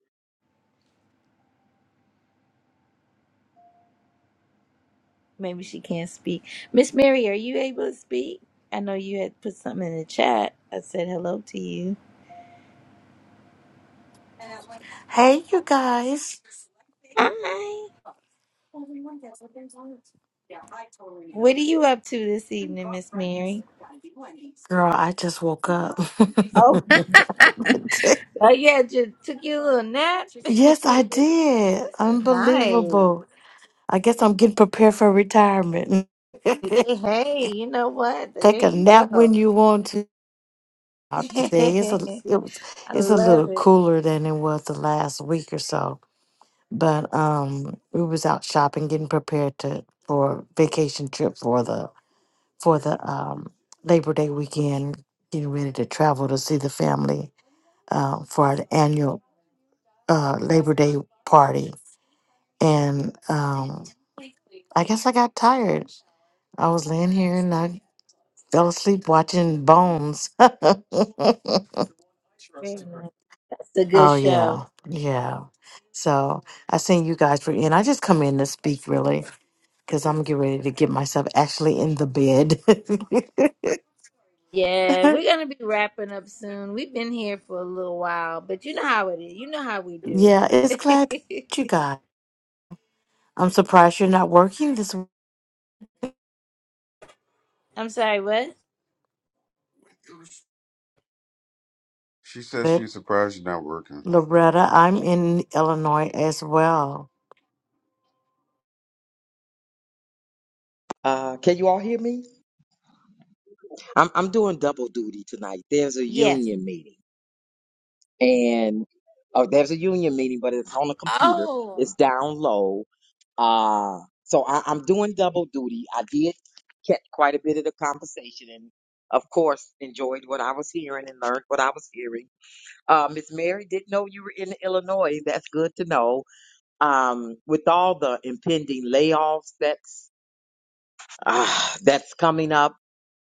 A: Maybe she can't speak. Miss Mary, are you able to speak? I know you had put something in the chat. I said hello to you.
F: Hey, you guys.
A: Hi. What are you up to this evening, Miss Mary?
F: Girl, I just woke up.
A: Oh, oh yeah, just took you a little nap.
F: yes, I did.
A: nice.
F: Unbelievable. I guess I'm getting prepared for retirement.
A: They- Hey, you know what? There
F: Take a
A: you go.
F: nap when you want to. Out Today it's a it was
A: I
F: it's a little
A: love it.
F: cooler than it was the last week or so, but um, we was out shopping, getting prepared to for a vacation trip for the for the um, Labor Day weekend, getting ready to travel to see the family uh, for our annual uh, Labor Day party. And um, I guess I got tired. I was laying here and I fell asleep watching Bones. oh,
A: Very nice. That's a good show.
F: yeah. Yeah. So I seen you guys were in. I just come in to speak really because I'm getting ready to get myself actually in the bed.
A: Yeah, we're gonna be wrapping up soon. We've been here for a little while, but you know how it is. You know how we do.
F: yeah, it's glad you guys. I'm surprised you're not working this
A: I'm sorry, what?
C: She says
F: week,
C: she's surprised you're not working.
F: Loretta. I'm in Illinois as well.
D: Uh, can you all hear me? I'm I'm doing double duty tonight. There's a
A: Yes.
D: union meeting, and oh, there's a union meeting, but it's on a computer.
A: Oh.
D: It's down low. Uh, so I, I'm doing double duty. I did get quite a bit of the conversation and of course enjoyed what I was hearing and learned what I was hearing. Uh, Miss Mary didn't know you were in Illinois. That's good to know. um, with all the impending layoffs that's ah, that's coming up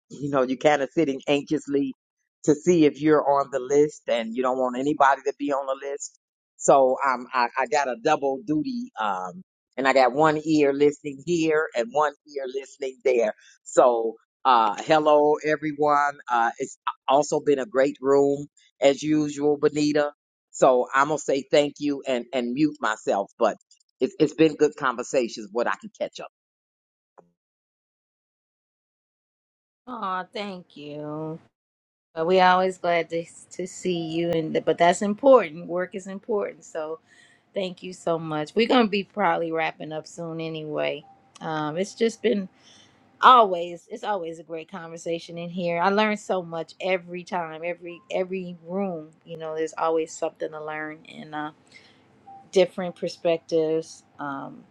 D: you know, you're kind of sitting anxiously to see if you're on the list and you don't want anybody to be on the list. So um, I, I got a double duty. Um, and I got one ear listening here and one ear listening there. So, uh, hello everyone. Uh, it's also been a great room as usual, Benita. So I'm gonna say thank you and, and mute myself, but it's, it's been good conversations, what I can catch up.
A: Oh, thank you. But we always glad to to see you, and but that's important. Work is important, so thank you so much. We're gonna be probably wrapping up soon anyway. Um, it's just been always it's always a great conversation in here. I learn so much every time, every every room. You know, there's always something to learn and uh, different perspectives. Um,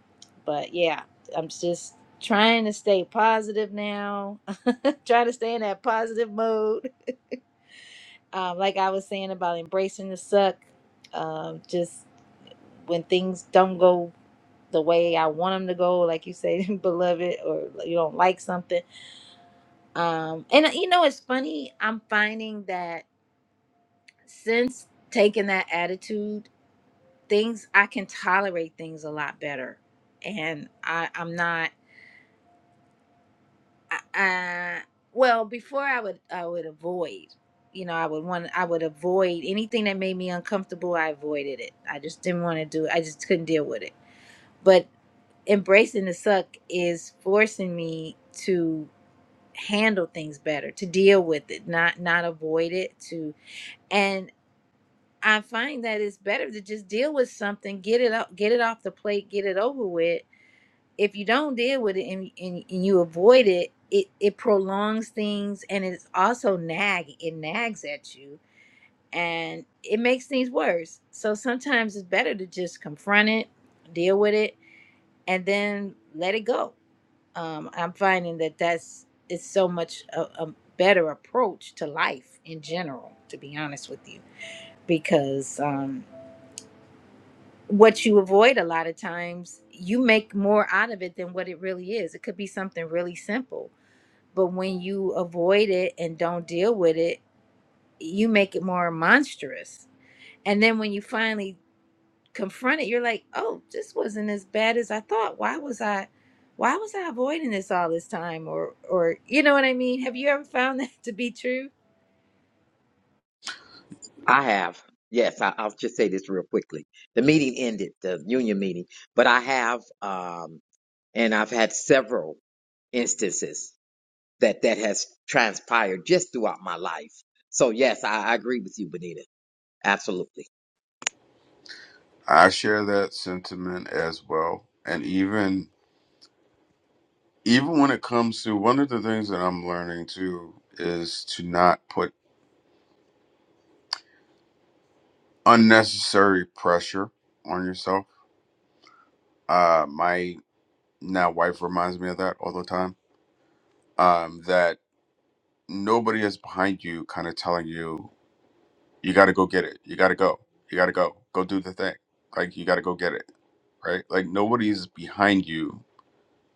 A: but yeah, I'm just trying to stay positive now. trying to stay in that positive mode. Um, like I was saying about embracing the suck, um, just when things don't go the way I want them to go, like you say, beloved, or you don't like something. Um, and uh, you know, it's funny. I'm finding that since taking that attitude, things I can tolerate things a lot better, and I, I'm not. I, well, before I would I would avoid, you know, I would want I would avoid anything that made me uncomfortable. I avoided it. I just didn't want to do it. I just couldn't deal with it. But embracing the suck is forcing me to handle things better, to deal with it, not not avoid it. To and I find that it's better to just deal with something, get it up, get it off the plate, get it over with, if you don't deal with it and, and, and you avoid it, it it prolongs things and it's also nag it nags at you and it makes things worse so sometimes it's better to just confront it deal with it and then let it go um, i'm finding that that's it's so much a, a better approach to life in general to be honest with you because um, what you avoid a lot of times you make more out of it than what it really is it could be something really simple But when you avoid it and don't deal with it, you make it more monstrous. And then when you finally confront it, you're like, "Oh, this wasn't as bad as I thought. Why was I why was I avoiding this all this time?" Or or you know what I mean? Have you ever found that to be true?
D: I have. Yes, I, I'll just say this real quickly. The meeting ended, the union meeting, but I have, um, and I've had several instances that that has transpired just throughout my life. So yes, I, I agree with you, Benita. Absolutely.
C: I share that sentiment as well. And even even when it comes to one of the things that I'm learning too is to not put unnecessary pressure on yourself. Uh my now wife reminds me of that all the time. Um that nobody is behind you kind of telling you you got to go get it. You got to go. You got to go. Go do the thing. Like you got to go get it, right? Like nobody's behind you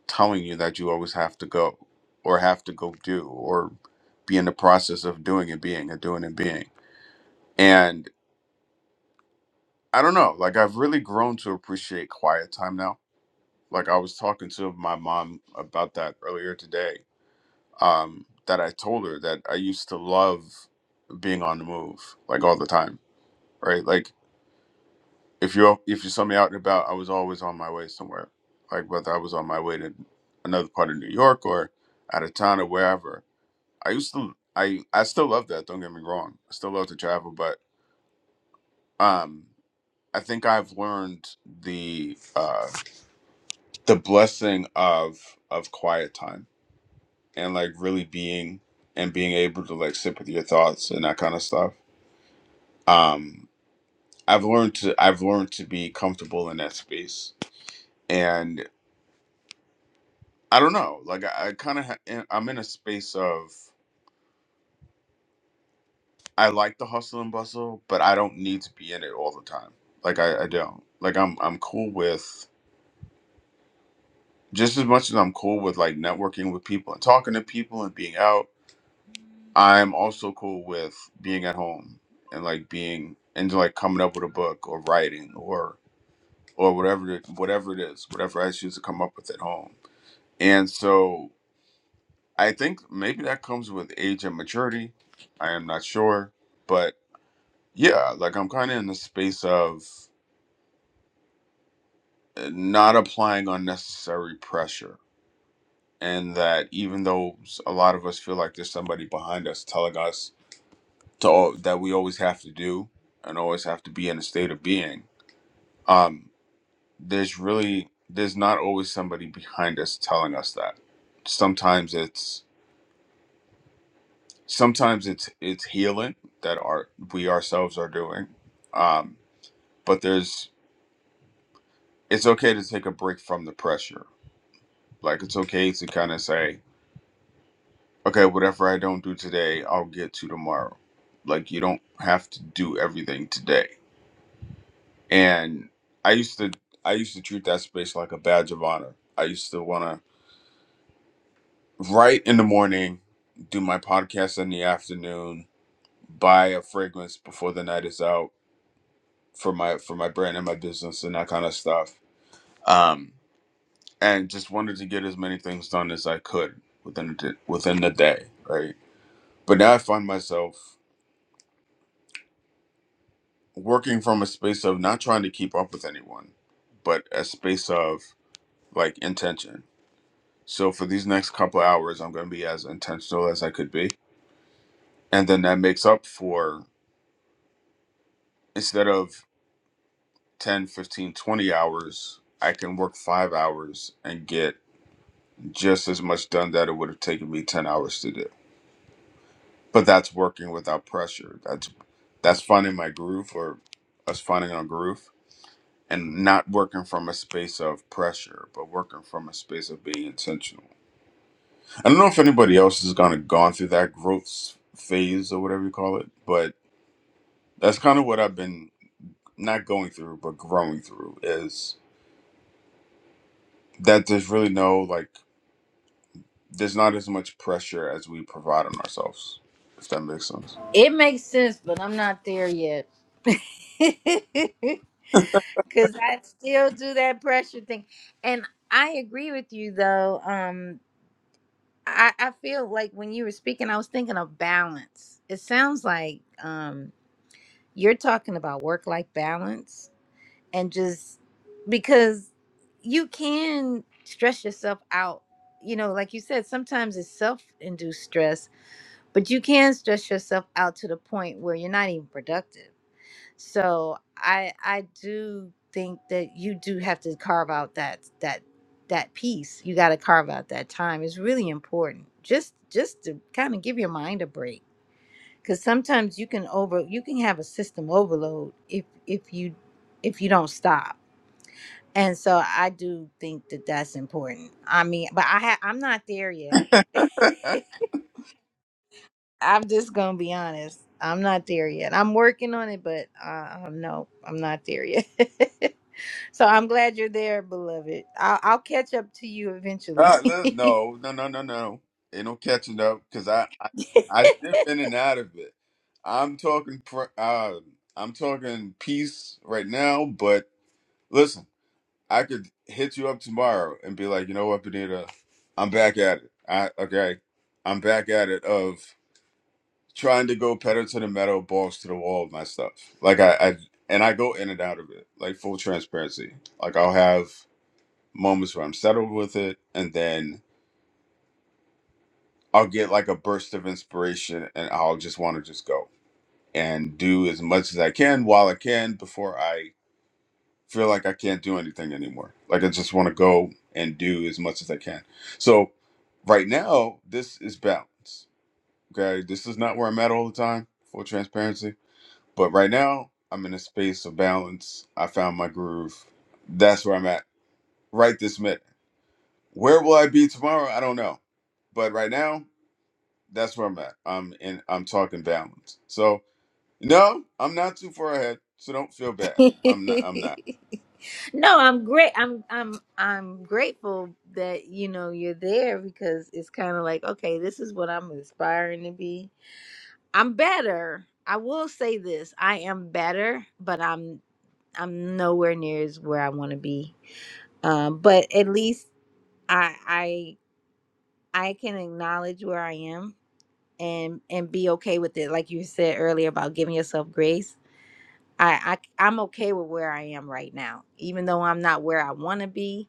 C: telling you that you always have to go or have to go do or be in the process of doing and being and doing and being. And I don't know, like I've really grown to appreciate quiet time now. Like I was talking to my mom about that earlier today. Um, that I told her that I used to love being on the move, like all the time, right? Like if you if you saw me out and about, I was always on my way somewhere. Like whether I was on my way to another part of New York or out of town or wherever I used to I I still love that, don't get me wrong. I still love to travel, but um I think I've learned the uh the blessing of of quiet time and like really being and being able to like sit with your thoughts and that kind of stuff. Um I've learned to I've learned to be comfortable in that space. And I don't know, like I, I kind of ha- I'm in a space of I like the hustle and bustle, but I don't need to be in it all the time. Like I, I don't. Like I'm I'm cool with just as much as I'm cool with like networking with people and talking to people and being out, I'm also cool with being at home and like being and like coming up with a book or writing or or whatever it, whatever it is, whatever I choose to come up with at home. And so I think maybe that comes with age and maturity. I am not sure, but yeah, like I'm kind of in the space of not applying unnecessary pressure and that even though s- a lot of us feel like there's somebody behind us telling us to all, that we always have to do and always have to be in a state of being um there's really there's not always somebody behind us telling us that sometimes it's sometimes it's it's healing that our we ourselves are doing um but there's it's okay to take a break from the pressure like it's okay to kind of say okay, whatever I don't do today, I'll get to tomorrow. Like you don't have to do everything today. And I used to I used to treat that space like a badge of honor. I used to wanna write in the morning, do my podcast in the afternoon, buy a fragrance before the night is out for my for my brand and my business and that kind of stuff. Um and just wanted to get as many things done as I could within the, within the day, right? But now I find myself working from a space of not trying to keep up with anyone, but a space of like intention. So for these next couple hours, I'm going to be as intentional as I could be. And then that makes up for instead of 10, 15, 20 hours, I can work five hours and get just as much done that it would have taken me 10 hours to do. But that's working without pressure. That's that's finding my groove or us finding our groove and not working from a space of pressure, but working from a space of being intentional. I don't know if anybody else has kind of gone through that growth s- phase or whatever you call it, but that's kind of what I've been not going through, but growing through is that there's really no like, there's not as much pressure as we provide on ourselves, if that makes sense.
A: It makes sense, but I'm not there yet. Cuz I still do that pressure thing. And I agree with you though. Um I, I feel like when you were speaking, I was thinking of balance. It sounds like um, you're talking about work life balance and just because you can stress yourself out. You know, like you said, sometimes it's self induced stress, but you can stress yourself out to the point where you're not even productive. So I I do think that you do have to carve out that that that piece. You got to carve out that time. It's really important. Just just to kind of give your mind a break cuz sometimes you can over you can have a system overload if if you if you don't stop. And so I do think that that's important. I mean, but I ha- I'm not there yet. I'm just going to be honest. I'm not there yet. I'm working on it, but uh, oh, no, I'm not there yet. So I'm glad you're there, beloved. I'll, I'll catch up to you eventually.
C: Uh, li- no, no, no, no, no. Ain't no catching up because I, I I dip in and out of it. I'm talking pr- uh I'm talking peace right now, but listen, I could hit you up tomorrow and be like, you know what, Benita, I'm back at it. I okay, I'm back at it of trying to go pedal to the metal, balls to the wall, with my stuff. Like I, I and I go in and out of it, like full transparency. Like I'll have moments where I'm settled with it, and then I'll get like a burst of inspiration and I'll just want to just go and do as much as I can while I can before I feel like I can't do anything anymore. Like I just want to go and do as much as I can. So right now, this is balance. Okay. This is not where I'm at all the time, full transparency. But right now, I'm in a space of balance. I found my groove. That's where I'm at right this minute. Where will I be tomorrow? I don't know. But right now, That's where I'm at. I'm in. I'm talking balance. So no, I'm not too far ahead. So don't feel bad. I'm not. I'm not.
A: no, I'm great. I'm I'm I'm grateful that you know you're there because it's kind of like okay, this is what I'm aspiring to be. I'm better. I will say this: I am better, but I'm I'm nowhere near as where I want to be. Um, but at least I I I can acknowledge where I am and and be okay with it like you said earlier about giving yourself grace i, I i'm okay with where i am right now even though i'm not where i want to be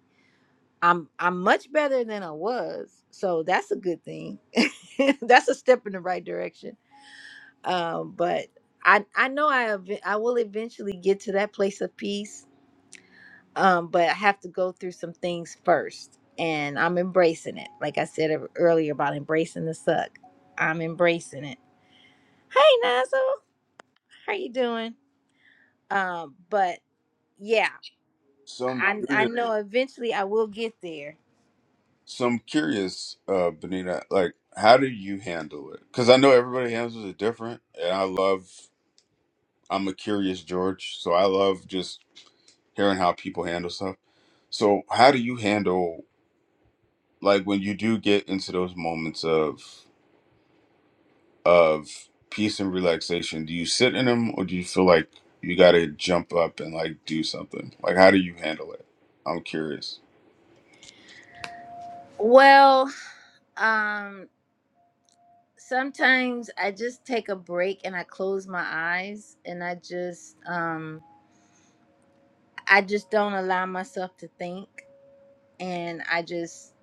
A: i'm i'm much better than i was so that's a good thing that's a step in the right direction um but i i know i ev- i will eventually get to that place of peace um but i have to go through some things first and i'm embracing it like i said ev- earlier about embracing the suck i'm embracing it hey nazo how you doing? Um, but yeah,
C: So I'm
A: I I
C: curious.
A: know eventually I will get there.
C: So I'm curious, uh, Benita. Like, how do you handle it? Because I know everybody handles it different, and I love. I'm a curious George, so I love just hearing how people handle stuff. So how do you handle like when you do get into those moments of? of peace and relaxation, do you sit in them or do you feel like you got to jump up and like do something? Like, how do you handle it? I'm curious.
A: Well, um, sometimes I just take a break and I close my eyes and I just um I just don't allow myself to think and I just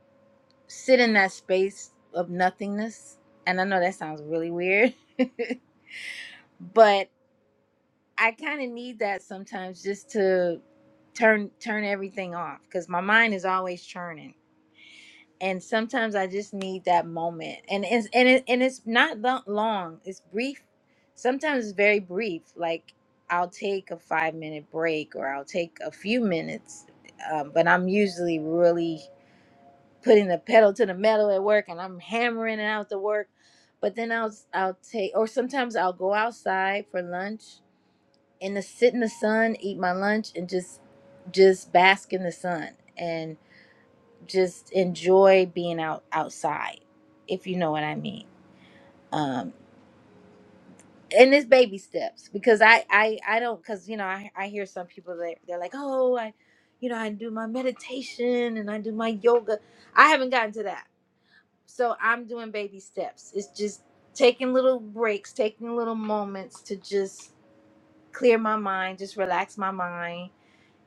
A: sit in that space of nothingness. And I know that sounds really weird, but I kind of need that sometimes just to turn turn everything off because my mind is always churning and sometimes I just need that moment. And it's and it and it's not lo- long. It's brief. Sometimes it's very brief. Like I'll take a five minute break, or I'll take a few minutes. Um, but I'm usually really putting the pedal to the metal at work, and I'm hammering it out the work. But then I'll I'll take, or sometimes I'll go outside for lunch and to sit in the sun, eat my lunch, and just just bask in the sun just enjoy being out outside if you know what i mean um and it's baby steps because i i i don't because you know I, I hear some people that they're like oh i you know i do my meditation and i do my yoga i haven't gotten to that so i'm doing baby steps it's just taking little breaks taking little moments to just clear my mind just relax my mind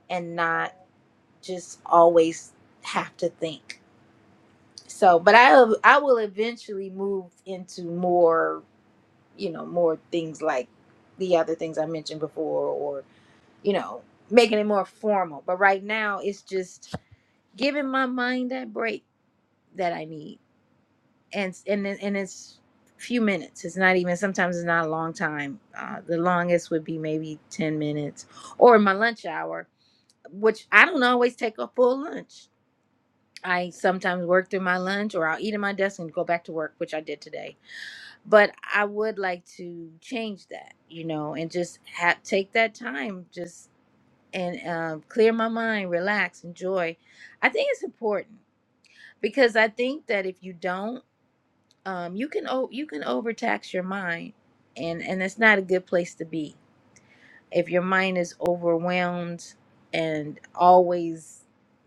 A: and not just always have to think So, but I I will eventually move into more, you know, more things like the other things I mentioned before, or you know, making it more formal. But right now, it's just giving my mind that break that I need, and and it- and it's few minutes. It's not even sometimes it's not a long time. Uh, the longest would be maybe ten minutes, or my lunch hour, which I don't always take a full lunch. I sometimes work through my lunch, or I'll eat at my desk and go back to work, which I did today but I would like to change that, you know, and just ha- take that time, just and um, clear my mind, relax, enjoy. I think it's important because I think that if you don't, um, you can o- you can overtax your mind, and and that's not a good place to be if your mind is overwhelmed and always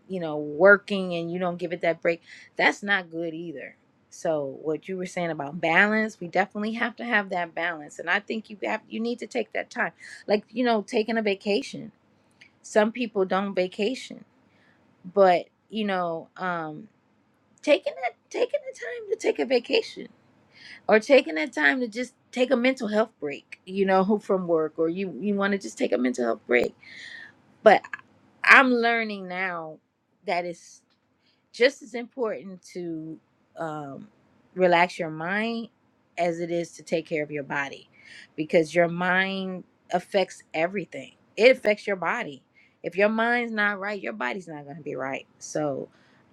A: you know working and you don't give it that break that's not good either so what you were saying about balance we definitely have to have that balance and i think you have you need to take that time like you know taking a vacation some people don't vacation but you know um taking that taking the time to take a vacation or taking that time to just take a mental health break you know from work or you you want to just take a mental health break but I'm learning now that it's just as important to um, relax your mind as it is to take care of your body because your mind affects everything. It affects your body. If your mind's not right, your body's not going to be right. So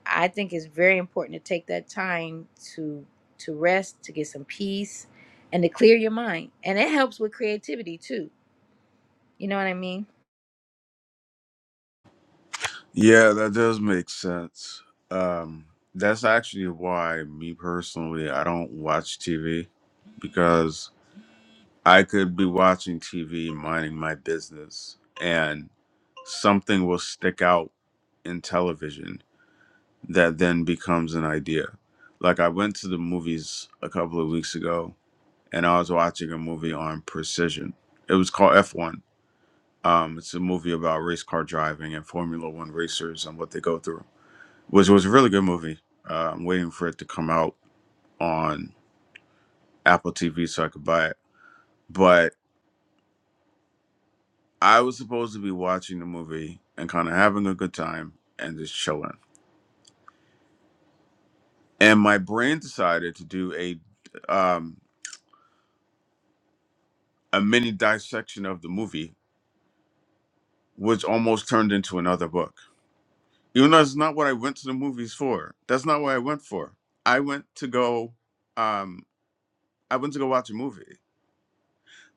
A: I think it's very important to take that time to to rest, to get some peace and to clear your mind. And it helps with creativity too. You know what I mean?
C: Yeah, that does make sense. Um, that's actually why, me personally, I don't watch TV because I could be watching TV, minding my business, and something will stick out in television that then becomes an idea. Like, I went to the movies a couple of weeks ago and I was watching a movie on precision. It was called F1. Um, it's a movie about race car driving and Formula One racers and what they go through, which was a really good movie. Uh, I'm waiting for it to come out on Apple TV so I could buy it. But I was supposed to be watching the movie and kind of having a good time and just chilling. And my brain decided to do a um, a mini dissection of the movie, which almost turned into another book You know, that's not what I went to the movies for. That's not what I went for. I went to go, um, I went to go watch a movie.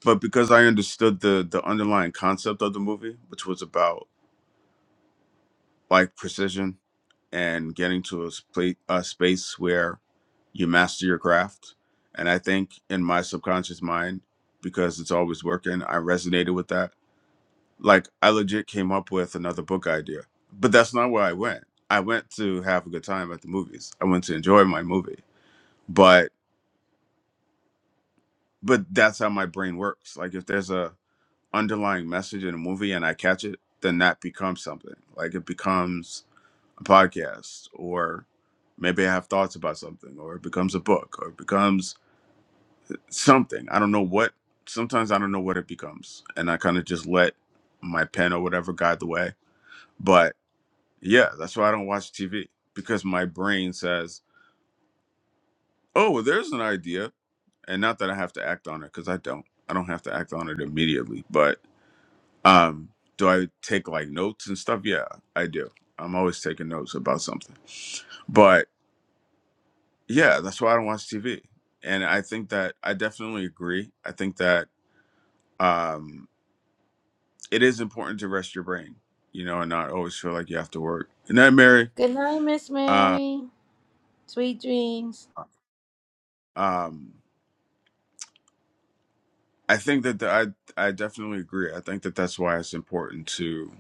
C: But because I understood the the underlying concept of the movie, which was about like precision and getting to a, sp- a space where you master your craft, and I think in my subconscious mind, because it's always working, I resonated with that Like I legit came up with another book idea, but that's not where I went. I went to have a good time at the movies. I went to enjoy my movie, but but that's how my brain works. Like if there's a underlying message in a movie and I catch it, then that becomes something. Like it becomes a podcast, or maybe I have thoughts about something, or it becomes a book, or it becomes something. I don't know what. Sometimes I don't know what it becomes, and I kind of just let my pen or whatever guide the way. But Yeah, that's why I don't watch TV because my brain says, "Oh, well, there's an idea," and not that I have to act on it because I don't. I don't have to act on it immediately. But um, do I take like notes and stuff? Yeah, I do. I'm always taking notes about something. But yeah, that's why I don't watch TV. And I think that I definitely agree. I think that um, it is important to rest your brain, you know, and not always feel like you have to work. And that, Mary.
A: Good night, Miss
C: Uh,
A: Mary. Sweet dreams.
C: um, I think that the, I I definitely agree. I think that that's why it's important to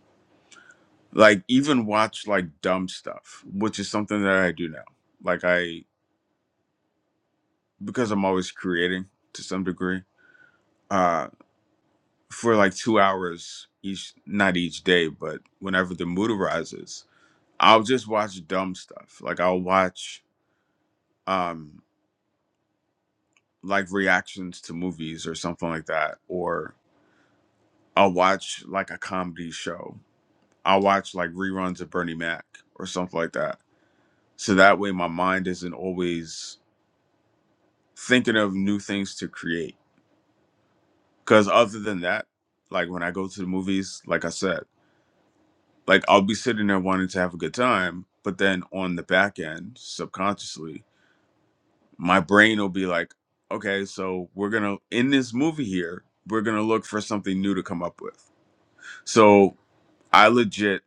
C: like even watch like dumb stuff, which is something that I do now. Like I because I'm always creating to some degree. Uh for like 2 hours each not each day, but whenever the mood arises, I'll just watch dumb stuff. Like I'll watch um like reactions to movies or something like that or I'll watch like a comedy show I'll watch like reruns of Bernie Mac or something like that. So that way my mind isn't always thinking of new things to create. Cause other than that, like when I go to the movies, like I said, like I'll be sitting there wanting to have a good time, but then on the back end, subconsciously, my brain will be like, okay, so we're gonna in this movie here, we're gonna look for something new to come up with. So I legit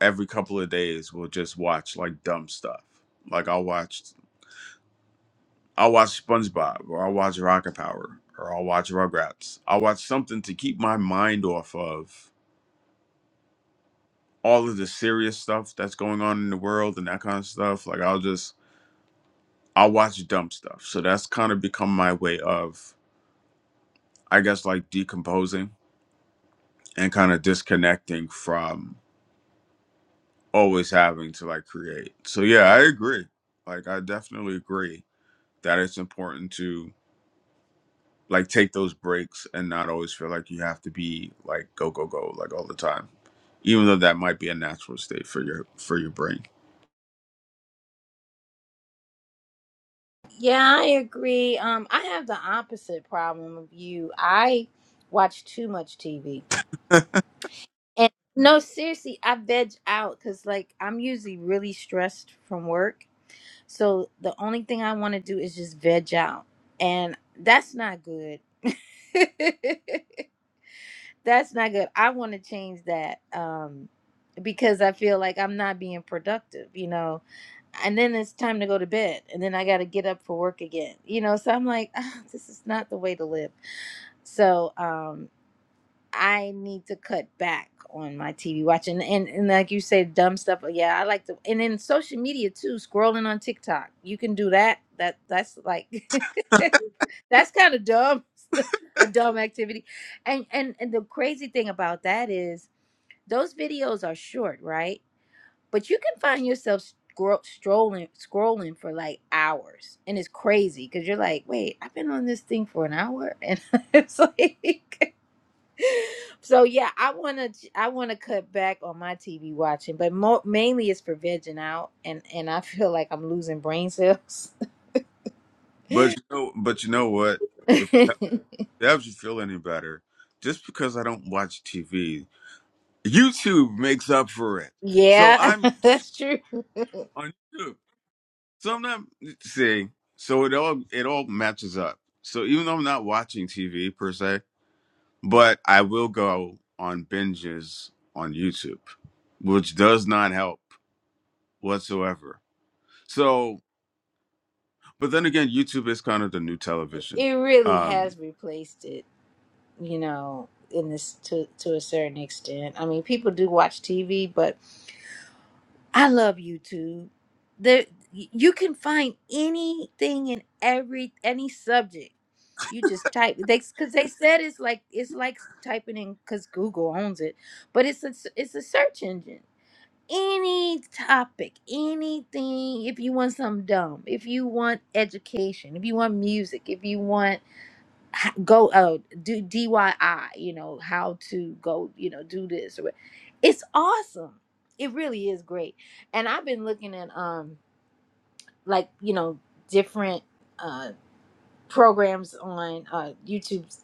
C: every couple of days will just watch like dumb stuff. Like I'll watch. I'll watch SpongeBob or I'll watch Rocket Power or I'll watch Rugrats. I'll watch something to keep my mind off of all of the serious stuff that's going on in the world and that kind of stuff. Like I'll just I'll watch dumb stuff. So that's kind of become my way of I guess like decomposing and kind of disconnecting from always having to like create. So yeah, I agree. Like I definitely agree that it's important to like take those breaks and not always feel like you have to be like go go go like all the time even though that might be a natural state for your for your brain
A: Yeah, I agree. Um, I have the opposite problem of you. I watch too much TV. And no, seriously, I veg out because like I'm usually really stressed from work. So the only thing I want to do is just veg out. And that's not good. that's not good. I want to change that. Um because I feel like I'm not being productive, you know. And then it's time to go to bed, and then I got to get up for work again, you know. So I'm like, "Ah, this is not the way to live. So um, I need to cut back on my TV watching, and and like you say, dumb stuff. uh, Yeah, I like to, and then social media too. Scrolling on TikTok, you can do that. That that's like, that's kind of dumb, a dumb activity. And and and the crazy thing about that is those videos are short, right? but you can find yourself scro- strolling scrolling for like hours and it's crazy because you're like wait i've been on this thing for an hour and it's like so yeah i want to i want to cut back on my tv watching but mo- mainly it's for vegging out and and i feel like i'm losing brain cells
C: but you know but you know what if it helps you feel any better just because i don't watch tv youtube makes up for it so
A: yeah
C: i'm
A: that's true
C: on youtube so i'm not see so it all it all matches up so even though i'm not watching tv per se but I will go on binges on YouTube, which does not help whatsoever. So, but then again, YouTube is kind of the new television.
A: it really
C: Um,
A: has replaced it you know in this to to a certain extent i mean people do watch tv but I love YouTube. There, you can find anything in every any subject. You just type they because they said it's like it's like typing in because Google owns it, but it's a it's a search engine. Any topic, anything. If you want something dumb, if you want education, if you want music, if you want h- go uh do DIY, you know, how to go, you know, do this or what- it's awesome. It really is great. And I've been looking at um like, you know, different uh, programs on uh YouTube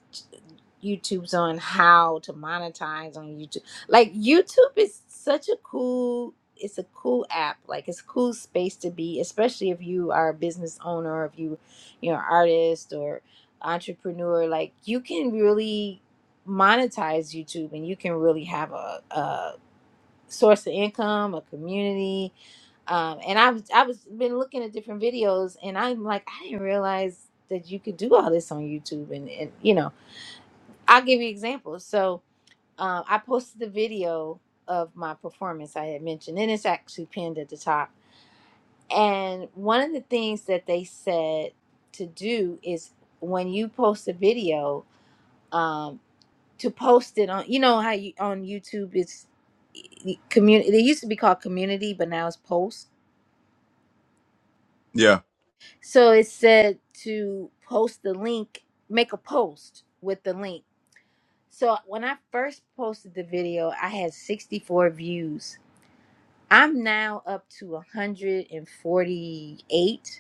A: YouTube's on how to monetize on YouTube. Like YouTube is such a cool it's a cool app. Like it's a cool space to be, especially if you are a business owner, if you you're an artist or entrepreneur, like you can really monetize YouTube and you can really have a, source of income, a community. Um, and I've I was been looking at different videos, and I'm like, I didn't realize that you could do all this on YouTube. And, and you know, I'll give you examples. So um, I posted the video of my performance I had mentioned, and it's actually pinned at the top. And one of the things that they said to do is when you post a video. um, to post it on you know how you on youtube it's community they used to be called community but now it's post
C: yeah,
A: so it said to post the link make a post with the link so when i first posted the video i had 64 views i'm now up to 148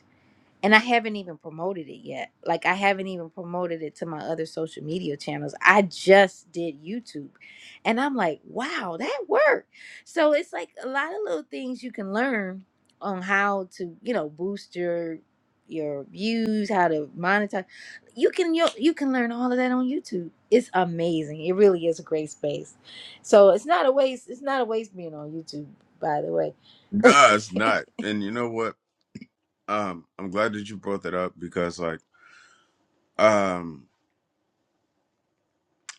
A: and I haven't even promoted it yet. Like I haven't even promoted it to my other social media channels. I just did YouTube. And I'm like, wow, that worked. So it's like a lot of little things you can learn on how to, you know, boost your your views, how to monetize. You can you, you can learn all of that on YouTube. It's amazing. It really is a great space. So it's not a waste it's not a waste being on YouTube, by the
C: no, it's
A: way.
C: not. And you know what? Um, I'm glad that you brought that up because, like, um,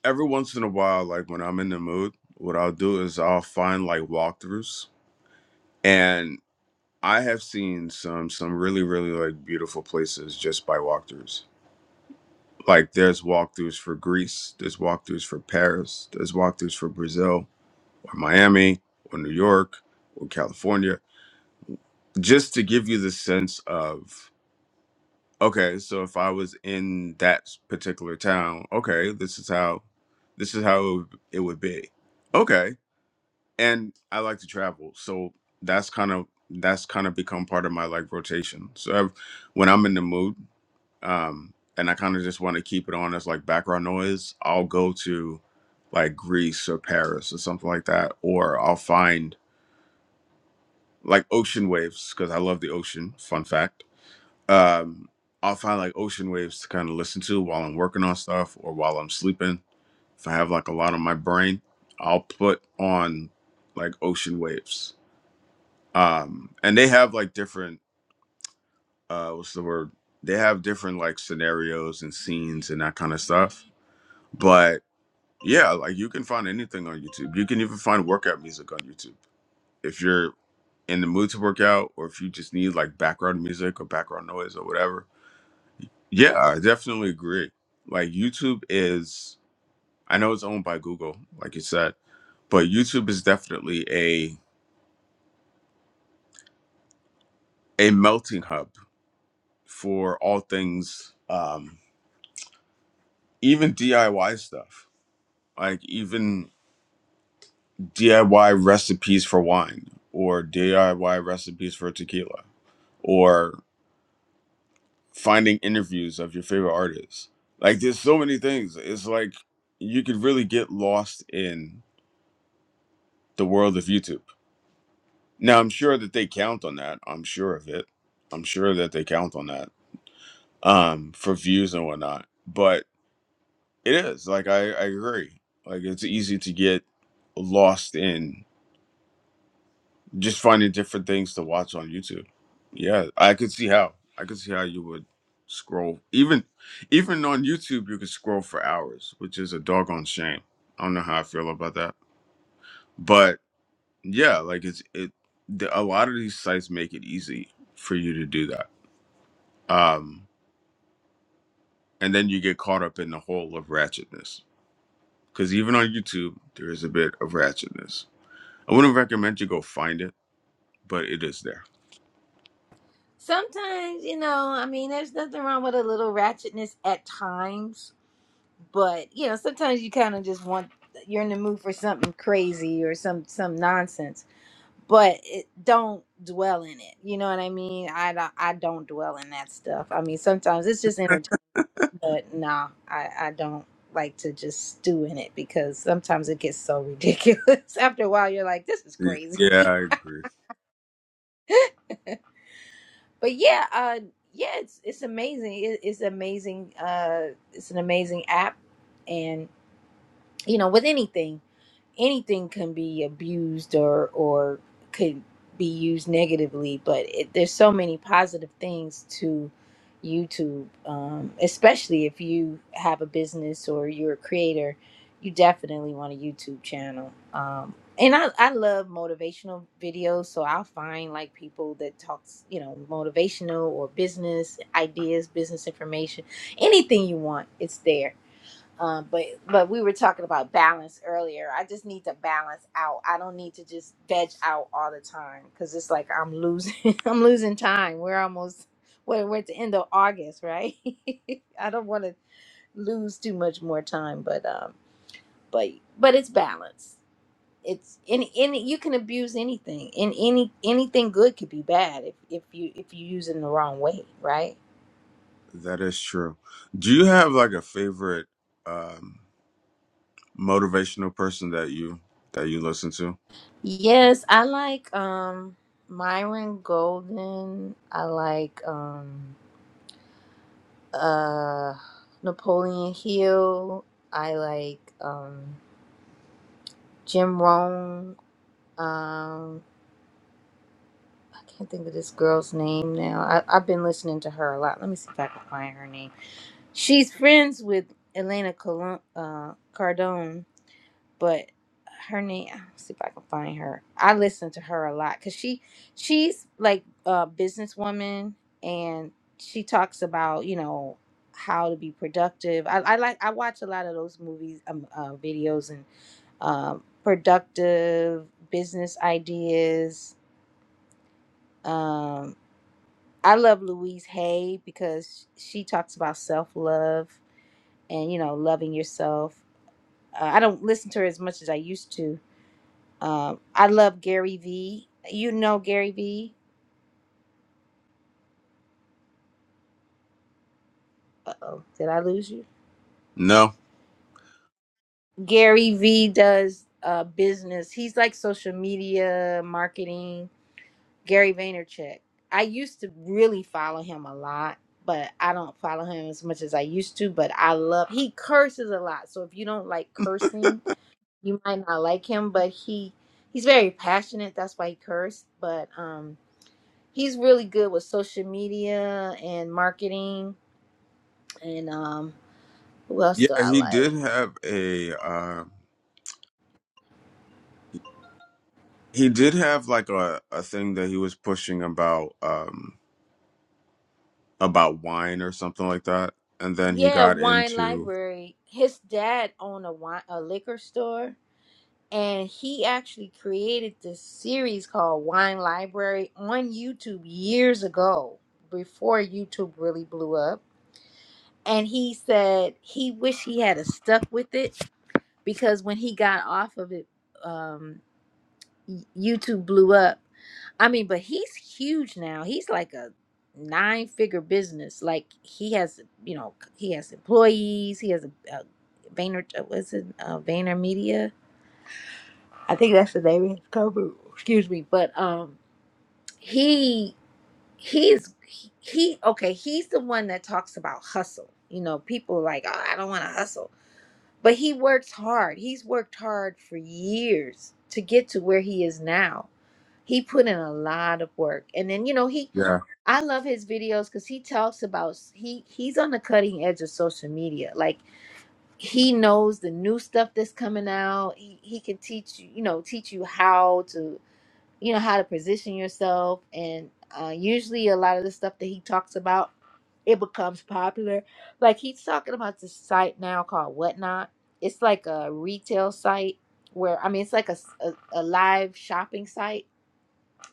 C: every once in a while, like when I'm in the mood, what I'll do is I'll find like walkthroughs, and I have seen some some really really like beautiful places just by walkthroughs Like there's walkthroughs for Greece, there's walkthroughs for Paris, there's walkthroughs for Brazil or Miami or New York or California, just to give you the sense of okay, so if I was in that particular town, okay, this is how this is how it would it would be. Okay. And I like to travel. So that's kind of that's kind of become part of my like rotation. So I've, when I'm in the mood. um, and I kind of just want to keep it on as like background noise, I'll go to like Greece or Paris or something like that, or I'll find like ocean waves because I love the ocean. Fun fact. Um, I'll find like ocean waves to kind of listen to while I'm working on stuff or while I'm sleeping. If I have like a lot on my brain, I'll put on like ocean waves. Um, and they have like different, uh, what's the word? They have different like scenarios and scenes and that kind of stuff but Yeah, like you can find anything on YouTube. You can even find workout music on YouTube. If you're in the mood to work out or if you just need like background music or background noise or whatever. Yeah, I definitely agree. Like YouTube is I know it's owned by Google, like you said, but YouTube is definitely a a melting hub for all things um even DIY stuff. Like even DIY recipes for wine or DIY recipes for tequila or. finding interviews of your favorite artists. Like there's so many things. It's like you could really get lost in the world of YouTube. Now I'm sure that they count on that. I'm sure of it. I'm sure that they count on that um, for views and whatnot. But it is like I, I agree. Like it's easy to get lost in just finding different things to watch on YouTube. Yeah, I could see how. I could see how you would scroll even even on YouTube you could scroll for hours, which is a doggone shame. I don't know how I feel about that. But yeah, like it's it the, a lot of these sites make it easy for you to do that. Um and then you get caught up in the whole of ratchetness cuz even on YouTube there is a bit of ratchetness. I wouldn't recommend you go find it but it is there.
A: Sometimes, you know, I mean, there's nothing wrong with a little ratchetness at times, but you know, sometimes you kind of just want you're in the mood for something crazy or some some nonsense. But it, don't dwell in it. You know what I mean? I don't- I don't dwell in that stuff. I mean, sometimes it's just entertainment, but nah, I I don't like to just stew in it because sometimes it gets so ridiculous. After a while, you're like, this is
C: Y-
A: crazy.
C: Yeah, I agree.
A: but yeah, uh, yeah, it's it's amazing. It, it's amazing. Uh, it's an amazing app, and you know, with anything anything can be abused or or could be used negatively but it, there's so many positive things to youtube um, especially if you have a business or you're a creator you definitely want a youtube channel um, and I, I love motivational videos so i'll find like people that talks you know motivational or business ideas business information anything you want it's there um, but but we were talking about balance earlier. I just need to balance out. I don't need to just veg out all the time because it's like I'm losing I'm losing time. We're almost we're, we're at the end of August, right? I don't want to lose too much more time, but um, but but it's balance. It's any any you can abuse anything, and any anything good could be bad if if you if you use it in the wrong way, right?
C: That is true. Do you have like a favorite um motivational person that you that you listen to?
A: Yes, I like um Myron Golden. I like um uh Napoleon Hill. I like um Jim Rohn. Um I can't think of this girl's name now. I, I've been listening to her a lot. Let me see if I can find her name. She's friends with Elena Colon, uh, Cardone. but her name I'll see if i can find her i listen to her a lot because she she's like a businesswoman and she talks about you know how to be productive i, I like i watch a lot of those movies um, uh, videos and um, productive business ideas um, i love louise hay because she talks about self-love and you know loving yourself uh, i don't listen to her as much as i used to Um, I love Gary V. You know Gary V. Uh oh, did I lose you?
C: No.
A: Gary V does uh, business. He's like social media marketing. Gary Vaynerchuk. I used to really follow him a lot, but I don't follow him as much as I used to. But I love he curses a lot. So if you don't like cursing, you might not like him. But he he's very passionate. That's why he cursed. But um, he's really good with social media and marketing And um, who else
C: Yeah,
A: do I
C: he
A: like?
C: did have a um he did have like a, a thing that he was pushing about um about wine or something like that. And then he
A: Yeah,
C: got
A: Wine
C: into
A: Library. His dad owned a wine a liquor store, and he actually created this series called Wine Library on YouTube years ago, before YouTube really blew up. And he said he wished he had a stuck with it because when he got off of it, um, Y- YouTube blew up. I mean, but he's huge now. He's like a nine figure business. Like he has, you know, he has employees. He has a, a Vayner. uh, What's it? Uh, Vayner Media. I think that's the name of his company. Excuse me, but um, he he's he okay. He's the one that talks about hustle. You know, people are like, oh, I don't want to hustle but he works hard. He's worked hard for years to get to where he is now. He put in a lot of work. And then, you know, he
C: yeah,
A: I love his videos cuz he talks about he he's on the cutting edge of social media. Like he knows the new stuff that's coming out. He he can teach you, you know, teach you how to you know how to position yourself and uh, usually a lot of the stuff that he talks about it becomes popular like he's talking about this site now called whatnot it's like a retail site where i mean it's like a, s- a, a live shopping site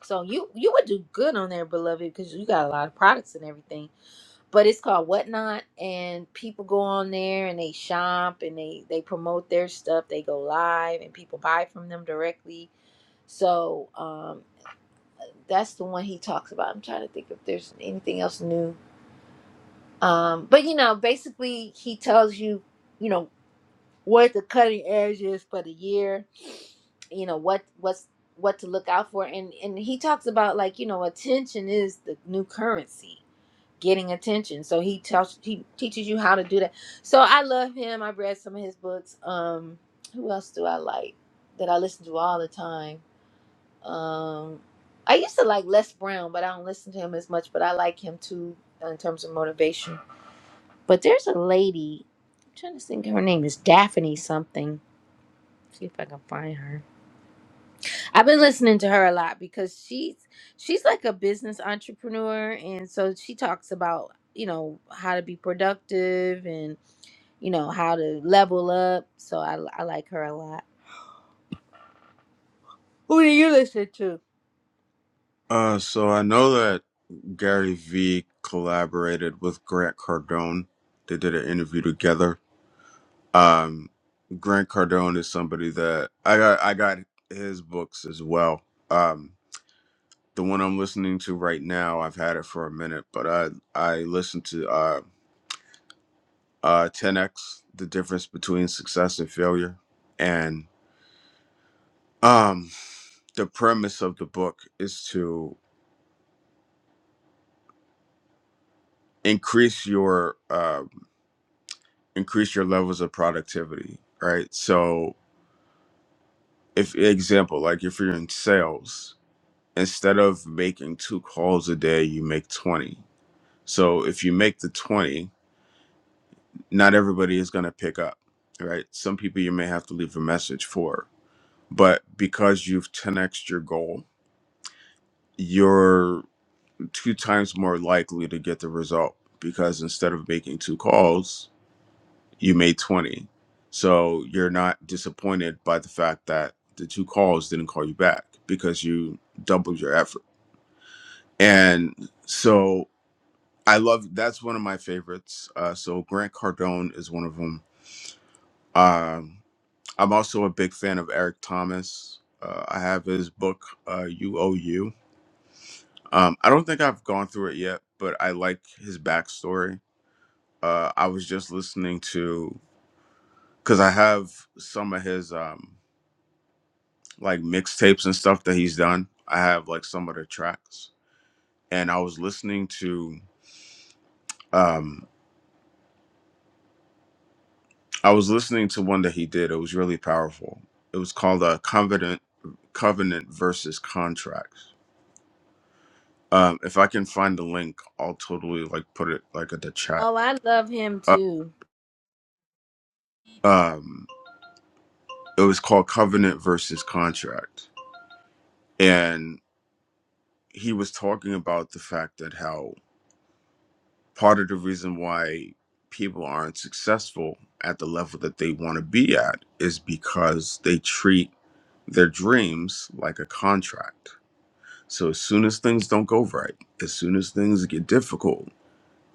A: so you you would do good on there beloved because you got a lot of products and everything but it's called whatnot and people go on there and they shop and they they promote their stuff they go live and people buy from them directly so um, that's the one he talks about. I'm trying to think if there's anything else new. Um, but you know, basically he tells you, you know, what the cutting edge is for the year, you know, what what's what to look out for and and he talks about like, you know, attention is the new currency, getting attention. So he tells he teaches you how to do that. So I love him. I've read some of his books. Um who else do I like that I listen to all the time? Um, I used to like Les Brown, but I don't listen to him as much. But I like him too uh, in terms of motivation. But there's a lady. I'm trying to think. Her name is Daphne something. See if I can find her. I've been listening to her a lot because she's she's like a business entrepreneur, and so she talks about you know how to be productive and you know how to level up. So I I like her a lot. Who do you listen to?
C: Uh, so I know that Gary V collaborated with Grant Cardone. They did an interview together. Um, Grant Cardone is somebody that I got. I got his books as well. Um, the one I'm listening to right now, I've had it for a minute, but I I listened to uh, uh, 10x, the difference between success and failure, and um, the premise of the book is to increase your um increase your levels of productivity, right? So, if example, like if you're in sales, instead of making two calls a day, you make 20. So, if you make the 20, not everybody is going to pick up, right? Some people you may have to leave a message for, but because you've 10x your goal, you're two times more likely to get the result because instead of making two calls, you made 20. So you're not disappointed by the fact that the two calls didn't call you back because you doubled your effort. And so I love that's one of my favorites. Uh, so Grant Cardone is one of them. Um, I'm also a big fan of Eric Thomas. Uh, I have his book, uh, UOU. Um, I don't think I've gone through it yet, but I like his backstory. Uh, I was just listening to, because I have some of his. Um, like mixtapes and stuff that he's done. I have like some of the tracks, and I was listening to um I was listening to one that he did. It was really powerful. It was called uh, Covenant Covenant versus Contracts. Um, if I can find the link, I'll totally like put it like at the chat.
A: Oh, I love him
C: Uh,
A: too.
C: um, it was called Covenant versus Contract, and he was talking about the fact that how part of the reason why people aren't successful at the level that they want to be at is because they treat their dreams like a contract. So as soon as things don't go right, as soon as things get difficult,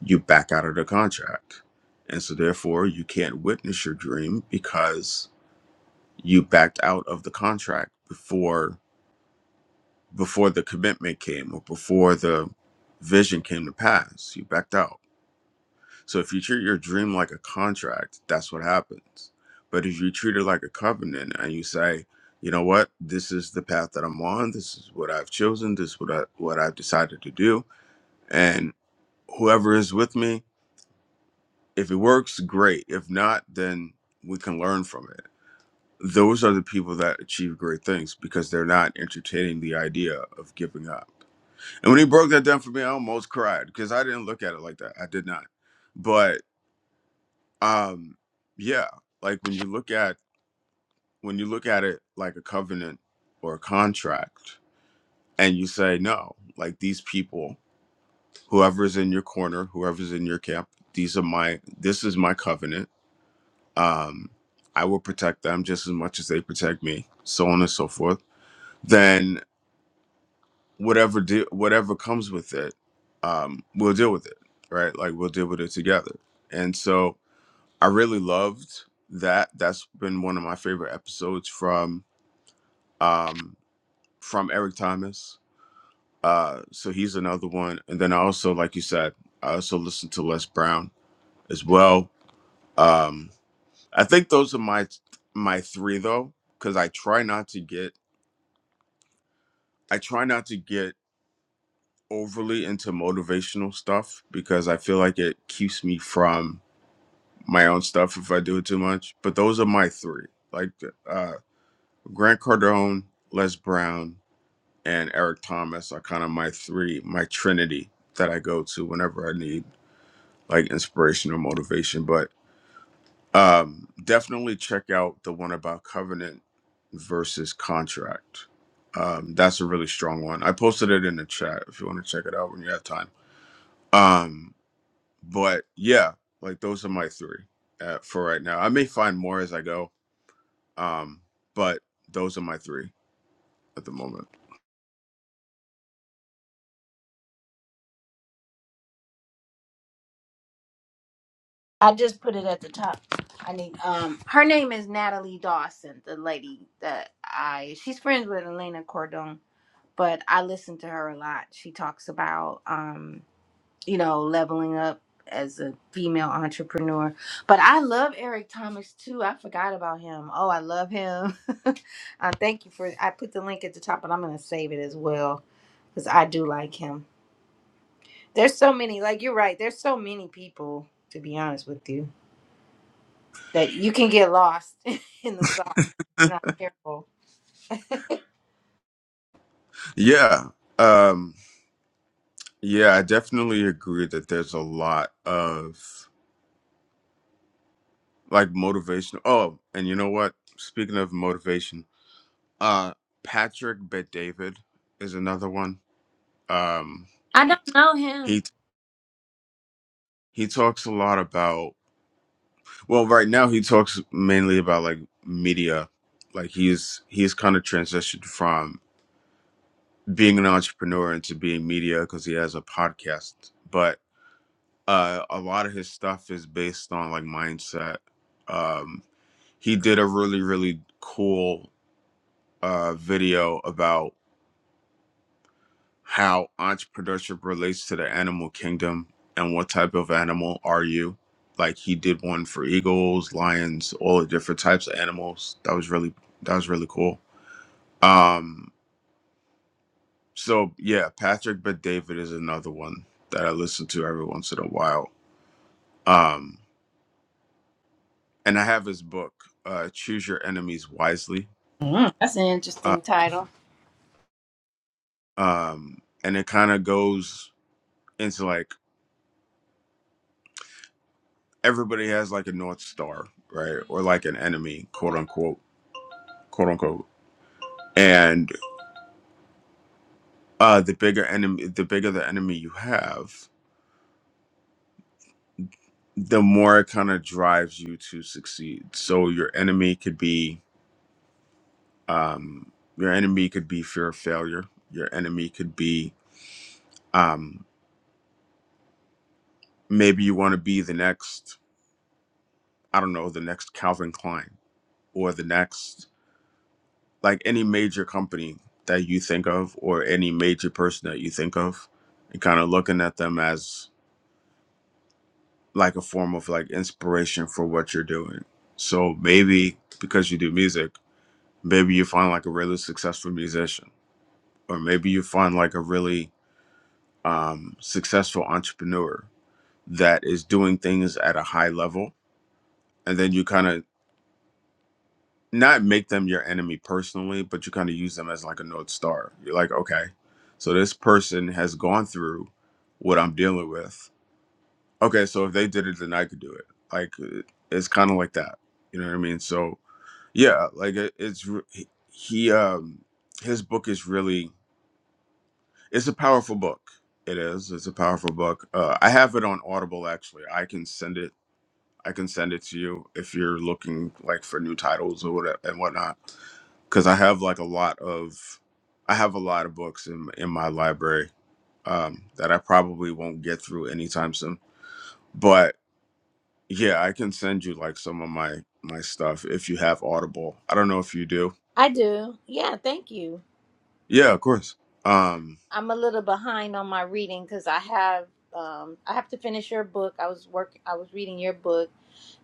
C: you back out of the contract. And so therefore you can't witness your dream because you backed out of the contract before before the commitment came or before the vision came to pass. You backed out So if you treat your dream like a contract, that's what happens. But if you treat it like a covenant and you say, you know what, this is the path that I'm on, this is what I've chosen, this is what I what I've decided to do, and whoever is with me, if it works, great. If not, then we can learn from it. Those are the people that achieve great things because they're not entertaining the idea of giving up. And when he broke that down for me, I almost cried because I didn't look at it like that. I did not. But Um, yeah, like when you look at when you look at it like a covenant or a contract, and you say no, like these people, whoever's in your corner, whoever's in your camp, these are my this is my covenant. Um, I will protect them just as much as they protect me, so on and so forth. Then whatever de- whatever comes with it, um, we'll deal with it, right? Like we'll deal with it together. And so I really loved that. That's been one of my favorite episodes from um from Eric Thomas. Uh so he's another one. And then I also, like you said, I also listened to Les Brown as well. Um I think those are my my three though, because I try not to get I try not to get overly into motivational stuff because I feel like it keeps me from my own stuff if I do it too much. But those are my three. Like uh Grant Cardone, Les Brown, and Eric Thomas are kind of my three, my trinity that I go to whenever I need like inspiration or motivation. But um, definitely check out the one about covenant versus contract. Um, that's a really strong one. I posted it in the chat if you want to check it out when you have time. Um, but yeah, like those are my three uh, for right now. I may find more as I go, um, but those are my three at the moment.
A: I just put it at the top. I need um her name is Natalie Dawson, the lady that I she's friends with Elena Cordon, but I listen to her a lot. She talks about um, you know, leveling up as a female entrepreneur. But I love Eric Thomas too. I forgot about him. Oh, I love him. uh, thank you for I put the link at the top, but I'm gonna save it as well because I do like him. There's so many, like you're right, there's so many people, to be honest with you that you can get lost in the sauce. if You're not careful.
C: Yeah. Um yeah, I definitely agree that there's a lot of like motivation. Oh, and you know what? Speaking of motivation, uh Patrick Bet David is another one. Um
A: I know.
C: he he talks a lot about well, right now he talks mainly about like media. Like he's he's kind of transitioned from being an entrepreneur into being media because he has a podcast. uh a lot of his stuff is based on like mindset um he did a really really cool uh video about how entrepreneurship relates to the animal kingdom and what type of animal are you like he did one for eagles lions all the different types of animals that was really that was really cool um so yeah patrick but david is another one that i listen to every once in a while um and I have his book, uh, Choose Your Enemies Wisely.
A: Mm, that's an
C: Uh,
A: interesting title.
C: um, and it kind of goes into like everybody has like a North Star, right? Or like an enemy, quote unquote, quote unquote. And uh, the bigger enemy, the bigger the enemy you have, the more it kind of drives you to succeed. So your enemy could be, um, your enemy could be fear of failure. Your enemy could be, um, maybe you want to be the next, I don't know, the next Calvin Klein or the next, like any major company that you think of or any major person that you think of, and kind of looking at them as like a form of like inspiration for what you're doing. So maybe because you do music, maybe you find like a really successful musician, or maybe you find like a really um, successful entrepreneur that is doing things at a high level. And then you kind of not make them your enemy personally, but you kind of use them as like a North Star. You're like, okay, so this person has gone through what I'm dealing with. Okay, so if they did it, then I could do it. Like, uh, it's kind of like that. You know what I mean? So, yeah, like it, it's re- he, he, um, his book is really, it's a powerful book. It is. It's a powerful book. Uh, I have it on Audible actually. I can send it. I can send it to you if you're looking like for new titles or whatever and whatnot because I have like a lot of I have a lot of books in in my library um, that I probably won't get through anytime soon. But yeah, I can send you like some of my my stuff if you have Audible. I don't know if you do.
A: I do. Yeah, thank you.
C: Yeah, of course. Um,
A: I'm a little behind on my reading because I have um, I have to finish your book. I was work I was reading your book,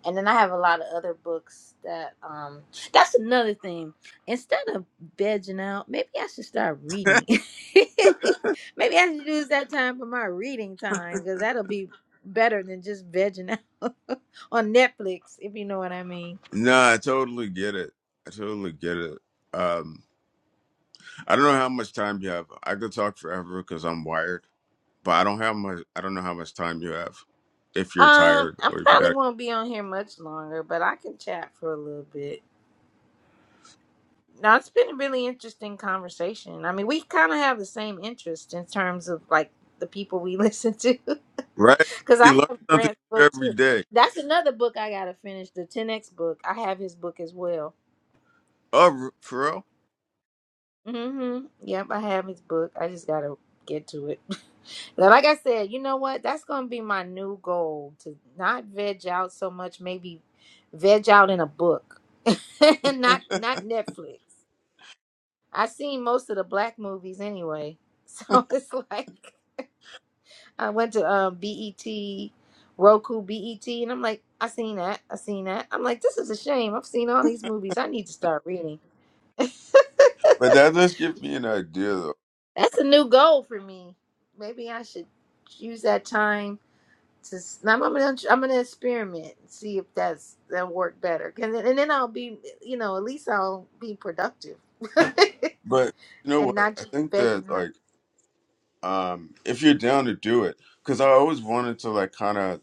A: and then I have a lot of other books that um. That's another thing. Instead of vegging out, maybe I should start reading. maybe I should use that time for my reading time because that'll be better than just vegging out on Netflix, if you know what I mean.
C: no, I totally get it. I totally get it. Um, I don't know how much time you have. I could talk forever because I'm wired, but I don't have much. I don't know how much time you have. If you're
A: Um,
C: tired
A: I
C: or if you
A: probably
C: got it
A: won't be on here much longer, but I can chat for a little bit. Now it's been a really interesting conversation. I mean, we kind of have the same interest in terms of like the people we listen to.
C: right,
A: Because I
C: you learn
A: have
C: something
A: Grant's
C: new
A: book
C: every
A: too.
C: day.
A: That's another book I gotta finish, the 10x book. I have his book as well.
C: Oh, for real?
A: Mm-hmm. Yep, I have his book. I just gotta get to it. But like I said, you know what? That's gonna be my new goal to not veg out so much. Maybe veg out in a book, and not not Netflix. I seen most of the black movies anyway, so it's like I went to um, BET, Roku, BET, and I'm like, I seen that, I seen that. I'm like, this is a shame. I've seen all these movies. I need to start reading. That's
C: But that does give me an idea, though.
A: a new goal for me. Maybe I should use that time to. s- I'm, I'm gonna I'm gonna experiment and see if that's that work better. And then, and then I'll be you know at least I'll be productive
C: But you know
A: and
C: what?
A: not
C: I
A: just
C: think
A: begging.
C: that like, um, if you're down to do it, because I always wanted to like kind of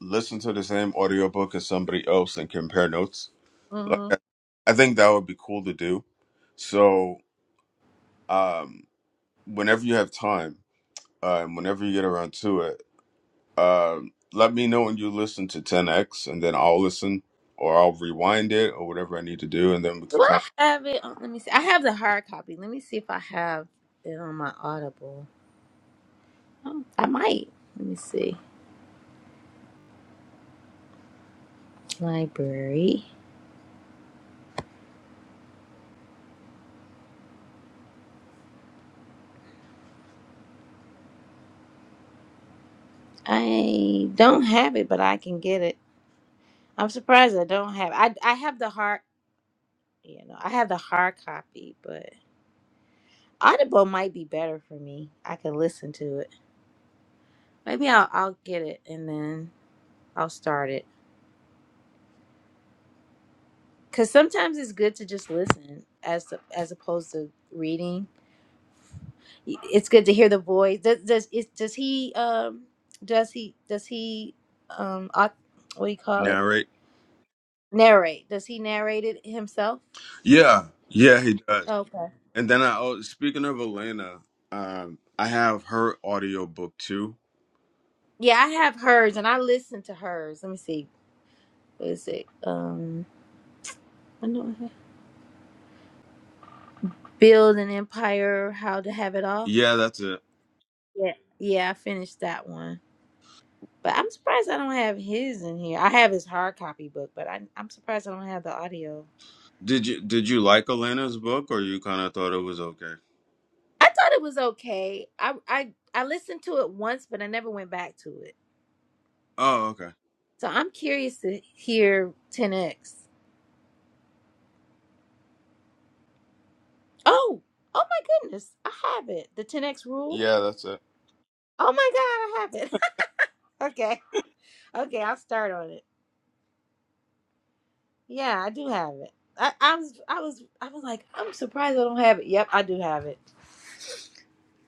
C: listen to the same audiobook as somebody else and compare notes. Like, I I think that would be cool to do. So, um, whenever you have time, uh, and whenever you get around to it, um, let me know when you listen to 10x, and then I'll listen or I'll rewind it or whatever I need to do, and then we can
A: Do I
C: kind of
A: have it? on- let me see. I have the hard copy. Let me see if I have it on my Audible. Oh, I might. Let me see. Library. I don't have it, but I can get it. I'm surprised I don't have. I I have the hard. You know, I have the hard copy, but Audible might be better for me. I can listen to it. Maybe I'll I'll get it and then I'll start it. Cause sometimes it's good to just listen as as opposed to reading it's good to hear the voice. Does does is, does he um does he does he um au- what do you call it
C: narrate.
A: narrate? Does he narrate it himself?
C: Yeah, yeah, he does.
A: Okay.
C: And then I, oh, speaking of Elena, um, I have her audiobook too.
A: Yeah, I have hers and I listen to hers. Let me see. What is it? Um, I know I have. build an empire. How to have it all.
C: Yeah, that's it.
A: Yeah. Yeah, I finished that one. But I'm surprised I don't have his in here. I have his hard copy book, but I, I'm surprised I don't have the audio.
C: Did you did you like Elena's book, or you kind of thought it was okay?
A: I thought it was okay. I I I listened to it once, but I never went back to it.
C: Oh, okay.
A: So I'm curious to hear 10x. Oh, oh my goodness, I have it. The 10x rule.
C: Yeah, that's it.
A: Oh my god, I have it. okay, okay, I'll start on it. Yeah, I do have it. I, I was I was I was like, I'm surprised I don't have it. Yep, I do have it.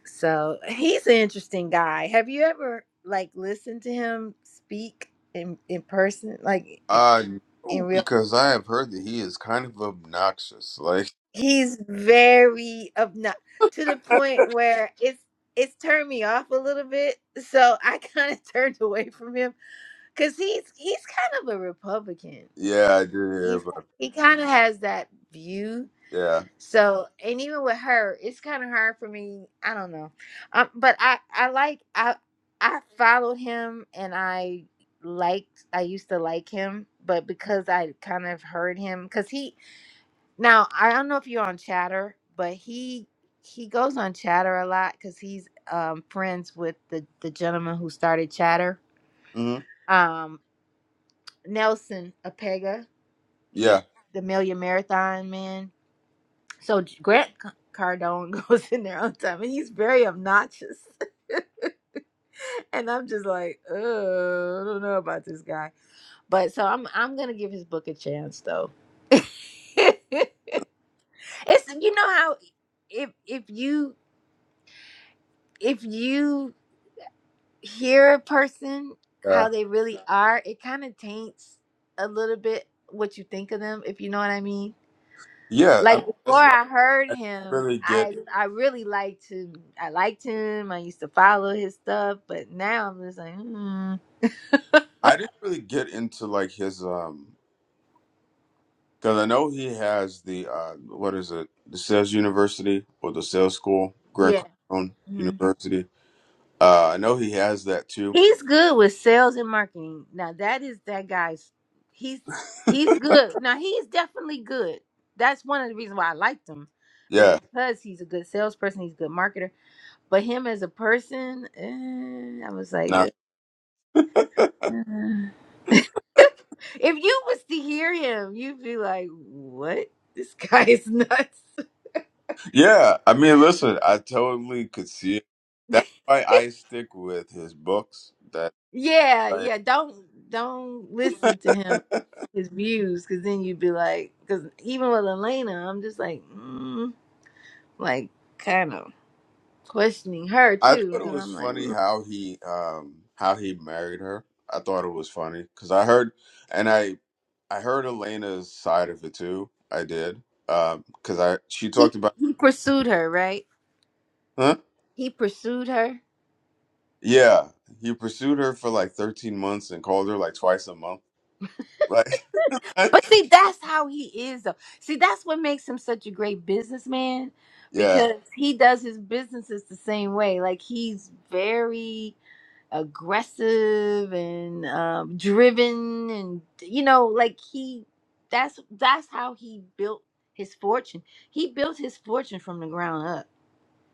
A: So he's an interesting guy. Have you ever like listened to him speak in in person, like in,
C: Uh,
A: in
C: no,
A: real?
C: because I have heard that he is kind of obnoxious. Like,
A: he's very obnoxious to the point where it's it's turned me off a little bit so i kind of turned away from him because he's he's kind of a republican
C: yeah, I did hear
A: he's
C: about.
A: he kind of has that view
C: Yeah,
A: so and even with her it's kind of hard for me i don't know um but i i like i i followed him and i liked i used to like him but because i kind of heard him because he now, I don't know if you're on Chatter, but he he goes on Chatter a lot because he's um, friends with the the gentleman who started Chatter,
C: hmm
A: um, Nelson Apega. He's
C: yeah,
A: the Million Marathon man. So J- Grant C- Cardone goes in there on time, and he's very obnoxious. and I'm just like, oh, I don't know about this guy. But so I'm I'm gonna give his book a chance though. It's you know how if if you if you hear a person
C: yeah,
A: how they really are, it kind of taints a little bit what you think of them, if you know what I mean.
C: yeah. I mean,
A: Like before
C: that's why
A: I heard
C: I didn't
A: him,
C: really
A: I
C: get.
A: I really liked him. I liked him. I used to follow his stuff, but now I'm just like, hmm.
C: I didn't really get into like his um Because I know he has the uh, what is it? The sales university or the sales school, Grand
A: yeah,
C: Carlson
A: Mm-hmm.
C: University. Uh, I know he has that too.
A: He's good with sales and marketing. Now that is that guy's. He's he's good. Now he's definitely good. That's one of the reasons why I liked him, is
C: Yeah,
A: because he's a good salesperson. He's a good marketer. But him as a person, eh, I was like,
C: not
A: eh. if you was to hear him, you'd be like, what? This guy is nuts.
C: yeah. I mean, listen, I totally could see it. That's why I stick with his books. That
A: yeah, yeah. Don't don't listen to him
C: right.
A: his views, because then you'd be like, because even with Elena, I'm just like. Mm. like kind of questioning her
C: I
A: too
C: thought it
A: because
C: was
A: i'm like
C: funny
A: mm.
C: how he um how he married her. I thought it was funny because I heard and I I heard Elena's side of it too. I did um because I she talked
A: he,
C: about
A: he pursued her right
C: huh
A: he pursued her
C: yeah he pursued her for like thirteen months and called her like twice a month like
A: but
C: like
A: see that's how he is though see that's what makes him such a great businessman
C: yeah
A: because he does his businesses the same way like he's very aggressive and um, driven and you know like he that's that's how he built his fortune he built his fortune from the ground up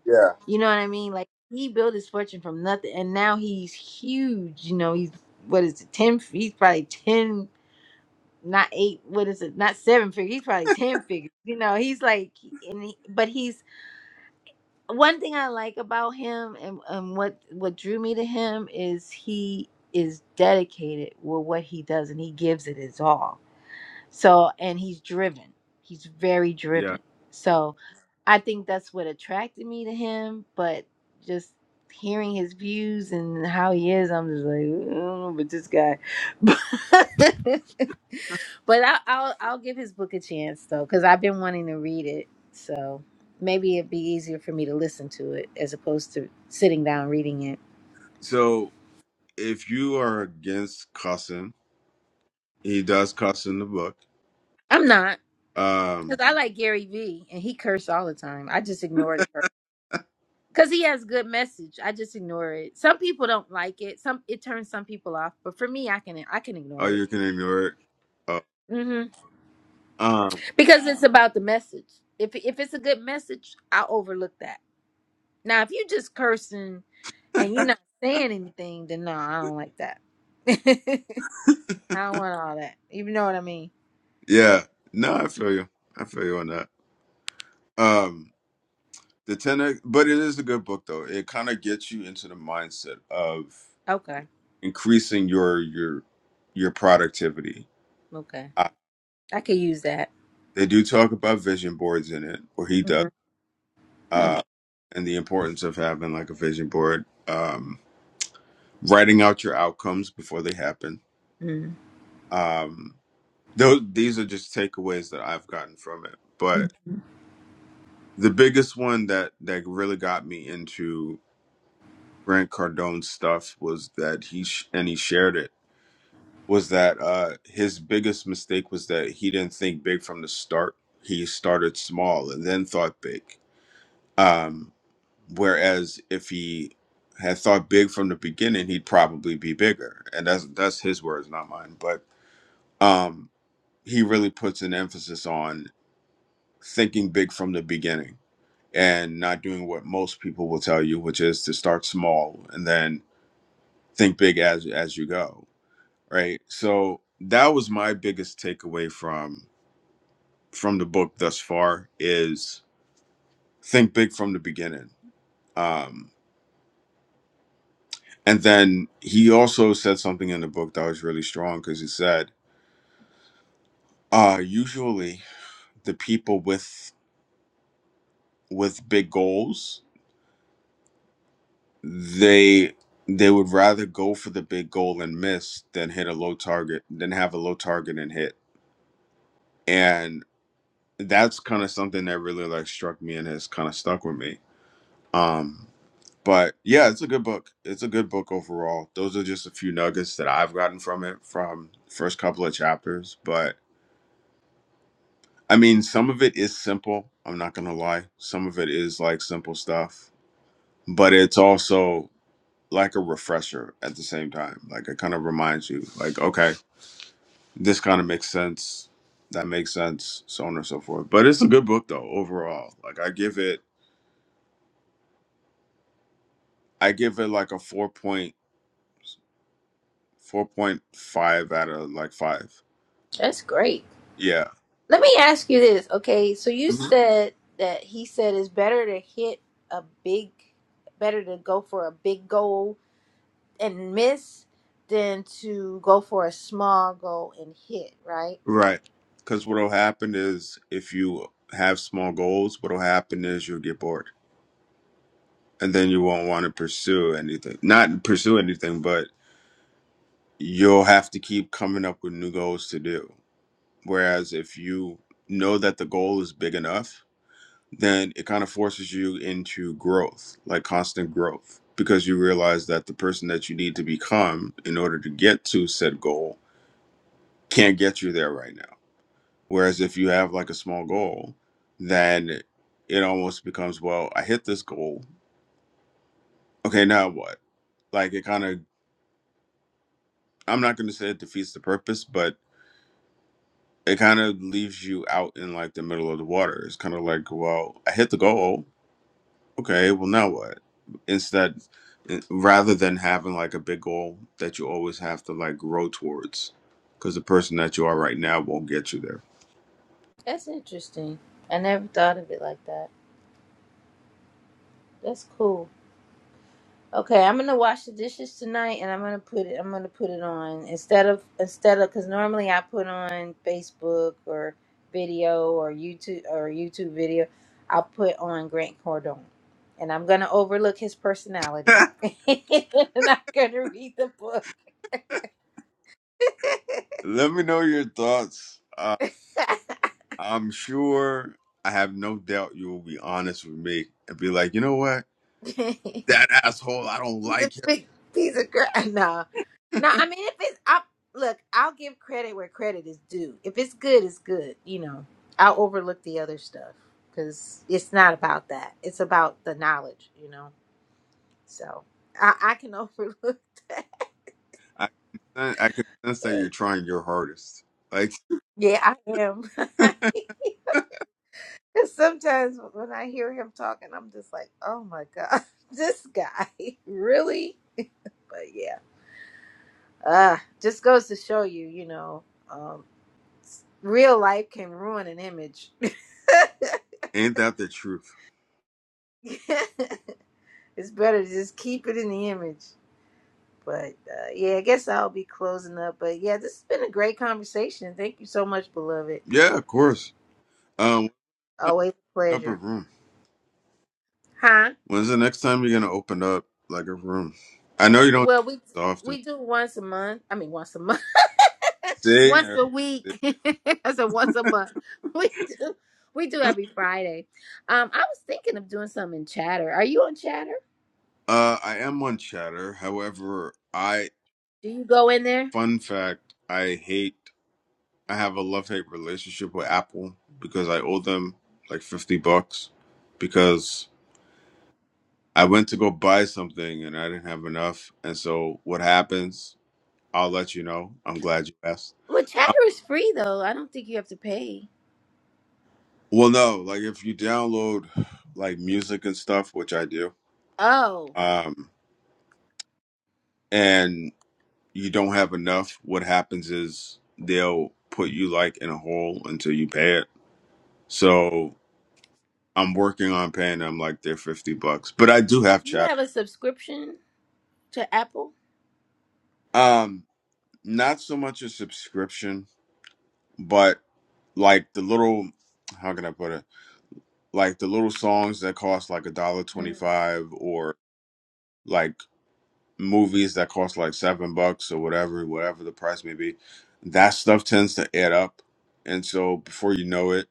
C: yeah
A: You know what I mean? Like he built his fortune from nothing, and now he's huge. You know, he's what is it? Ten? He's probably ten, not eight. What is it? Not seven figures. He's probably ten figures. You know, he's like, and he, but he's one thing I like about him, and and what what drew me to him is he is dedicated with what he does, and he gives it his all so, and he's driven. He's very
C: yeah.
A: driven. So, I think that's what attracted me to him. But just hearing his views and how he is, I'm just like, "Ooh, I don't know about this guy. but I, I'll I'll give his book a chance though, because I've been wanting to read it. So maybe it'd be easier for me to listen to it as opposed to sitting down reading it.
C: So if you are against cussing, he does cuss in the book.
A: I'm not
C: Um,
A: because I like Gary Vee and he cursed all the time. I just ignored it. Cause he has good message. I just ignore it. Some people don't like it. Some it turns some people off. But for me, I can I can
C: oh,
A: ignore it.
C: you can ignore it.
A: hmm
C: Oh,
A: Because it's about the message. If if it's a good message, I overlook that. Now, if you just cursing and you're not saying anything, then no, I don't like that. I don't want all that. You know what I mean?
C: Yeah. No, I feel you. I feel you on that. Um the tenor but it is a good book though. It kind of gets you into the mindset of
A: Okay,
C: increasing your your your productivity.
A: okay.
C: Uh,
A: I could use that.
C: they do talk about vision boards in it, or he does,
A: Mhm.
C: uh, and the importance of having like a vision board, um, writing out your outcomes before they happen.
A: Mhm.
C: Um, those these are just takeaways that I've gotten from it, but
A: Mhm.
C: the biggest one that that really got me into Grant Cardone's stuff was that he sh- and he shared it was that uh, his biggest mistake was that he didn't think big from the start. He started small and then thought big. Um, whereas if he had thought big from the beginning, he'd probably be bigger. And that's that's his words, not mine. But um, he really puts an emphasis on thinking big from the beginning and not doing what most people will tell you, which is to start small and then think big as as you go right so that was my biggest takeaway from from the book thus far is think big from the beginning um and then he also said something in the book that was really strong because he said uh usually the people with with big goals they they would rather go for the big goal and miss than hit a low target than have a low target and hit and that's kind of something that really like struck me and has kind of stuck with me Um, but yeah, it's a good book. It's a good book overall. Those are just a few nuggets that I've gotten from it from first couple of chapters. But I mean, some of it is simple. I'm not gonna lie. Some of it is like simple stuff, but it's also like a refresher at the same time. Like it kind of reminds you, like, okay, this kind of makes sense. That makes sense, so on and so forth. But it's a good book though, overall. Like I give it, I give it like a four point, four point five out of like five.
A: That's great.
C: Yeah.
A: Let me ask you this, okay? So you
C: Mm-hmm.
A: said that he said it's better to hit a big, better to go for a big goal and miss than to go for a small goal and hit, right?
C: Right. Because what'll happen is if you have small goals, what'll happen is you'll get bored and then you won't want to pursue anything. Not pursue anything, but you'll have to keep coming up with new goals to do. Whereas if you know that the goal is big enough, then it kind of forces you into growth, like constant growth, because you realize that the person that you need to become in order to get to said goal can't get you there right now Whereas if you have like a small goal, then it almost becomes, well, I hit this goal. Okay, now what? Like it kind of, I'm not going to say it defeats the purpose, but it kind of leaves you out in like the middle of the water. It's kind of like, well, I hit the goal. Okay, well, now what? Instead, i- rather than having like a big goal that you always have to like grow towards because the person that you are right now won't get you there.
A: That's interesting. I never thought of it like that. That's cool. Okay, I'm gonna wash the dishes tonight, and I'm gonna put it. I'm gonna put it on instead of instead of because normally I put on Facebook or video or YouTube or YouTube video. I'll put on Grant Cordone, and I'm gonna overlook his personality, and I'm gonna read the book.
C: Let me know your thoughts. uh, I'm sure I have no doubt you will be honest with me and be like, you know what? That asshole, I don't
A: He's a
C: like
A: big piece of crap. No,
C: him.
A: no. I mean, if it's I look, I'll give credit where credit is due. If it's good, it's good. You know, I'll overlook the other stuff because it's not about that. It's about the knowledge. You know, so I, I can overlook that.
C: I can, I can sense that you're
A: But
C: trying your hardest. Like,
A: yeah, I am. Because sometimes when I hear him talking, I'm just like, oh my god, this guy really. But yeah, uh, just goes to show you, you know. um, Real life can ruin an image.
C: ain't that the truth?
A: it's better to just keep it in the image. But uh, yeah, I guess I'll be closing up. But yeah, this has been a great conversation. Thank you so much, beloved.
C: Yeah, of course. Um,
A: Always a
C: open up a
A: pleasure.
C: room.
A: Huh?
C: When's the next time you're gonna open up like a room? I know you don't
A: Well, we
C: do this often.
A: we do once a month. I mean, once a month,
C: See,
A: once a week. I said once a month. We do we do every Friday. Um, I was thinking of doing something in Chatter. Are you on Chatter?
C: uh, I am on Chatter. However, I
A: Do you go in there?
C: fun fact, I hate. I have a love hate relationship with Apple because I owe them like 50 bucks because I went to go buy something and I didn't have enough. And so what happens, I'll let you know. I'm glad you asked.
A: Well, Chatter is free though. I don't think you have to pay.
C: Well, no, like if you download like music and stuff, which I do,
A: Oh,
C: um, and you don't have enough, what happens is they'll put you like in a hole until you pay it. So I'm working on paying them like their 50 bucks, but I do have
A: you
C: chat.
A: have a subscription to Apple?
C: Um, Not so much a subscription, but like the little how can I put it? Like the little songs that cost like a dollar twenty
A: Mm.
C: five or like movies that cost like seven bucks or whatever, whatever the price may be. That stuff tends to add up. And so before you know it,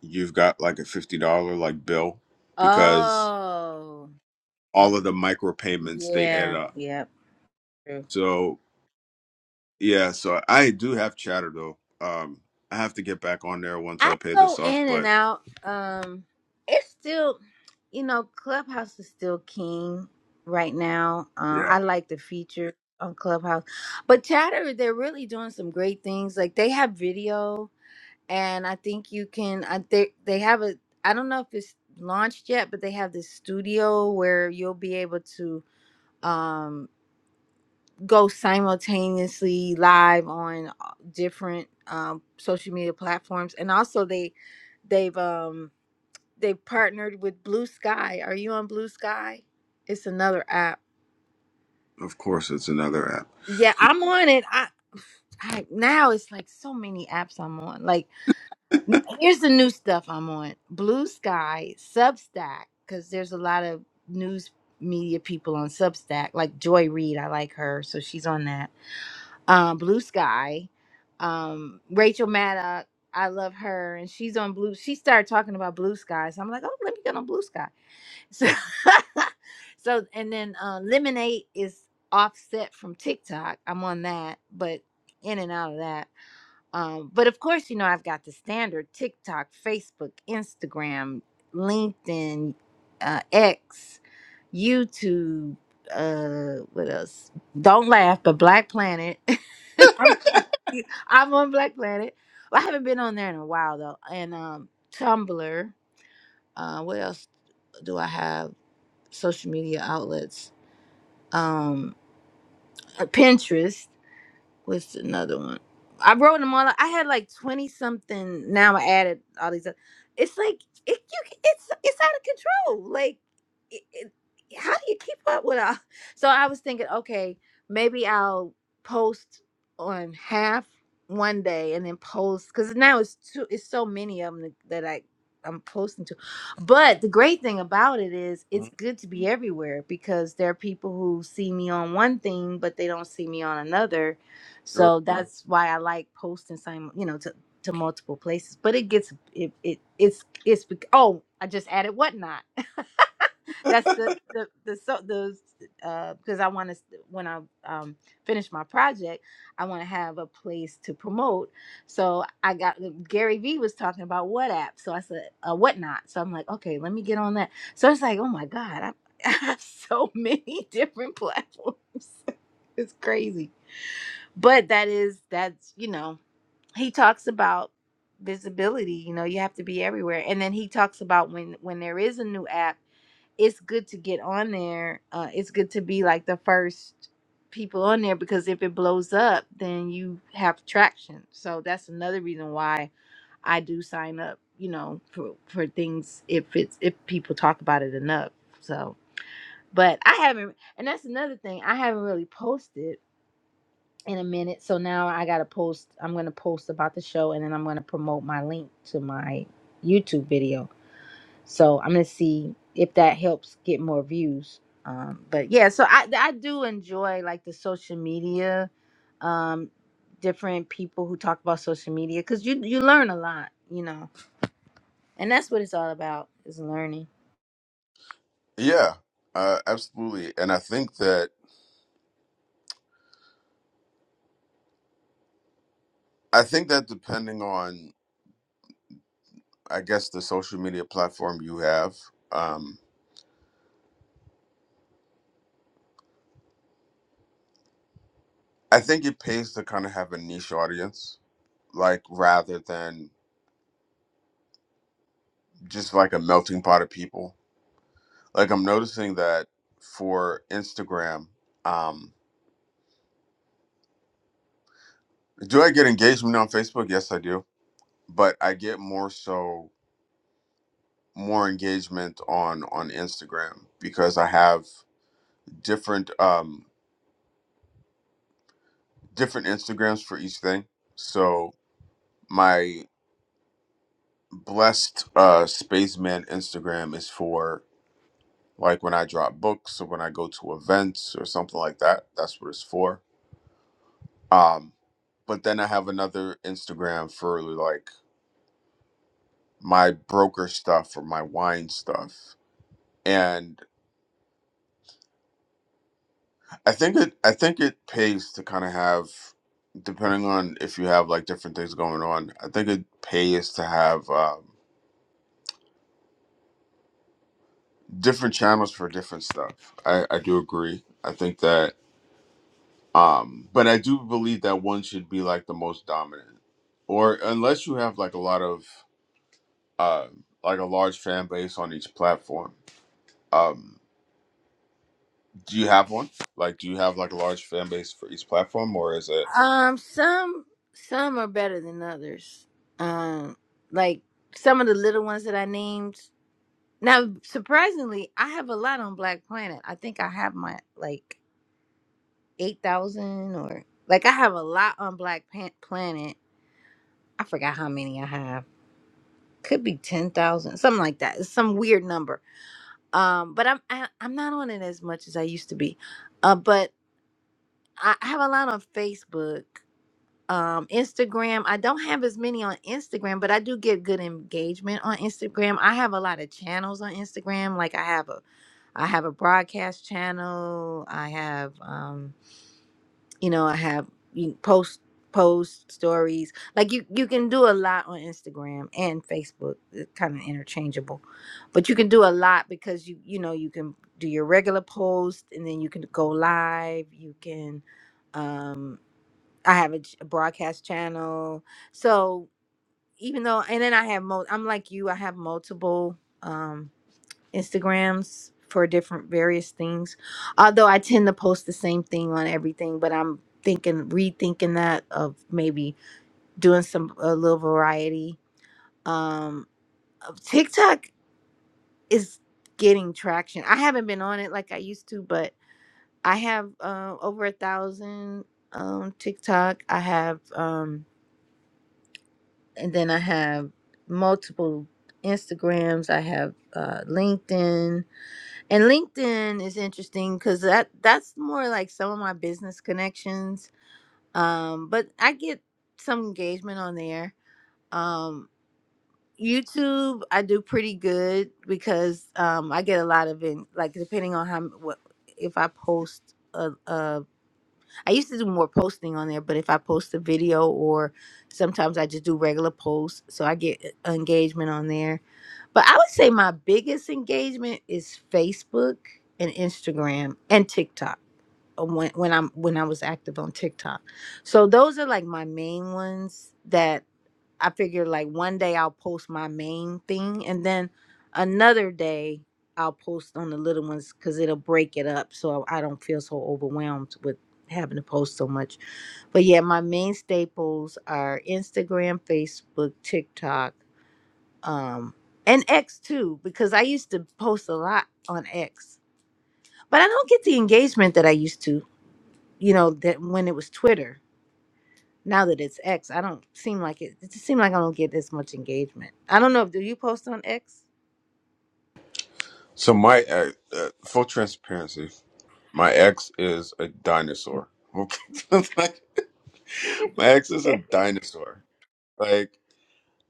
C: you've got like a fifty dollar like bill because
A: Oh,
C: all of the micro payments they add
A: yeah,
C: up.
A: yeah, true.
C: So yeah, so I do have chatter though. Um I have to get back on there once
A: I
C: I pay this
A: go
C: off,
A: in and
C: but
A: out. Um, it's still, you know, Clubhouse is still king right now. Um,
C: Yeah,
A: I like the feature on Clubhouse, but Chatter, they're really doing some great things. Like they have video. and I think you can. I think they have a. I don't know if it's launched yet, but they have this studio where you'll be able to um, go simultaneously live on uh, different um, social media platforms, and also they they've um, they've partnered with Blue Sky. Are you on Blue Sky? It's another app.
C: of course, it's another app.
A: Yeah, I'm on it. I, I now it's like so many apps I'm on. Like. Here's the new stuff I'm on Blue Sky, Substack, because there's a lot of news media people on Substack, like Joy Reid. I like her, so she's on that. Um, Blue Sky, um, Rachel Maddow. I love her, and she's on Blue. She started talking about Blue Sky, so I'm like, oh, let me get on Blue Sky. So, so and then uh, Lemonade is offset from TikTok. I'm on that, but in and out of that. Um, but of course, you know, I've got the standard TikTok, Facebook, Instagram, LinkedIn, uh, X, YouTube, uh, what else? Don't laugh, but Black Planet. I'm, I'm on Black Planet. I haven't been on there in a while though. And um, Tumblr. Uh, what else do I have? Social media outlets. Um, uh, Pinterest. What's another one? I wrote them all. I had like twenty something. Now I added all these. Up. It's like it, you, it's it's out of control. Like, it, it, how do you keep up with all? So I was thinking, okay, maybe I'll post on half one day and then post because now it's too. It's so many of them that I I'm posting to. But the great thing about it is it's
C: Mhm.
A: good to be everywhere because there are people who see me on one thing but they don't see me on another
C: Sure.
A: so that's why I like posting some, you know, to, to multiple places. But it gets it, it it's it's bec- oh I just added whatnot. that's the the the so the uh because I want to when I um finish my project, I want to have a place to promote. So I got um, Gary Vee was talking about what app, so I said uh, whatnot. So I'm like, okay, let me get on that. So it's like, oh my god, I, I have so many different platforms. it's crazy but that is that's you know he talks about visibility you know you have to be everywhere and then he talks about when when there is a new app it's good to get on there uh it's good to be like the first people on there because if it blows up then you have traction so that's another reason why i do sign up you know for for things if it's if people talk about it enough so but i haven't and that's another thing i haven't really posted in a minute. So now I gotta post. I'm gonna post about the show, and then I'm gonna promote my link to my YouTube video. So I'm gonna see if that helps get more views. Um, but yeah, so I I do enjoy like the social media, um, different people who talk about social media because you you learn a lot, you know, and that's what it's all about is learning.
C: Yeah, uh, absolutely. And I think that I think that depending on I guess the social media platform you have, um, I think it pays to kind of have a niche audience, like rather than just like a melting pot of people. Like I'm noticing that for Instagram, um, do I get engagement on Facebook? Yes, I do, but I get more so more engagement on on Instagram because I have different um different Instagrams for each thing. So my blessed uh spaceman Instagram is for like when I drop books or when I go to events or something like that. That's what it's for. Um but then I have another Instagram for like my broker stuff or my wine stuff. And I think it I think it pays to kind of have depending on if you have like different things going on. I think it pays to have um different channels for different stuff. I, I do agree. I think that um but I do believe that one should be like the most dominant. Or unless you have like a lot of uh like a large fan base on each platform. Um do you have one? Like do you have like a large fan base for each platform or is it
A: Um, some some are better than others. Um, like some of the little ones that I named. Now, surprisingly, I have a lot on Black Planet. I think I have my like eight thousand or like I have a lot on Black Pan- Planet. I forgot how many I have. Could be ten thousand, something like that. It's some weird number. Um, but I'm I, I'm not on it as much as I used to be. Uh, but I I have a lot on Facebook. um Instagram. I don't have as many on Instagram, but I do get good engagement on Instagram. I have a lot of channels on Instagram. Like I have a I have a broadcast channel. I have um you know, I have you post post stories. Like you you can do a lot on Instagram and Facebook. It's kind of interchangeable. But you can do a lot because you you know, you can do your regular post and then you can go live, you can um I have a ch- a broadcast channel. So even though, and then I have mo, I'm like you, I have multiple um, Instagrams for different various things. Although I tend to post the same thing on everything, but I'm thinking, rethinking that of maybe doing some a little variety. Um, of- TikTok is getting traction. I haven't been on it like I used to, but I have uh, over a thousand um TikTok. I have um and then I have multiple Instagrams. I have uh, LinkedIn, and LinkedIn is interesting because that that's more like some of my business connections. Um, but I get some engagement on there. Um, YouTube, I do pretty good because um, I get a lot of in, like depending on how what if I post. a. a I used to do more posting on there, but if I post a video or sometimes I just do regular posts, so I get uh, engagement on there. But I would say my biggest engagement is Facebook and Instagram and TikTok uh, when when I'm when I was active on TikTok. So those are like my main ones that I figure like one day I'll post my main thing and then another day I'll post on the little ones because it'll break it up so I don't feel so overwhelmed with having to post so much. But yeah, my main staples are Instagram, Facebook, TikTok, um, and X too, because I used to post a lot on X. But I don't get the engagement that I used to, you know, that when it was Twitter. Now that it's X, I don't seem like it. It just seems like I don't get this much engagement. I don't know. Do you post on X?
C: So my uh, uh, full transparency, my ex is a dinosaur. Okay. like my ex is a dinosaur. Like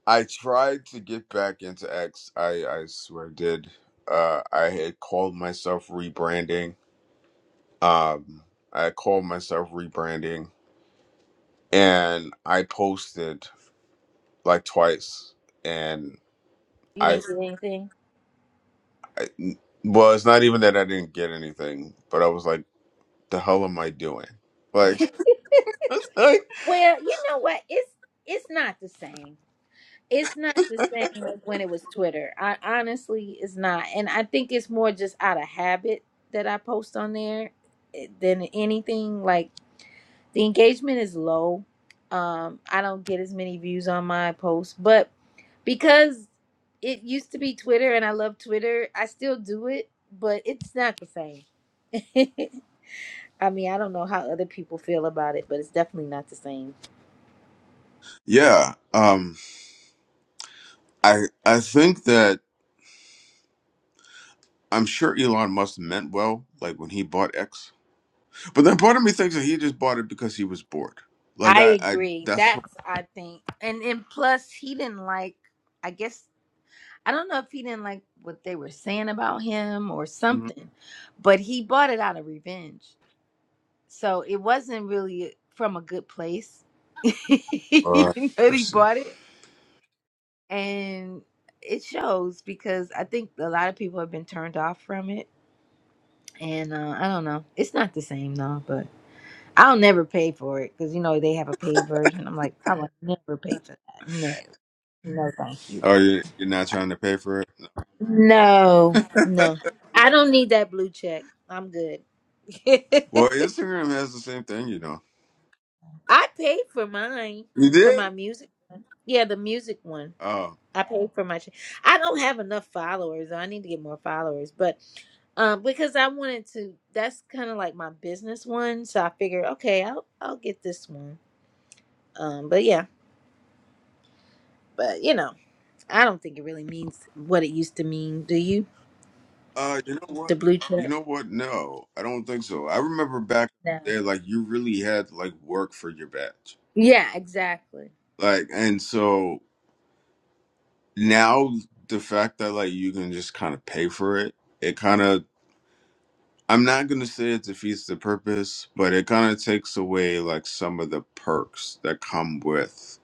C: I tried to get back into X. I I swear I did. Uh, I had called myself rebranding. Um, I called myself rebranding, and I posted like twice, and
A: You
C: I
A: didn't get anything.
C: n- well, it's not even that I didn't get anything, but I was like, the hell am I doing? Like, like
A: Well, you know what? It's it's not the same. It's not the same as when it was Twitter. I honestly, it's not, and I think it's more just out of habit that I post on there eh, than anything. Like. The engagement is low. Um, I don't get as many views on my posts, but because it used to be Twitter and I love Twitter, I still do it, but it's not the same. I mean, I don't know how other people feel about it, but it's definitely not the same.
C: yeah. Um, I I think that I'm sure Elon Musk meant well, like when he bought X But then part of me thinks that he just bought it because he was bored. Like
A: I
C: I, I
A: agree.
C: that's what.
A: That's I think, and and plus he didn't like. I guess I don't know if he didn't like what they were saying about him or something, but he bought it out of revenge. So it wasn't really from a good place. you
C: Uh,
A: that he
C: mercy.
A: bought it. And it shows because I think a lot of people have been turned off from it. And uh, I don't know. It's not the same though, but I'll never pay for it because, you know, they have a paid version. I'm like, I will never pay for that. No, no, thank you.
C: Oh, you- you're not trying to pay for it.
A: No, no. I don't need that blue check. I'm good.
C: well, Instagram has the same thing, you know.
A: I paid for mine,
C: You
A: for
C: did?
A: my music one. Yeah, the music one
C: Oh,
A: I pay for my. cha- I don't have enough followers. I need to get more followers, but um, because I wanted to. That's kind of like my business one, so I figured, okay, I'll I'll get this one. Um, but yeah, but you know, I don't think it really means what it used to mean. Do you?
C: uh, you know what?
A: The blue
C: You
A: check?
C: know what? No, I don't think so. I remember back
A: No.
C: there, like you really had to, like work for your badge,
A: Yeah, exactly.
C: like, and so now the fact that like you can just kind of pay for it, it kind of I'm not gonna say it defeats the purpose, but it kind of takes away like some of the perks that come with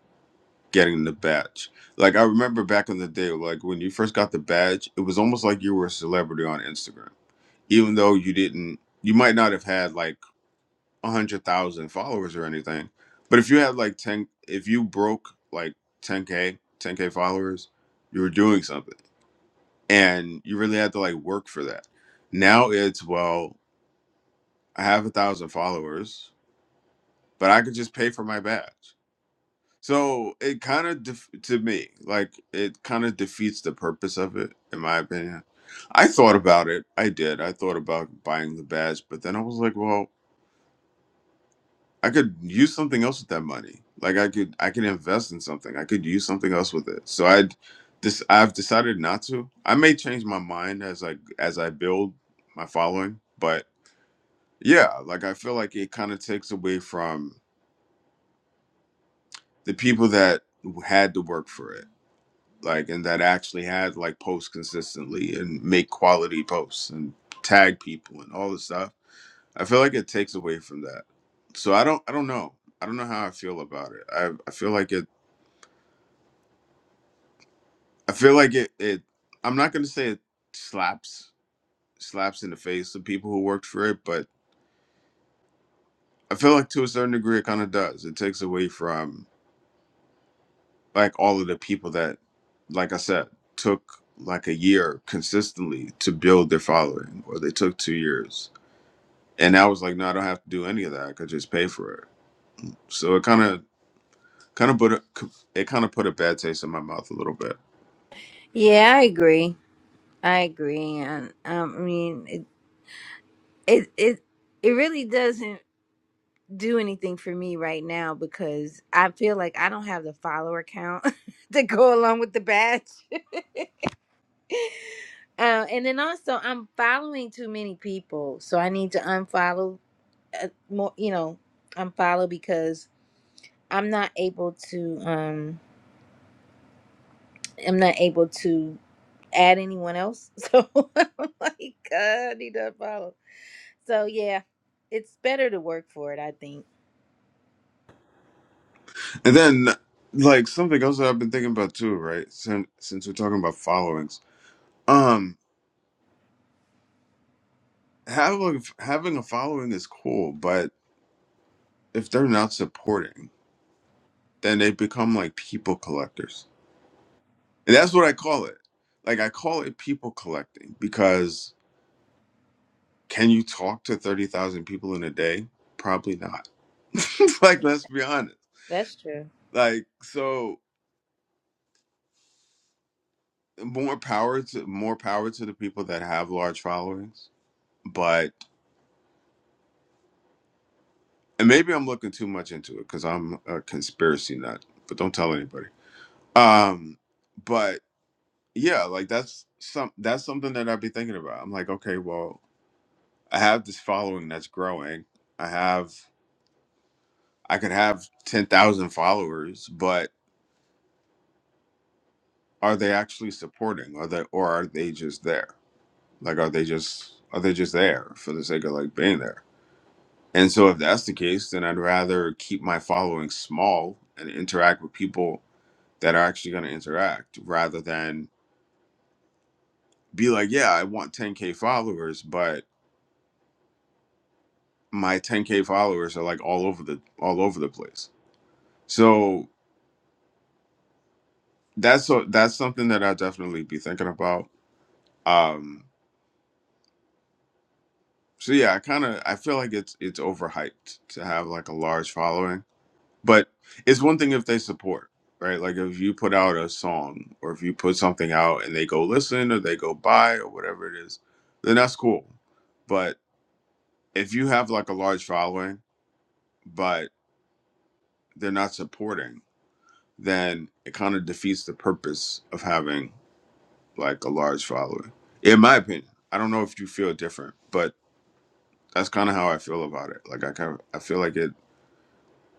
C: getting the badge. Like I remember back in the day, like when you first got the badge, it was almost like you were a celebrity on Instagram, even though you didn't. You might not have had like a hundred thousand followers or anything, but if you had like ten, if you broke like 10k, 10k followers, you were doing something, and you really had to like work for that. Now it's well. I have a thousand followers, but I could just pay for my badge. So it kind of def- to me, like it kind of defeats the purpose of it, in my opinion. I thought about it. I did. I thought about buying the badge, but then I was like, well, I could use something else with that money. Like I could, I can invest in something. I could use something else with it. So I, this, I've decided not to. I may change my mind as I as I build my following, but yeah, like I feel like it kind of takes away from the people that had to work for it like and that actually had like post consistently and make quality posts and tag people and all this stuff i feel like it takes away from that so i don't i don't know i don't know how i feel about it i, I feel like it i feel like it it i'm not going to say it slaps slaps in the face of people who worked for it but i feel like to a certain degree it kind of does it takes away from like all of the people that like i said took like a year consistently to build their following or they took two years and i was like no i don't have to do any of that i could just pay for it so it kind of kind of put a, it kind of put a bad taste in my mouth a little bit
A: Yeah, I agree. I agree, and um, I mean, it it it, it really doesn't. do anything for me right now because I feel like I don't have the follower count to go along with the badge. Uh, and then also, I'm following too many people, so I need to unfollow uh, more. You know, unfollow because I'm not able to. Um, I'm not able to add anyone else. So I'm like, God, I need to unfollow. So yeah, it's better to work for it. I think
C: and then like something else that i've been thinking about too right since since we're talking about followings um having having a following is cool but if they're not supporting then they become like people collectors And that's what I call it. Like I call it people collecting because can you talk to 30,000 people in a day? Probably not. like let's be honest.
A: that's true.
C: Like so more power to more power to the people that have large followings, but and maybe I'm looking too much into it cuz I'm a conspiracy nut, but don't tell anybody. Um but yeah, like that's some that's something that I'd be thinking about. I'm like, okay, well, I have this following that's growing. I have I could have 10,000 followers, but are they actually supporting? Are they or are they just there? Like are they just are they just there for the sake of like being there? And so if that's the case, then I'd rather keep my following small and interact with people that are actually going to interact rather than be like, yeah, I want 10k followers, but my 10k followers are like all over the all over the place. So that's so that's something that I'll definitely be thinking about. Um So yeah, I kind of I feel like it's it's overhyped to have like a large following, but it's one thing if they support, right? Like if you put out a song or if you put something out and they go listen or they go buy or whatever it is, then that's cool. But if you have like a large following, but they're not supporting, then it kind of defeats the purpose of having like a large following. In my opinion, I don't know if you feel different, but that's kind of how I feel about it. Like I kind of I feel like it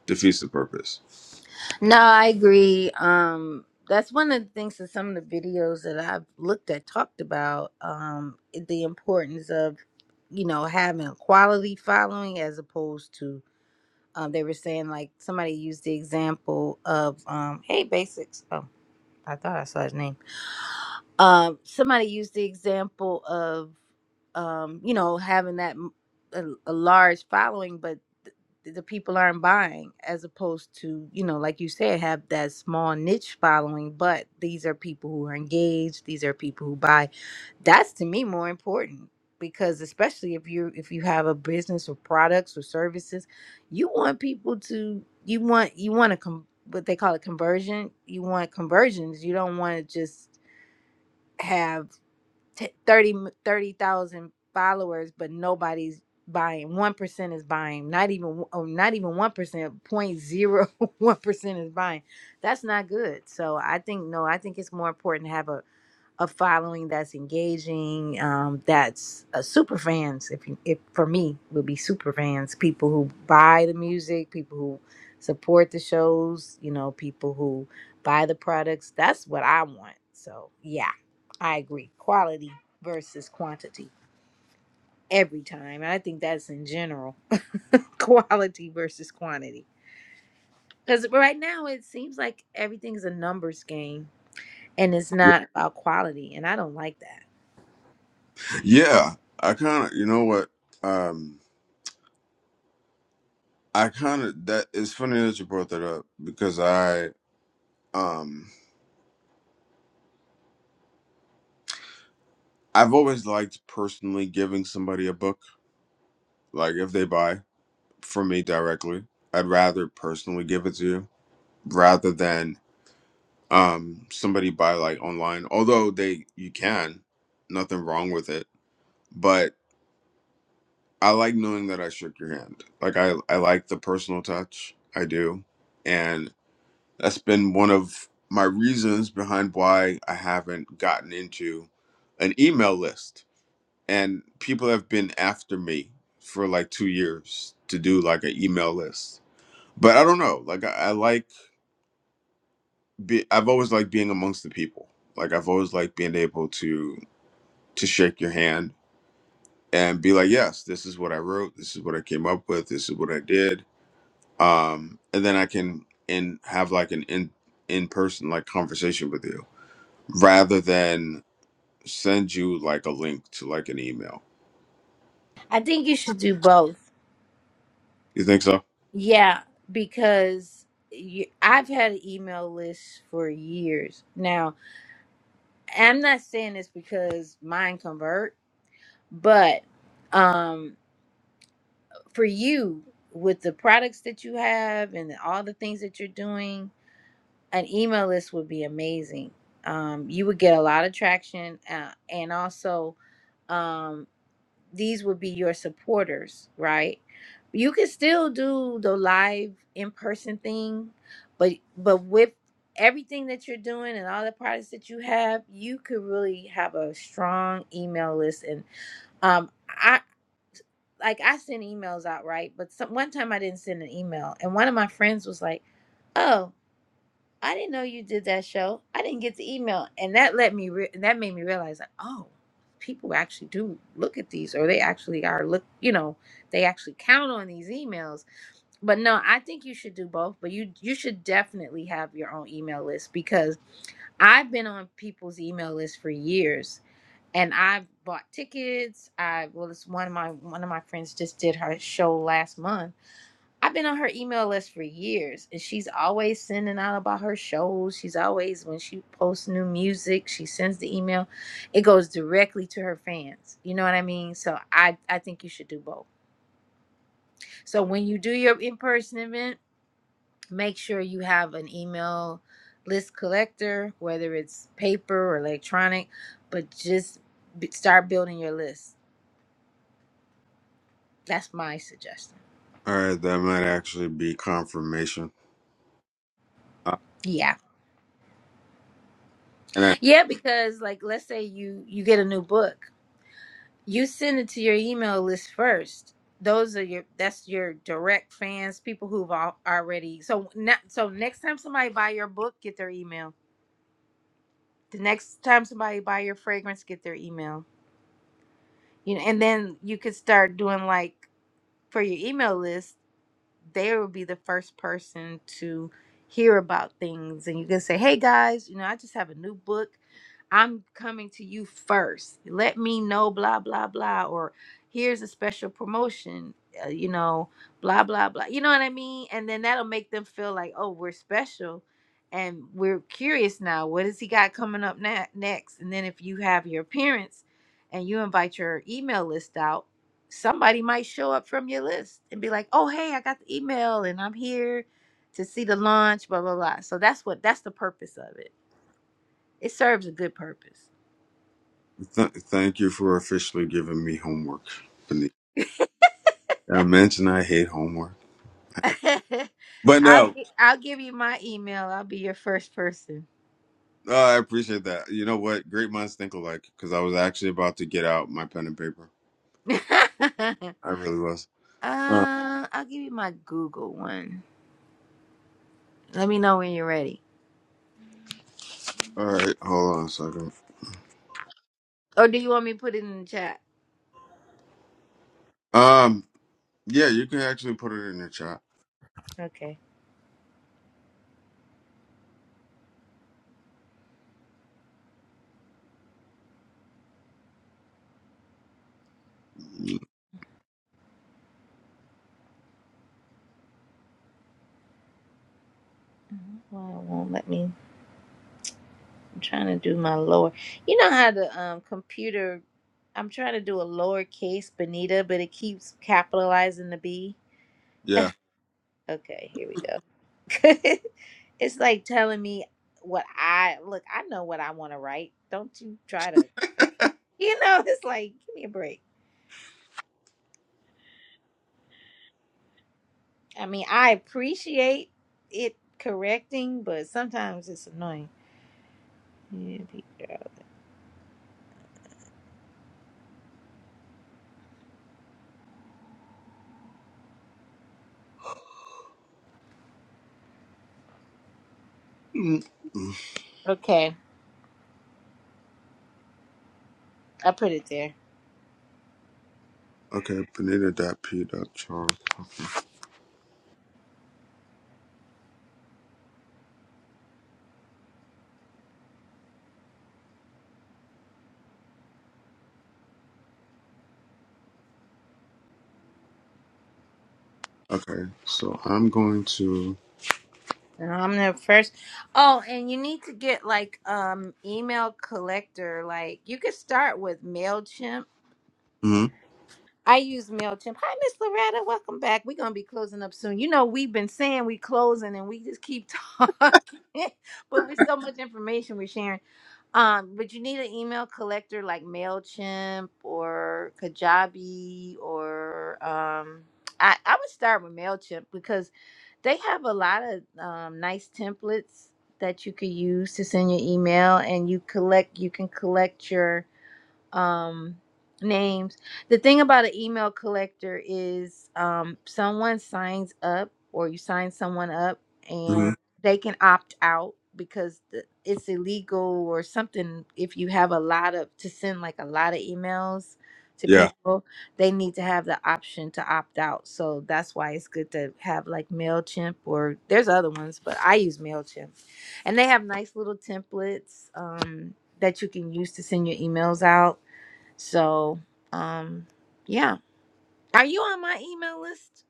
C: defeats the purpose.
A: No, I agree. Um, that's one of the things that some of the videos that I've looked at talked about um, the importance of, you know, having a quality following as opposed to, um, they were saying, like, somebody used the example of, um, hey, Basics. Oh, I thought I saw his name. Um, somebody used the example of, um, you know, having that m- a, a large following, but th- the people aren't buying, as opposed to, you know, like you said, have that small niche following, but these are people who are engaged. These are people who buy. That's to me more important because especially if you if you have a business or products or services, you want people to you want you want to com- what they call it conversion. You want conversions. You don't want to just have t- 30 thirty thousand followers but nobody's buying 1% is buying not even oh, not even 1% percent. Point zero one percent is buying that's not good so i think no i think it's more important to have a following that's engaging um, that's uh, super fans if, you, if for me would be super fans people who buy the music people who support the shows you know people who buy the products that's what i want so yeah i agree quality versus quantity every time i think that's in general quality versus quantity because right now it seems like everything's a numbers game and it's
C: Yeah,
A: not about quality and i don't like that
C: yeah I kind of, you know what? Um, I kind of that. It's funny that you brought that up because I, um, I've always liked personally giving somebody a book, like if they buy from me directly, I'd rather personally give it to you rather than um somebody buy like online. Although they, you can, nothing wrong with it, but I like knowing that I shook your hand. Like I, I like the personal touch. I do, That's been one of my reasons behind why I haven't gotten into an email list. And people have been after me for like two years to do like an email list. But I don't know. Like I, I like be, I've always liked being amongst the people. Like I've always liked being able to to shake your hand and be like, yes, this is what I wrote. This is what I came up with. This is what I did. Um, and then I can and have like an in in person like conversation with you rather than send you like a link to like an email.
A: I think you should do both.
C: You think so?
A: Yeah, because you, I've had an email list for years now. I'm not saying this because mine convert, but um, for you with the products that you have and all the things that you're doing, an email list would be amazing. Um, you would get a lot of traction, uh, and also. um, these would be your supporters, right? You can still do the live in person thing, but but with everything that you're doing and all the products that you have, you could really have a strong email list. And um, I like I send emails out, right? But some, one time I didn't send an email, and one of my friends was like, "Oh." I didn't know you did that show. I didn't get the email, and that let me re- that made me realize that oh, people actually do look at these, or they actually are look. You know, they actually count on these emails. But no, I think you should do both. But you you should definitely have your own email list because I've been on people's email list for years, and I've bought tickets. I well, it's one of my one of my friends just did her show last month I've been on her email list for years, and she's always sending out about her shows. She's always, when she posts new music, she sends the email. It goes directly to her fans. You know what I mean? So I, I think you should do both. So when you do your in person event, make sure you have an email list collector, whether it's paper or electronic, but just b- start building your list. That's my suggestion.
C: All right, that might actually be confirmation. Uh,
A: Yeah.
C: and I
A: Yeah, because like let's say you you get a new book. You send it to your email list first. Those are your that's your direct fans, people who've al- already so not, so next time somebody buy your book, get their email. The next time somebody buy your fragrance, get their email. You know, and then you could start doing like for your email list. they will be the first person to hear about things and you can say hey guys you know i just have a new book i'm coming to you first let me know blah blah blah or here's a special promotion uh, you know blah blah blah you know what i mean and then that'll make them feel like oh we're special and we're curious now what has he got coming up na- next and then if you have your appearance and you invite your email list out somebody might show up from your list and be like, "Oh, hey, I got the email and I'm here to see the launch, blah blah blah." So that's what that's the purpose of it. It serves a good purpose.
C: th- thank you for officially giving me homework. Benita. I mentioned I hate homework, but
A: I'll
C: no,
A: gi- I'll give you my email. I'll be your first person.
C: uh, I appreciate that. You know what? Great minds think alike. Because I was actually about to get out my pen and paper.
A: uh,
C: I really was. Uh,
A: I'll give you my Google one. Let me know when you're ready.
C: all right, hold on a second.
A: Or do you want me to put it in the chat?
C: Um, yeah, you can actually put it in the chat.
A: Okay.
C: Mm,
A: Mhm. Well, it won't let me. I'm trying to do my lower. You know how the um, computer. I'm trying to do a lowercase Benita, but it keeps capitalizing the B.
C: Yeah.
A: Okay, here we go. it's like telling me what I look. I know what I want to write. Don't you try to. You know, it's like give me a break. I mean, I appreciate it correcting, but sometimes it's annoying. Yeah, be-
C: Mm, mm.
A: Okay, I put it there.
C: Okay, Benita dot P dot Charles. Okay, so I'm going to.
A: I'm the first. Oh, and you need to get like um email collector. Like you could start with Mailchimp.
C: hmm
A: I use Mailchimp. Hi, Miss Loretta. Welcome back. We're gonna be closing up soon. You know we've been saying we closing, and we just keep talking, but with so much information we're sharing. Um, but you need an email collector like Mailchimp or Kajabi or um. I I would start with Mailchimp because they have a lot of um, nice templates that you could use to send your email, and you collect. You can collect your um names. The thing about an email collector is um someone signs up or you sign someone up
C: hmm
A: and they can opt out because the, it's illegal or something if you have a lot of to send like a lot of emails to
C: Yeah.
A: people, they need to have the option to opt out. So that's why it's good to have like Mailchimp or there's other ones, but I use Mailchimp. And they have nice little templates um that you can use to send your emails out so, um, yeah. Are you on my email list?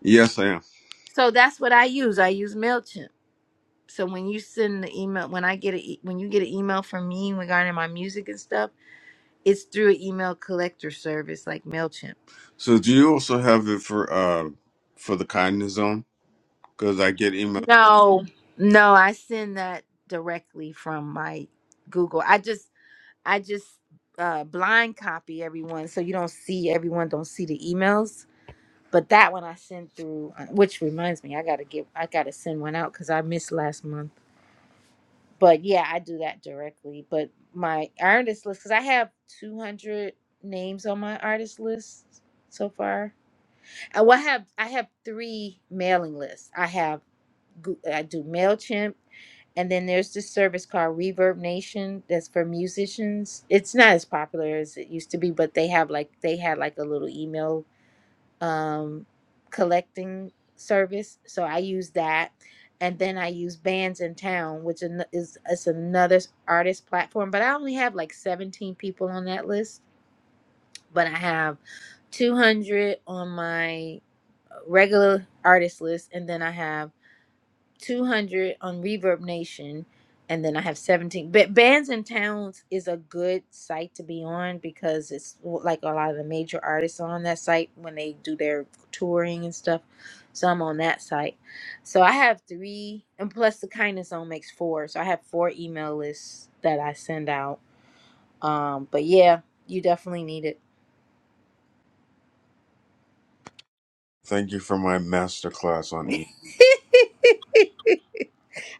C: Yes, I am.
A: So that's what I use. I use Mailchimp. So when you send the email, when I get a e- when you get an email from me regarding my music and stuff, it's through an email collector service like Mailchimp.
C: So, do you also have it for uh for the kindness zone? Because I get email.
A: No, no, I send that directly from my Google. I just I just uh blind copy everyone so you don't see everyone don't see the emails But that one I sent through, uh, which reminds me, I gotta give, I gotta send one out because I missed last month. But yeah, I do that directly. But my artist list, because I have two hundred names on my artist list so far. Uh, Well, I have I have three mailing lists. I have Goo- I do Mailchimp, and then there's this service called Reverb Nation that's for musicians. It's not as popular as it used to be, but they have like they had like a little email um, collecting service. So I use that, and then I use Bands in Town, which an- is it's another artist platform. But I only have like 17 people on that list, but I have 200 on my regular artist list, and then I have 200 on Reverb Nation, and then I have 17. But Bands and Towns is a good site to be on because it's like a lot of the major artists are on that site when they do their touring and stuff. So I'm on that site. So I have three, and plus the Kindness Zone makes four. So I have four email lists that I send out. Um, but yeah, you definitely need
C: Thank you for my master class
A: it.
C: on e.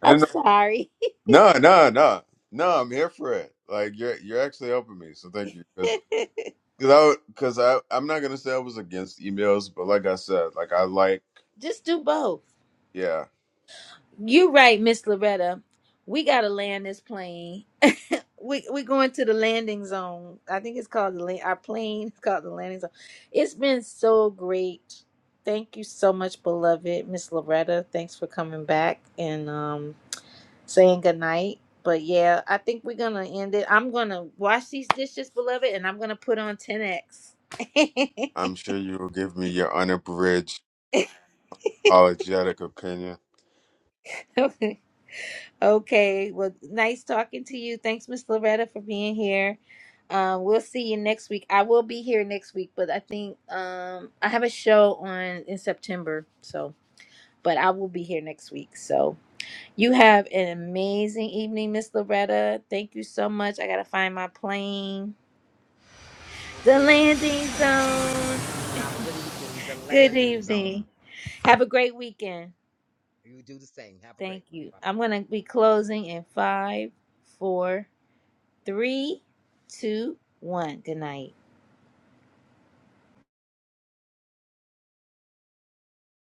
C: I
A: I'm
C: didn't know.
A: sorry.
C: No, no, no, no. I'm here for it. Like you're you're actually helping me. So thank you. Because because I because I I'm not gonna say I was against emails, but like I said, like I like.
A: Just do both.
C: Yeah,
A: You are right, Miss Loretta. We gotta land this plane. We we going to the landing zone. I think it's called the la- our plane. It's called the landing zone. It's been so great. Thank you so much, beloved Miss Loretta. Thanks for coming back and um saying goodnight. But yeah, I think we're gonna end it. I'm gonna wash these dishes, beloved, and I'm gonna put on 10x.
C: I'm sure you will give me your unabridged apologetic opinion.
A: Okay. Well, nice talking to you. Thanks, Miss Loretta, for being here. Um, we'll see you next week. I will be here next week, but I think um, I have a show on in September. So, but I will be here next week. So, you have an amazing evening, Miss Loretta. Thank you so much. I gotta find my plane. The
D: Okay, and you do the
A: landing
D: same.
A: zone.
D: Have a good evening. The
A: Good
D: landing zone.
A: evening. Have a great weekend.
D: You do the same. Have a great
A: Thank
D: one.
A: you.
D: Bye bye.
A: I'm gonna be closing in five, four. Three, two, one. Good night.